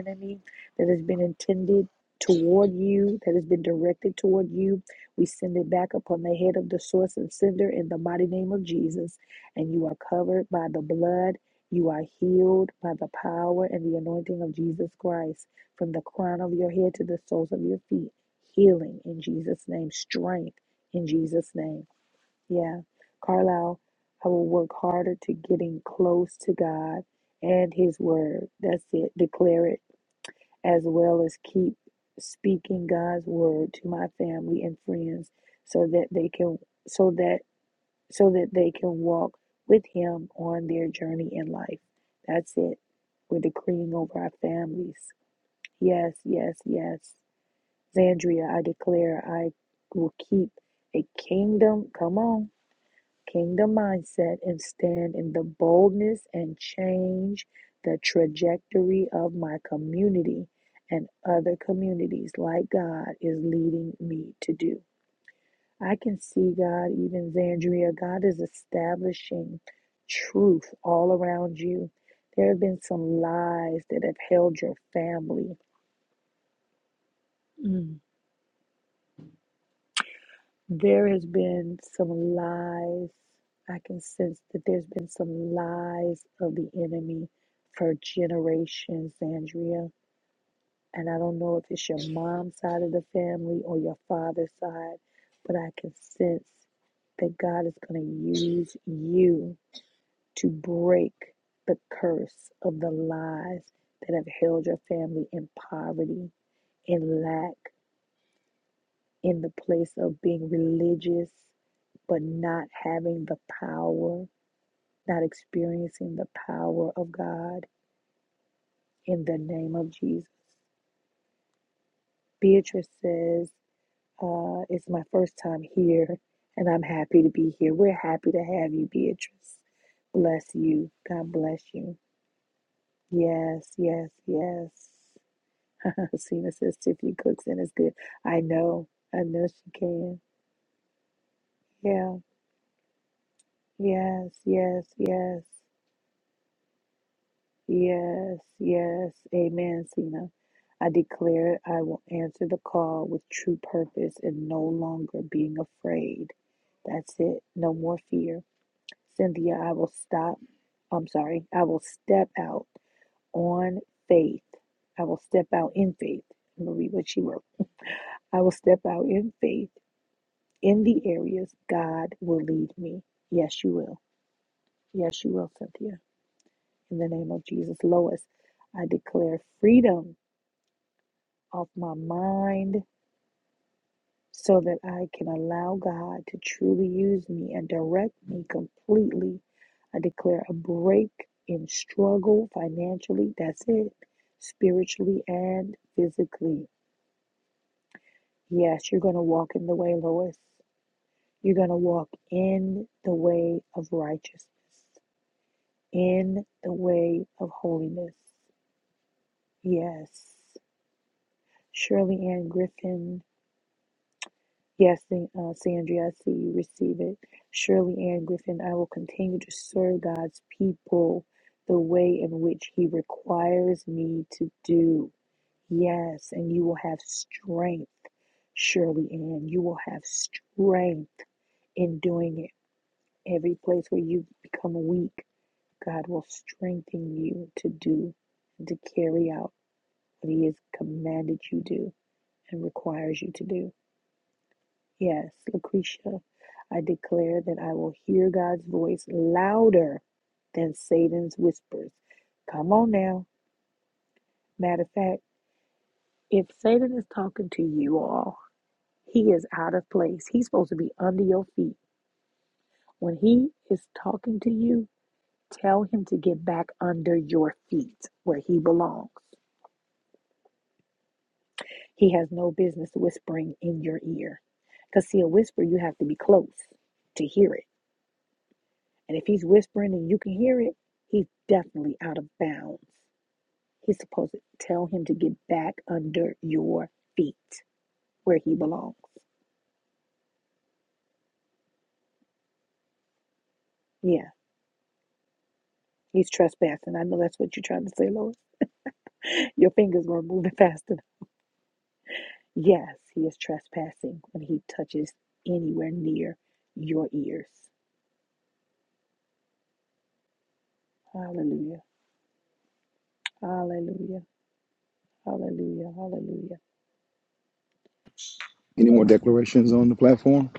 [SPEAKER 1] Any more declarations on the platform?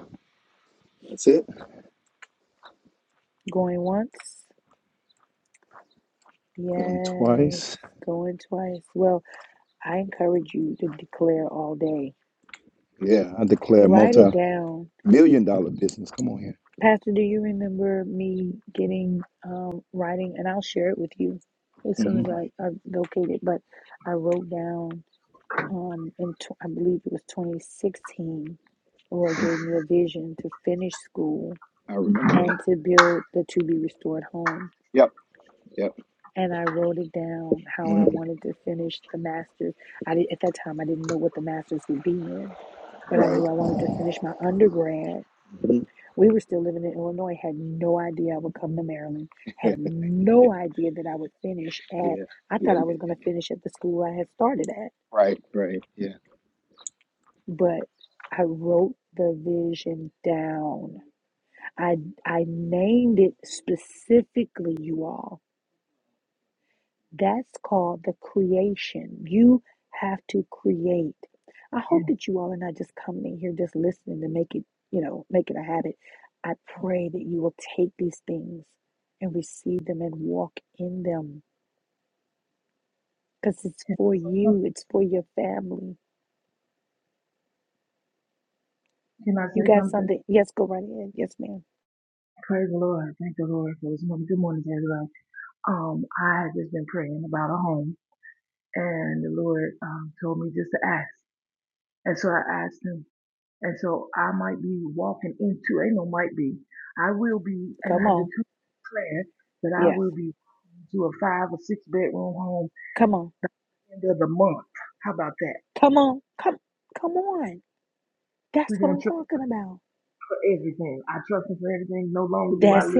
[SPEAKER 1] That's it. Going twice. Yeah, I declare multi million dollar business. Come on here. hmm I remember that. Yep, yep. Mhm. Right. Mhm. yeah, yeah, yeah, yeah, yeah. Right, right. Yeah,
[SPEAKER 8] Yes. Can I say something? Can I say something? Praise the Lord. Thank the Lord for this morning. Good morning to everybody. Um, I have just been praying about a home. and the Lord um, told me just to ask. And so I asked him. And so I might be walking into, ain't no might be, I will be, and I declare that I will be to a five or six bedroom home end of the month. How about that? We're going to trust for everything. I trust him for everything. No longer do I live.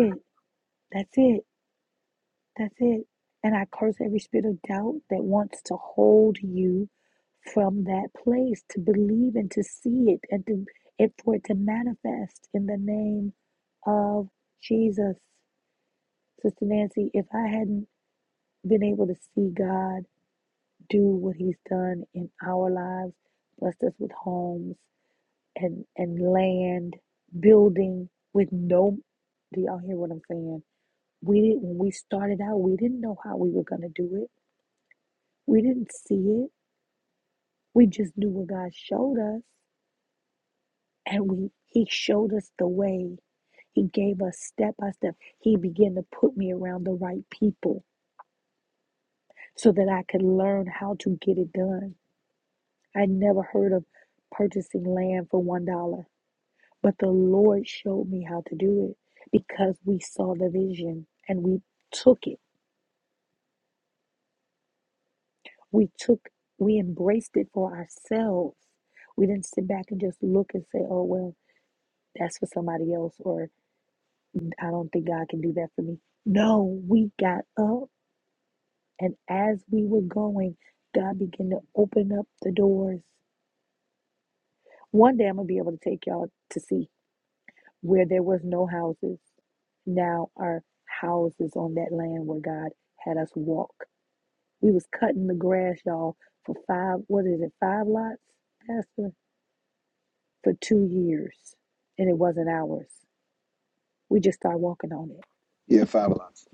[SPEAKER 1] yeah. Five lots.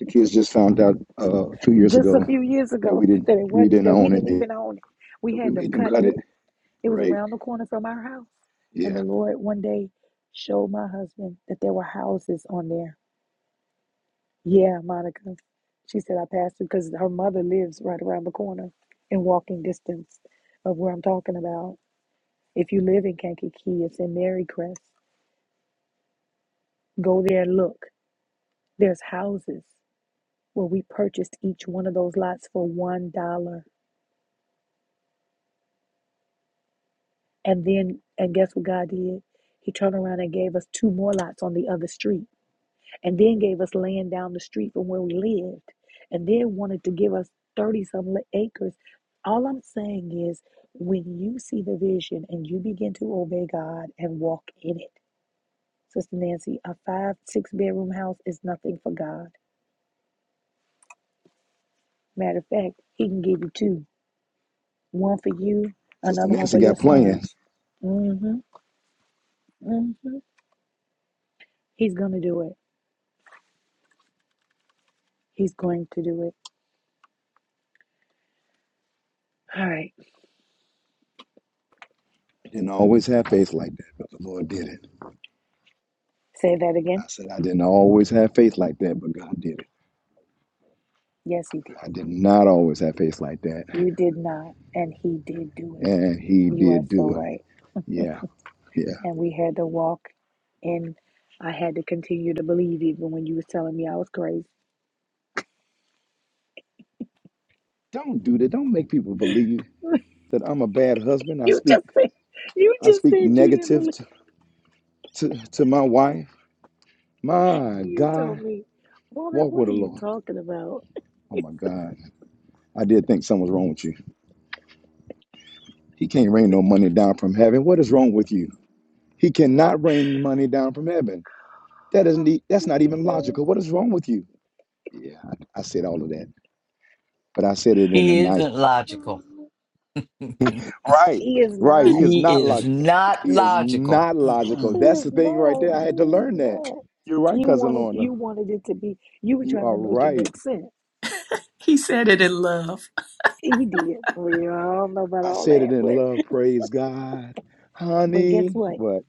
[SPEAKER 1] The kids just found out uh, two years ago that we didn't we didn't own it. because we made them cut it, right? Yeah. Sister Nancy got plans. I didn't always have faith like that, but the Lord did it. I said I didn't always have faith like that, but God did it. I did not always have faith like that, and He did do it. Yeah, yeah. Don't do that. Don't make people believe that I'm a bad husband. I speak, I speak negative to to, to my wife. My God, walk with the Lord. Oh my God, I did think something was wrong with you. He can't rain no money down from heaven. What is wrong with you? He cannot rain money down from heaven. That isn't e- that's not even logical. What is wrong with you? Yeah, I, I said all of that, but I said it in a
[SPEAKER 9] He
[SPEAKER 1] nice
[SPEAKER 9] isn't logical.
[SPEAKER 1] right, right. He is
[SPEAKER 9] he
[SPEAKER 1] not
[SPEAKER 9] is
[SPEAKER 1] logical.
[SPEAKER 9] not
[SPEAKER 1] He is
[SPEAKER 9] logical.
[SPEAKER 1] not logical.
[SPEAKER 9] Mm-mm.
[SPEAKER 1] That's the thing right there. I had to learn that. You're right, cousin Lorna. You are right.
[SPEAKER 4] He, he said it in love.
[SPEAKER 1] I said it in love. Praise God, honey. What?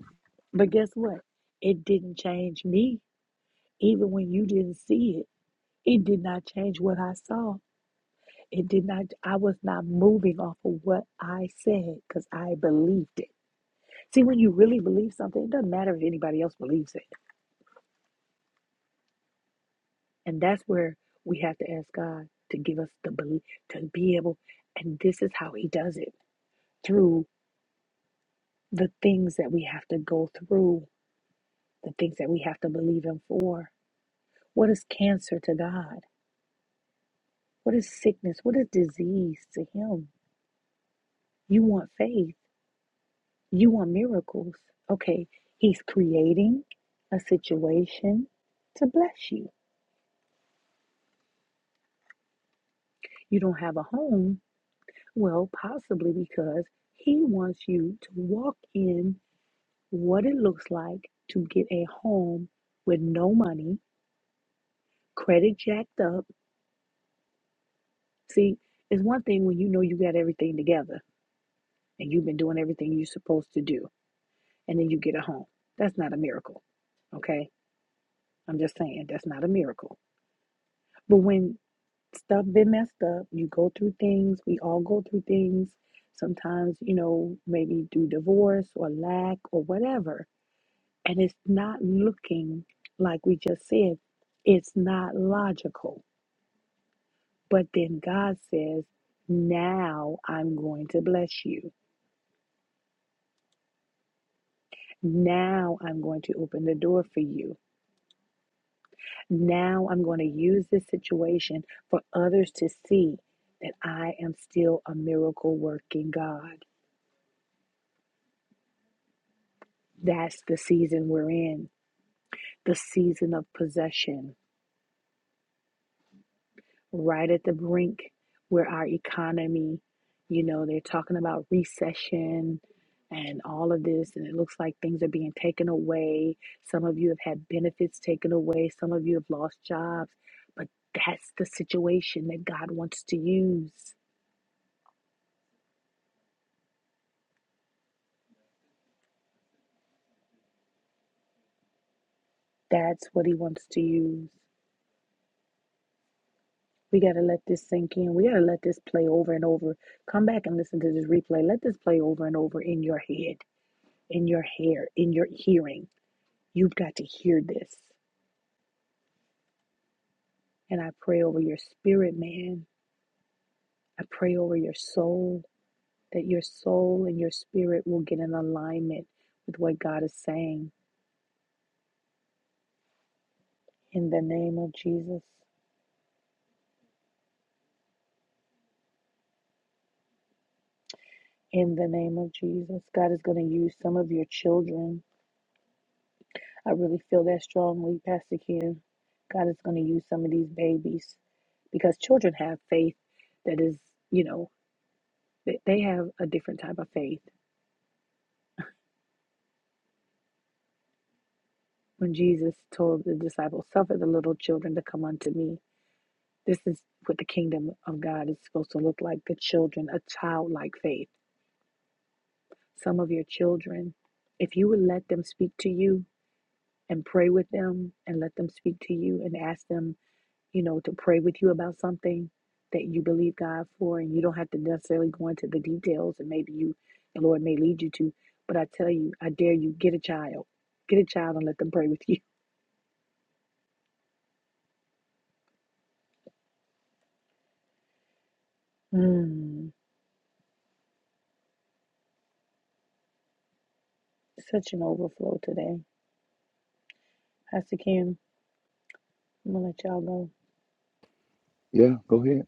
[SPEAKER 1] Yeah, go ahead.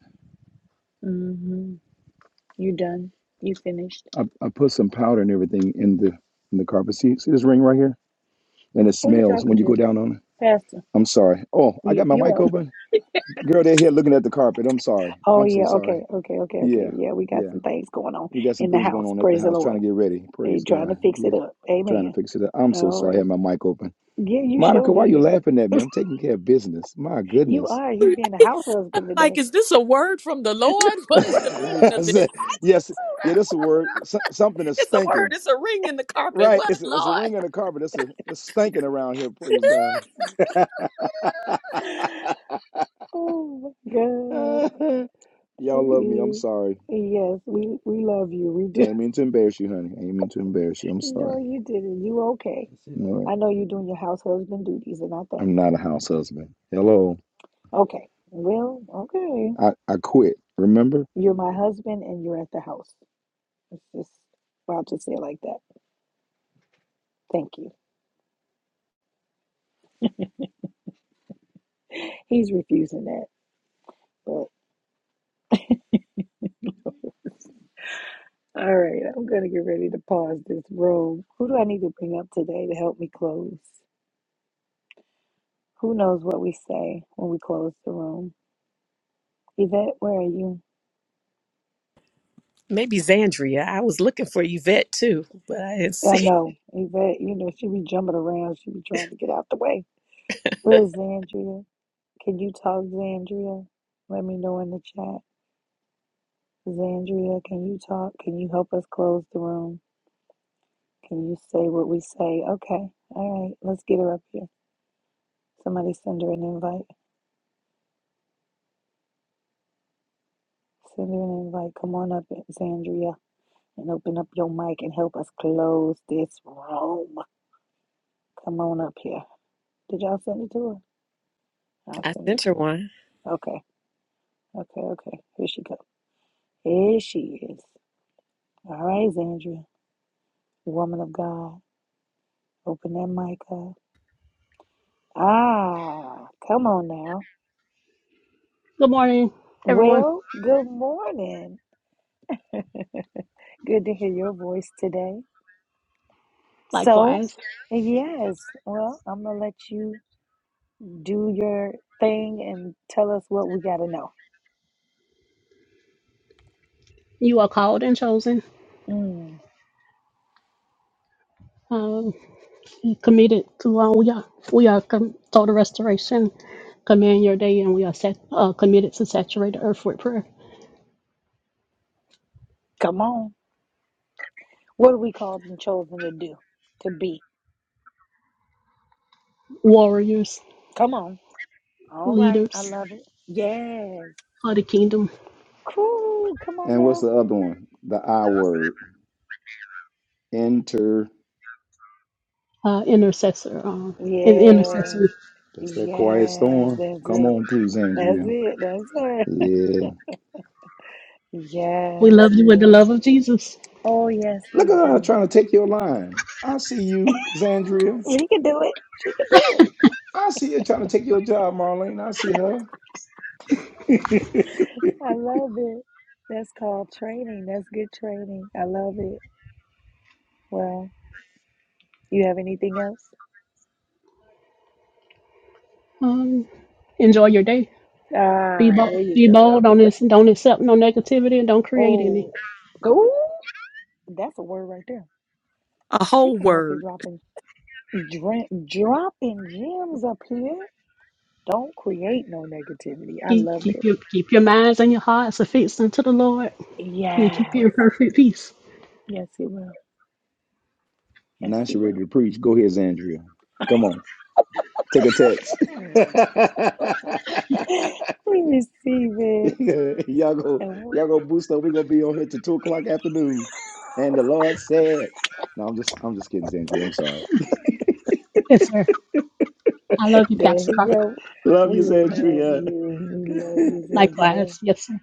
[SPEAKER 1] I, I put some powder and everything in the in the carpet. See, see this ring right here, and it smells when you go down on it. I'm sorry. Oh, I got my mic open. Girl, they're here looking at the carpet. I'm sorry. I'm so sorry. Yeah, yeah. We got some things going on at the house, trying to get ready. Praise God. Yeah, trying to fix it up. I'm so sorry. I had my mic open. Monica, why you laughing at me? I'm taking care of business. My goodness.
[SPEAKER 4] Like, is this a word from the Lord? What is the
[SPEAKER 1] I
[SPEAKER 4] meaning of this?
[SPEAKER 1] said, yes, yeah, that's a word. So- something is
[SPEAKER 4] It's a word,
[SPEAKER 1] stinking.
[SPEAKER 4] it's a ring in the carpet.
[SPEAKER 1] Right.
[SPEAKER 4] What,
[SPEAKER 1] It's a, it's a
[SPEAKER 4] Lord?
[SPEAKER 1] ring in the carpet. It's a it's stinking around here. Praise God. Y'all love me. I'm sorry. I ain't mean to embarrass you, honey. I ain't mean to embarrass you. I'm sorry. I'm not a house husband. Hello. I, I quit, remember?
[SPEAKER 4] Maybe Zandria. I was looking for Yvette too, but I didn't I sent her one.
[SPEAKER 11] Good morning, everyone. Likewise, you are called and chosen, um, and committed to. Uh, we are we are com- total restoration. Command your day, and we are sat, uh, committed to saturate the earth with prayer. Warriors, leaders of the kingdom,
[SPEAKER 1] And what's the other one? The I word. Enter.
[SPEAKER 11] uh, intercessor, um, and intercessor.
[SPEAKER 1] That's that quiet storm. Come on through, Zandria. Yeah.
[SPEAKER 11] We love you with the love of Jesus.
[SPEAKER 1] Look at her trying to take your line. I see you, Zandria. I see you trying to take your job, Marlene. I see her.
[SPEAKER 11] Um, enjoy your day. Be bold. Be bold. Don't ac- don't accept no negativity, and don't create any.
[SPEAKER 4] A whole word.
[SPEAKER 11] Keep keep your keep your minds and your hearts affixed unto the Lord You keep your perfect peace.
[SPEAKER 1] now she ready to preach. Go ahead, Zandria. Come on. Take a text. y'all go, y'all go boost up. We're gonna be on here till two o'clock afternoon. And the Lord said, "No, I'm just, I'm just kidding, Zandria. I'm sorry.
[SPEAKER 11] Yes, sir. I love you, Pastor Carr.
[SPEAKER 1] Love you, Zandria.
[SPEAKER 11] Likewise. Yes, sir.